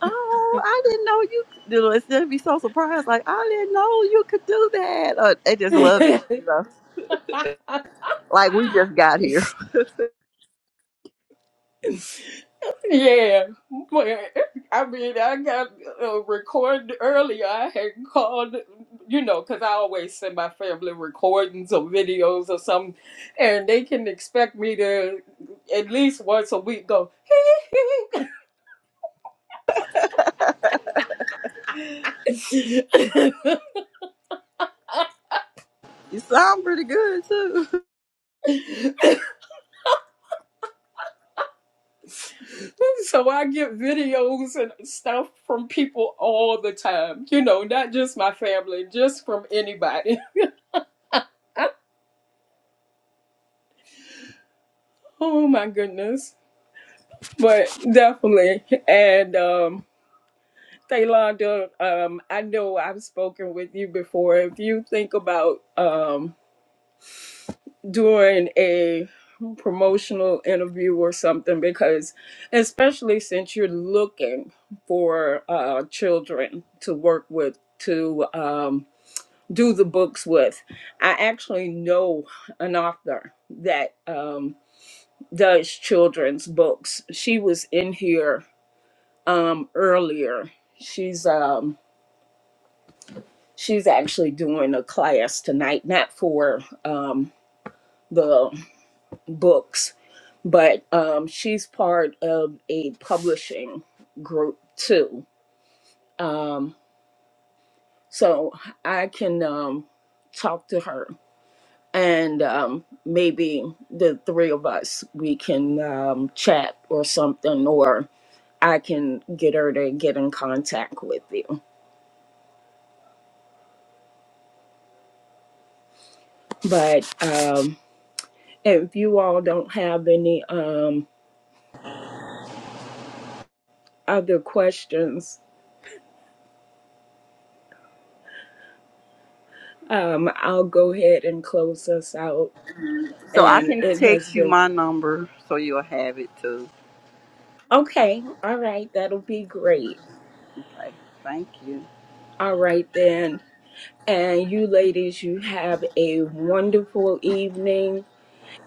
H: "Oh, I didn't know you." could-" You know, it's- they'd be so surprised, like, "I didn't know you could do that." Or, they just love it,
E: here
H: you know. Like we just got here.
E: Yeah, well, I mean, I got uh, recorded earlier. I had called, you know, because I always send my family recordings or videos or something, and they can expect me to at least once a week go.
H: You sound pretty good too.
E: so I get videos and stuff from people all the time, you know, not just my family, just from anybody. Oh my goodness, but definitely, and um. Taylonda, um, I know I've spoken with you before. If you think about um, doing a promotional interview or something, because especially since you're looking for uh, children to work with, to um, do the books with, I actually know an author that um, does children's books. She was in here um, earlier. She's um, She's actually doing a class tonight, not for um, the books, but um, she's part of a publishing group too. Um, so I can um, talk to her and um, maybe the three of us, we can um, chat or something, or I can get her to get in contact with you. But um, if you all don't have any. Um, other questions, um, I'll go ahead and close us out.
H: So I
E: And
H: can
E: it has
H: text you
E: been
H: my number so you'll have it too.
E: okay. All right, that'll be great.
H: Okay, thank you.
E: All right then. And you ladies, you have a wonderful evening,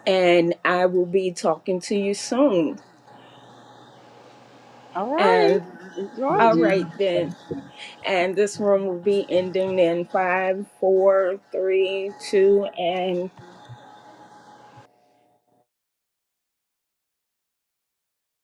E: and I will be talking to you soon.
H: All right,
E: And
H: enjoy
E: all
H: you.
E: right then. And this room will be ending in five, four, three, two, and